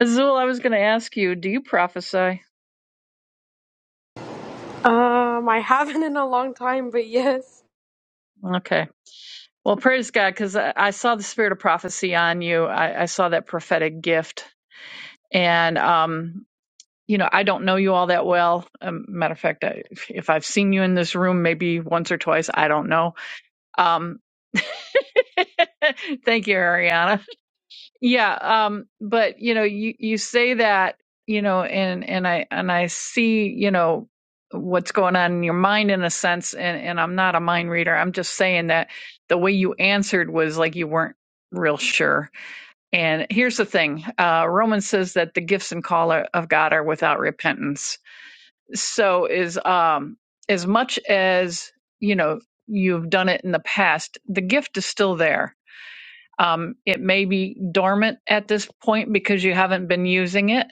S4: Azul, I was going to ask you, do you prophesy?
S5: Um, I haven't in a long time, but yes.
S4: Okay. Well, praise God, because I, I saw the spirit of prophecy on you. I, I saw that prophetic gift. And, um, you know, I don't know you all that well. Um, matter of fact, I, if if I've seen you in this room maybe once or twice, I don't know. Um, thank you, Ariana. Yeah, um, but you know, you you say that, you know, and and I and I see, you know, what's going on in your mind in a sense, and and I'm not a mind reader. I'm just saying that the way you answered was like you weren't real sure. And here's the thing, uh, Romans says that the gifts and call are- of God are without repentance. So is um as much as you know you've done it in the past, the gift is still there um, it may be dormant at this point because you haven't been using it,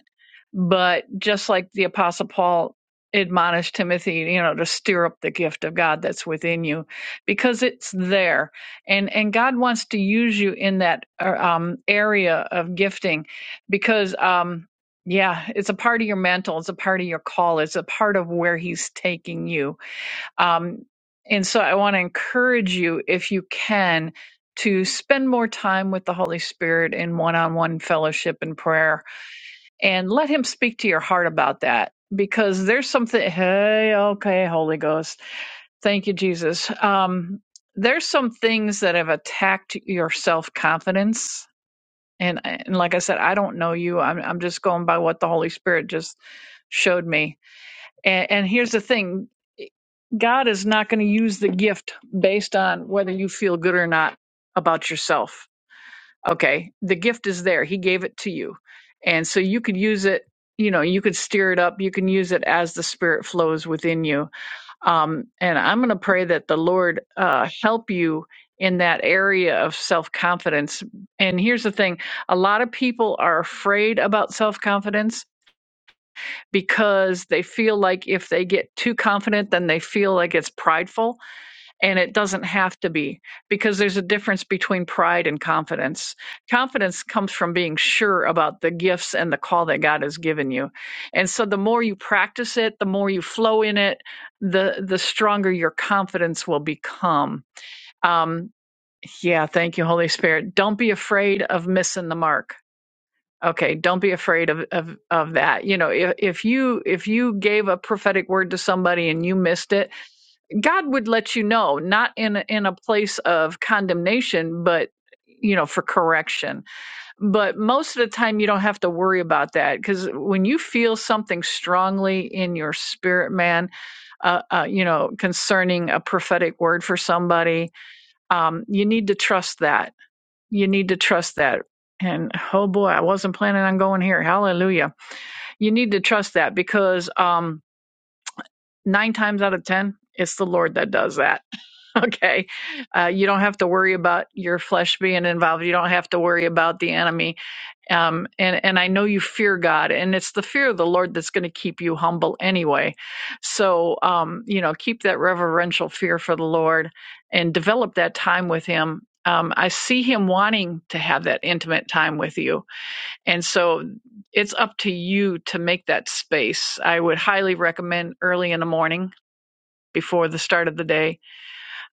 S4: but just like the Apostle Paul admonished Timothy, you know, to stir up the gift of God that's within you because it's there. And, and God wants to use you in that uh, um, area of gifting because, um, yeah, it's a part of your mantle, it's a part of your call, it's a part of where He's taking you um, and so I want to encourage you, if you can, to spend more time with the Holy Spirit in one on one fellowship and prayer and let Him speak to your heart about that because there's something, hey, okay, Holy Ghost. Thank you, Jesus. Um, there's some things that have attacked your self confidence. And, and like I said, I don't know you. I'm, I'm just going by what the Holy Spirit just showed me. And, and here's the thing God is not going to use the gift based on whether you feel good or not about yourself. Okay. The gift is there. He gave it to you. And so you could use it, you know, you could steer it up. You can use it as the spirit flows within you. Um, and I'm going to pray that the Lord uh, help you in that area of self confidence. And here's the thing a lot of people are afraid about self confidence because they feel like if they get too confident, then they feel like it's prideful and it doesn't have to be because there's a difference between pride and confidence. Confidence comes from being sure about the gifts and the call that God has given you. And so the more you practice it, the more you flow in it, the the stronger your confidence will become. Um yeah, thank you Holy Spirit. Don't be afraid of missing the mark. Okay, don't be afraid of of of that. You know, if if you if you gave a prophetic word to somebody and you missed it, God would let you know, not in a, in a place of condemnation, but you know, for correction. But most of the time, you don't have to worry about that because when you feel something strongly in your spirit, man, uh, uh, you know, concerning a prophetic word for somebody, um, you need to trust that. You need to trust that. And oh boy, I wasn't planning on going here. Hallelujah. You need to trust that because um, nine times out of 10, it's the Lord that does that Okay. Uh, you don't have to worry about your flesh being involved. You don't have to worry about the enemy. Um, and, and I know you fear God, and it's the fear of the Lord that's going to keep you humble anyway. So, um, you know, keep that reverential fear for the Lord and develop that time with Him. Um, I see Him wanting to have that intimate time with you. And so it's up to you to make that space. I would highly recommend early in the morning before the start of the day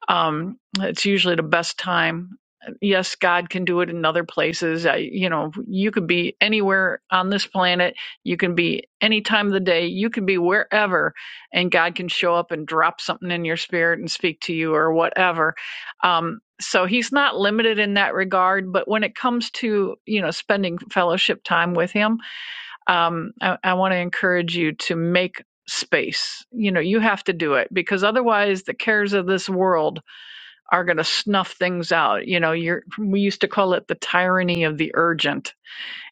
S4: um, it's usually the best time. Yes, God can do it in other places. I, you know, you could be anywhere on this planet. You can be any time of the day. You can be wherever, and God can show up and drop something in your spirit and speak to you or whatever. Um, so he's not limited in that regard. But when it comes to you know spending fellowship time with him, um, I, I want to encourage you to make space. You know, you have to do it because otherwise, the cares of this world are going to snuff things out. You know, you're we used to call it the tyranny of the urgent.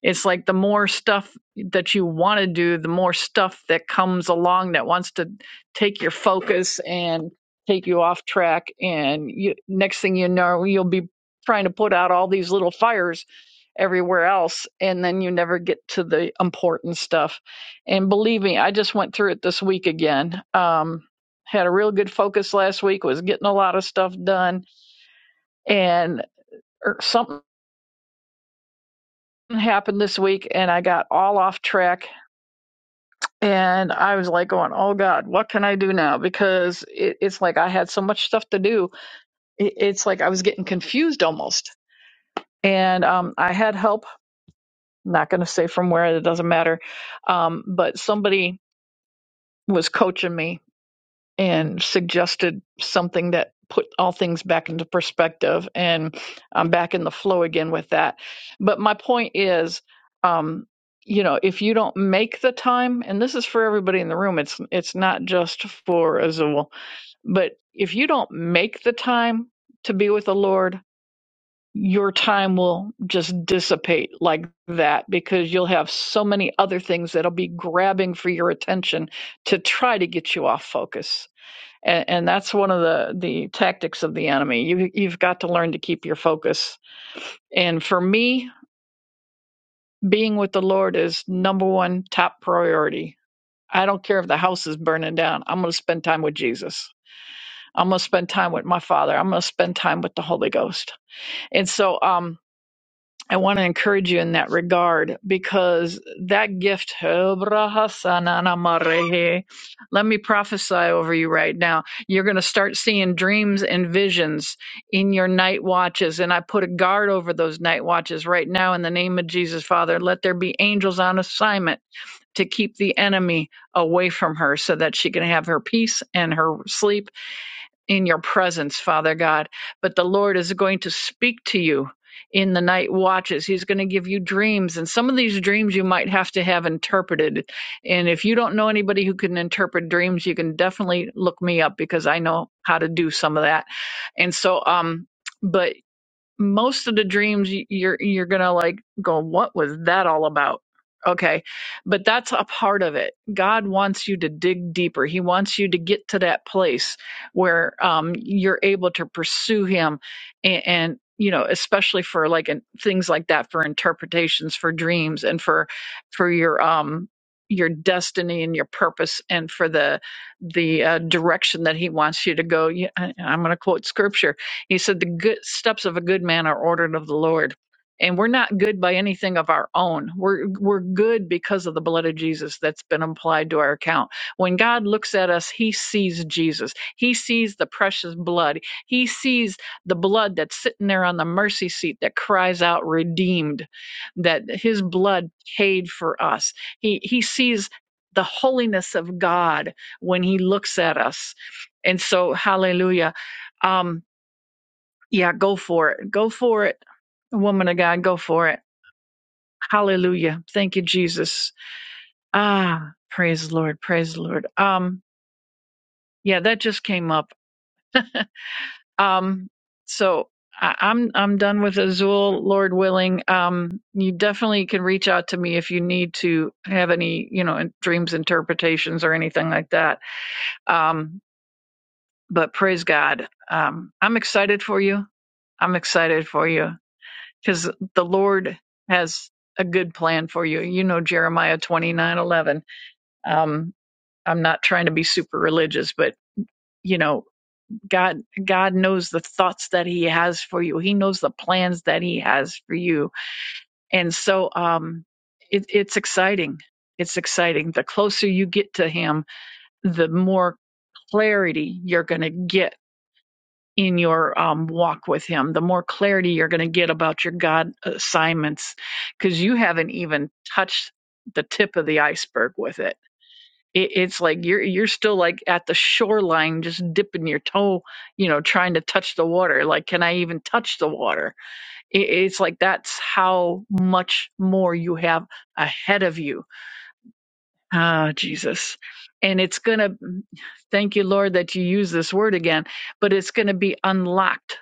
S4: It's like the more stuff that you want to do, the more stuff that comes along that wants to take your focus and take you off track and you, next thing you know, you'll be trying to put out all these little fires everywhere else and then you never get to the important stuff. And believe me, I just went through it this week again. Um had a real good focus last week, was getting a lot of stuff done and er, something happened this week and I got all off track and I was like going, "Oh god, what can I do now?" because it, it's like I had so much stuff to do. It, it's like I was getting confused almost. And um I had help, I'm not going to say from where, it doesn't matter. Um but somebody was coaching me and suggested something that put all things back into perspective and I'm back in the flow again with that. But my point is um you know if you don't make the time and this is for everybody in the room it's it's not just for Azul but if you don't make the time to be with the Lord your time will just dissipate like that because you'll have so many other things that'll be grabbing for your attention to try to get you off focus and, and that's one of the the tactics of the enemy you you've got to learn to keep your focus and for me being with the lord is number one top priority i don't care if the house is burning down i'm going to spend time with jesus i'm going to spend time with my father i'm going to spend time with the holy ghost and so um I want to encourage you in that regard because that gift, let me prophesy over you right now. You're going to start seeing dreams and visions in your night watches. And I put a guard over those night watches right now in the name of Jesus, Father. Let there be angels on assignment to keep the enemy away from her so that she can have her peace and her sleep in your presence, Father God. But the Lord is going to speak to you in the night watches. He's going to give you dreams. And some of these dreams you might have to have interpreted. And if you don't know anybody who can interpret dreams, you can definitely look me up because I know how to do some of that. And so, um, but most of the dreams y- you're you're gonna like go what was that all about okay but that's a part of it god wants you to dig deeper he wants you to get to that place where um you're able to pursue him and, and you know especially for like in, things like that for interpretations for dreams and for for your um your destiny and your purpose and for the the uh, direction that he wants you to go You- I- i'm going to quote scripture you said the good steps of a good man are ordered of the Lord. And we're not good by anything of our own. We're we're good because of the blood of Jesus that's been applied to our account. When God looks at us, he sees Jesus. He sees the precious blood. He sees the blood that's sitting there on the mercy seat that cries out redeemed, that his blood paid for us. He he sees the holiness of God when he looks at us. And so hallelujah. um, yeah, go for it. Go for it. Woman of God, go for it. Hallelujah. Thank you, Jesus. Ah, praise the Lord. Praise the Lord. Um, yeah, that just came up. Um, so I, I'm I'm done with Azul, Lord willing. Um, you definitely can reach out to me if you need to have any, you know, in- dreams interpretations or anything like that. Um, but praise God. Um, I'm excited for you. I'm excited for you. because the Lord has a good plan for you. You know Jeremiah twenty nine eleven. Um, I'm not trying to be super religious, but you know God God knows the thoughts that He has for you. He knows the plans that He has for you, and so um, it, it's exciting. It's exciting. The closer you get to Him, the more clarity you're going to get in your um, walk with Him, the more clarity you're going to get about your God assignments because you haven't even touched the tip of the iceberg with it. it. It's like you're you're still like at the shoreline, just dipping your toe, you know, trying to touch the water. Like, can I even touch the water? It, it's like that's how much more you have ahead of you. Ah, Jesus. And it's going to, thank you, Lord, that you use this word again, but it's going to be unlocked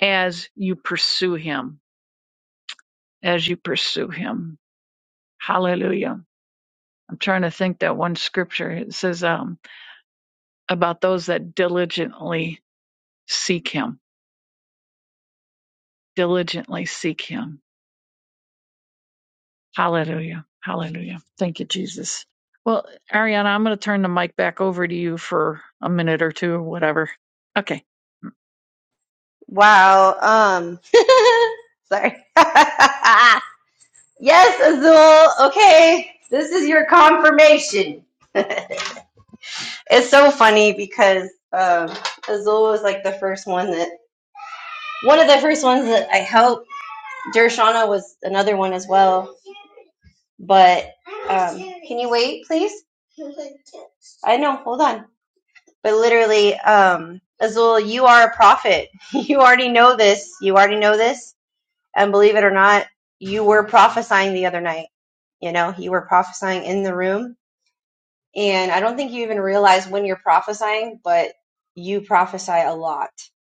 S4: as you pursue him, as you pursue him. Hallelujah. I'm trying to think that one scripture it says um, about those that diligently seek him, diligently seek him. Hallelujah. Hallelujah. Thank you, Jesus. Well, Ariana, I'm going to turn the mic back over to you for a minute or two or whatever. Okay.
S2: Wow. Um. sorry. yes, Azul. Okay, this is your confirmation. it's so funny because um, Azul was like the first one that one of the first ones that I helped. Dershana was another one as well. But um, can you wait, please? I know. Hold on. But literally, um, Azul, you are a prophet. you already know this. You already know this And believe it or not, you were prophesying the other night. You know, you were prophesying in the room. And I don't think you even realize when you're prophesying, but you prophesy a lot.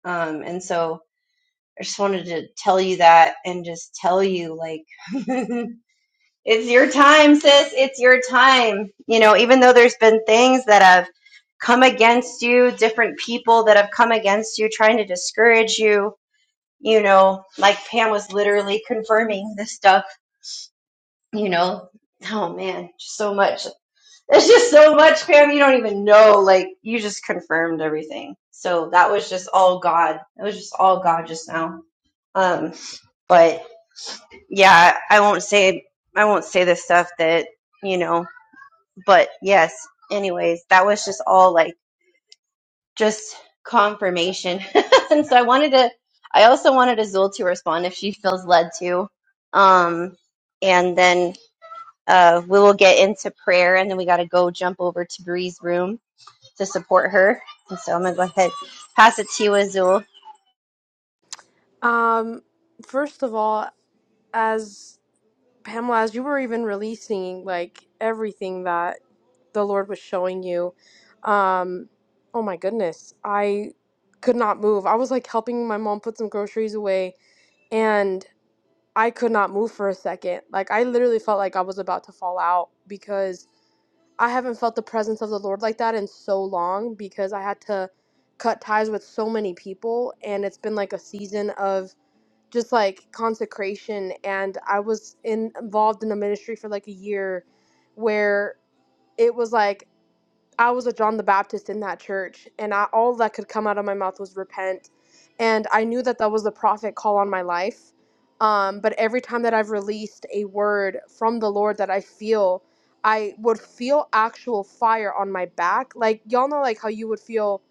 S2: Um, and so I just wanted to tell you that and just tell you, like, it's your time, sis. It's your time. You know, even though there's been things that have come against you, different people that have come against you, trying to discourage you, you know, like Pam was literally confirming this stuff you know oh man just so much there's just so much Pam. you don't even know like you just confirmed everything so that was just all god it was just all god just now um but yeah i won't say i won't say the stuff that you know but yes anyways that was just all like just confirmation and so i wanted to i also wanted azul to respond if she feels led to um and then uh, we will get into prayer and then we got to go jump over to Bree's room to support her. And so I'm going to go ahead pass it to you, Azul.
S5: Um, first of all, as Pamela, as you were even releasing like everything that the Lord was showing you, um, oh my goodness, I could not move. I was like helping my mom put some groceries away, and I could not move for a second. Like I literally felt like I was about to fall out because I haven't felt the presence of the Lord like that in so long because I had to cut ties with so many people and it's been like a season of just like consecration and I was in, involved in a ministry for like a year where it was like I was a John the Baptist in that church, and I, all that could come out of my mouth was repent. And I knew that that was the prophet call on my life. Um, but every time that I've released a word from the Lord that I feel, I would feel actual fire on my back. Like, y'all know, like how you would feel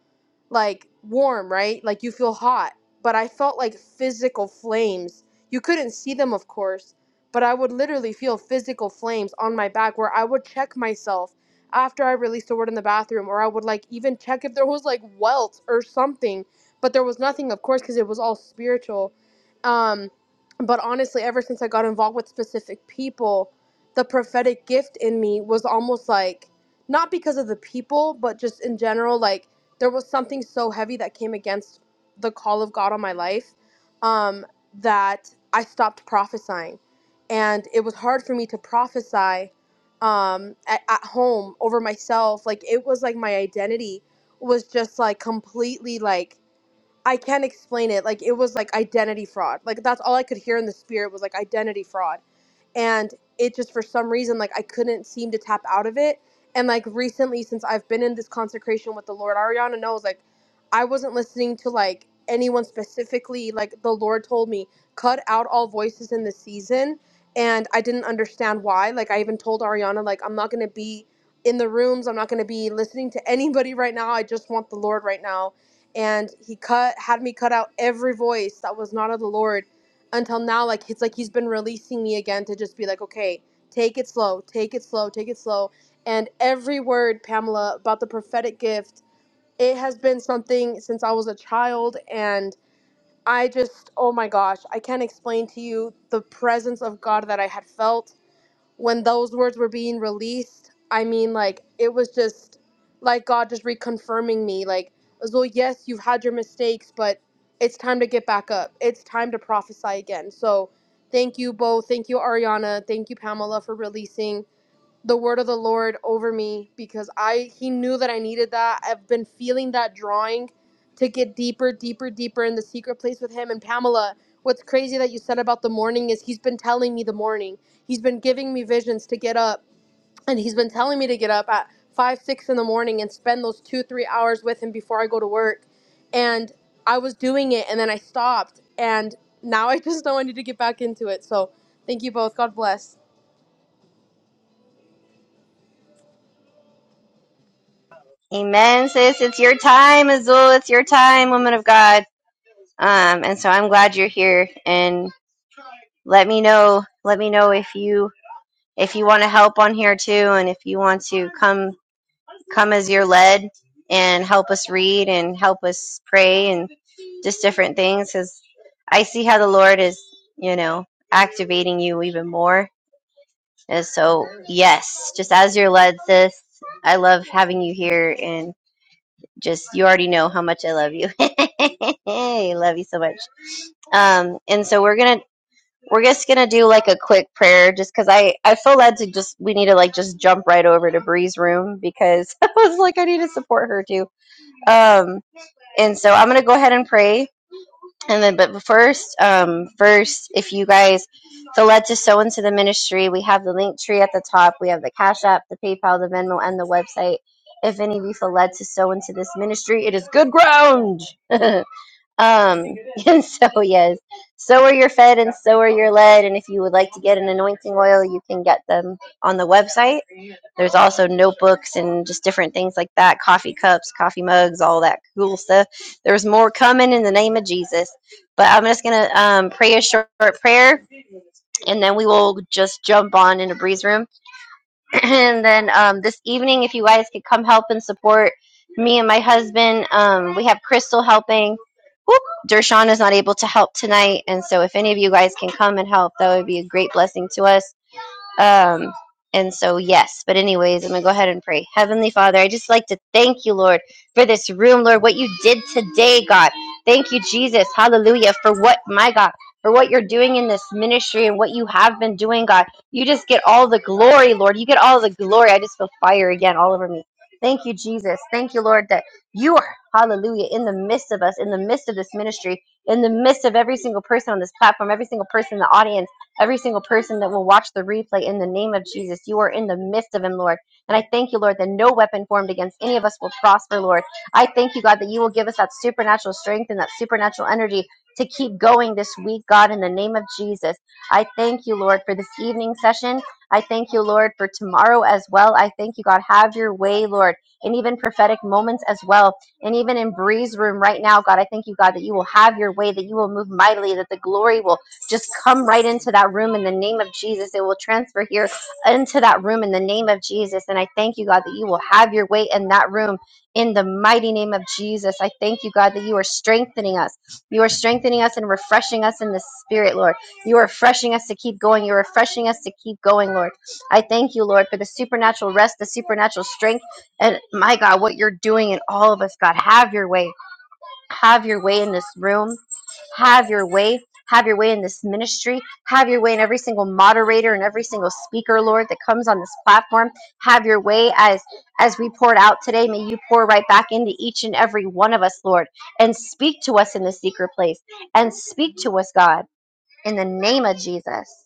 S5: like warm, right? Like you feel hot. But I felt like physical flames. You couldn't see them, of course, but I would literally feel physical flames on my back where I would check myself after I released a word in the bathroom, or I would like even check if there was like welts or something. But there was nothing, of course, because it was all spiritual. Um, but honestly, ever since I got involved with specific people, the prophetic gift in me was almost like not because of the people, but just in general, like there was something so heavy that came against the call of God on my life um, that I stopped prophesying. And it was hard for me to prophesy um, at, at home over myself. Like, it was like my identity was just like completely like I can't explain it. Like it was like identity fraud. Like that's all I could hear in the spirit was like identity fraud. And it just for some reason like I couldn't seem to tap out of it. And like recently since I've been in this consecration with the Lord, Ariana knows like I wasn't listening to like anyone specifically. Like the Lord told me, cut out all voices in the season. And I didn't understand why. Like I even told Ariana, like I'm not gonna be in the rooms. I'm not gonna be listening to anybody right now. I just want the Lord right now and he cut had me cut out every voice that was not of the Lord until now like it's like he's been releasing me again to just be like okay take it slow take it slow take it slow and every word Pamela about the prophetic gift it has been something since I was a child and I just oh my gosh I can't explain to you the presence of God that I had felt when those words were being released, I mean, like, it was just like God just reconfirming me, like, well, yes, you've had your mistakes, but it's time to get back up. It's time to prophesy again. So, thank you, Bo. Thank you, Ariana. Thank you, Pamela, for releasing the word of the Lord over me because I he knew that I needed that. I've been feeling that drawing to get deeper, deeper, deeper in the secret place with him and Pamela. What's crazy that you said about the morning is he's been telling me the morning. He's been giving me visions to get up and he's been telling me to get up at five, six in the morning and spend those two, three hours with him before I go to work. And I was doing it and then I stopped and now I just know I need to get back into it. So thank you both. God bless.
S2: Amen, sis. It's your time, Azul. It's your time, woman of God. Um, and so I'm glad you're here and let me know, let me know if you, if you want to help on here too and if you want to come come as you're led and help us read and help us pray and just different things because I see how the Lord is, you know, activating you even more. And so, yes, just as you're led, sis, I love having you here and just you already know how much I love you. I love you so much. Um, and so we're gonna we're just gonna do like a quick prayer, just because I I feel led to just we need to like just jump right over to Bree's room because I was like I need to support her too. Um, and so I'm gonna go ahead and pray, and then but first, um, first if you guys feel led to sow into the ministry, we have the link tree at the top. We have the Cash App, the PayPal, the Venmo, and the website. If any of you feel led to sow into this ministry, it is good ground. Um, and so, yes, so are your fed and so are your led. And if you would like to get an anointing oil, you can get them on the website. There's also notebooks and just different things like that coffee cups, coffee mugs, all that cool stuff. There's more coming in the name of Jesus. But I'm just going to um, pray a short prayer and then we will just jump on into Breeze Room. and then um, this evening, if you guys could come help and support me and my husband, um, we have Crystal helping. Whoop, Dershawn is not able to help tonight, and so if any of you guys can come and help, that would be a great blessing to us. Um, and so, yes. But, anyways, I'm going to go ahead and pray. Heavenly Father, I just like to thank you, Lord, for this room, Lord, what you did today, God. Thank you, Jesus. Hallelujah. For what, my God, for what you're doing in this ministry and what you have been doing, God. You just get all the glory, Lord. You get all the glory. I just feel fire again all over me. Thank you, Jesus. Thank you, Lord, that you are, hallelujah, in the midst of us, in the midst of this ministry, in the midst of every single person on this platform, every single person in the audience every single person that will watch the replay in the name of Jesus. You are in the midst of him, Lord. And I thank you, Lord, that no weapon formed against any of us will prosper, Lord. I thank you, God, that you will give us that supernatural strength and that supernatural energy to keep going this week, God, in the name of Jesus. I thank you, Lord, for this evening session. I thank you, Lord, for tomorrow as well. I thank you, God. Have your way, Lord, and even prophetic moments as well. And even in Bree's room right now, God, I thank you, God, that you will have your way, that you will move mightily, that the glory will just come right into that room in the name of Jesus. It will transfer here into that room in the name of Jesus. And I thank you, God, that you will have your way in that room in the mighty name of Jesus. I thank you, God, that you are strengthening us. You are strengthening us and refreshing us in the spirit, Lord. You are refreshing us to keep going. You're refreshing us to keep going, Lord. I thank you, Lord, for the supernatural rest, the supernatural strength, and my God, what you're doing in all of us, God. Have your way have your way in this room, have your way, have your way in this ministry, have your way in every single moderator and every single speaker, Lord, that comes on this platform. Have your way as as we poured out today. May you pour right back into each and every one of us, Lord, and speak to us in the secret place and speak to us, God, in the name of Jesus.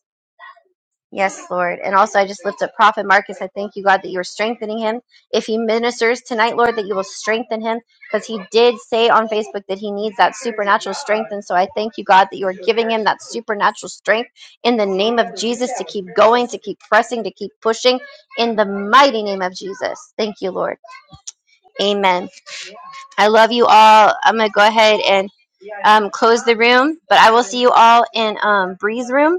S2: Yes, Lord. And also, I just lift up Prophet Marcus. I thank you, God, that you are strengthening him. If he ministers tonight, Lord, that you will strengthen him because he did say on Facebook that he needs that supernatural strength. And so I thank you, God, that you are giving him that supernatural strength in the name of Jesus to keep going, to keep pressing, to keep pushing in the mighty name of Jesus. Thank you, Lord. Amen. I love you all. I'm gonna go ahead and um, close the room, but I will see you all in um, Bree's room.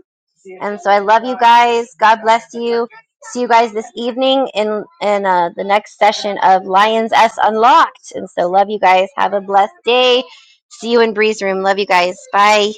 S2: And so I love you guys. God bless you. See you guys this evening in in uh, the next session of Lions S Unlocked. And so love you guys. Have a blessed day. See you in Bree's room. Love you guys. Bye.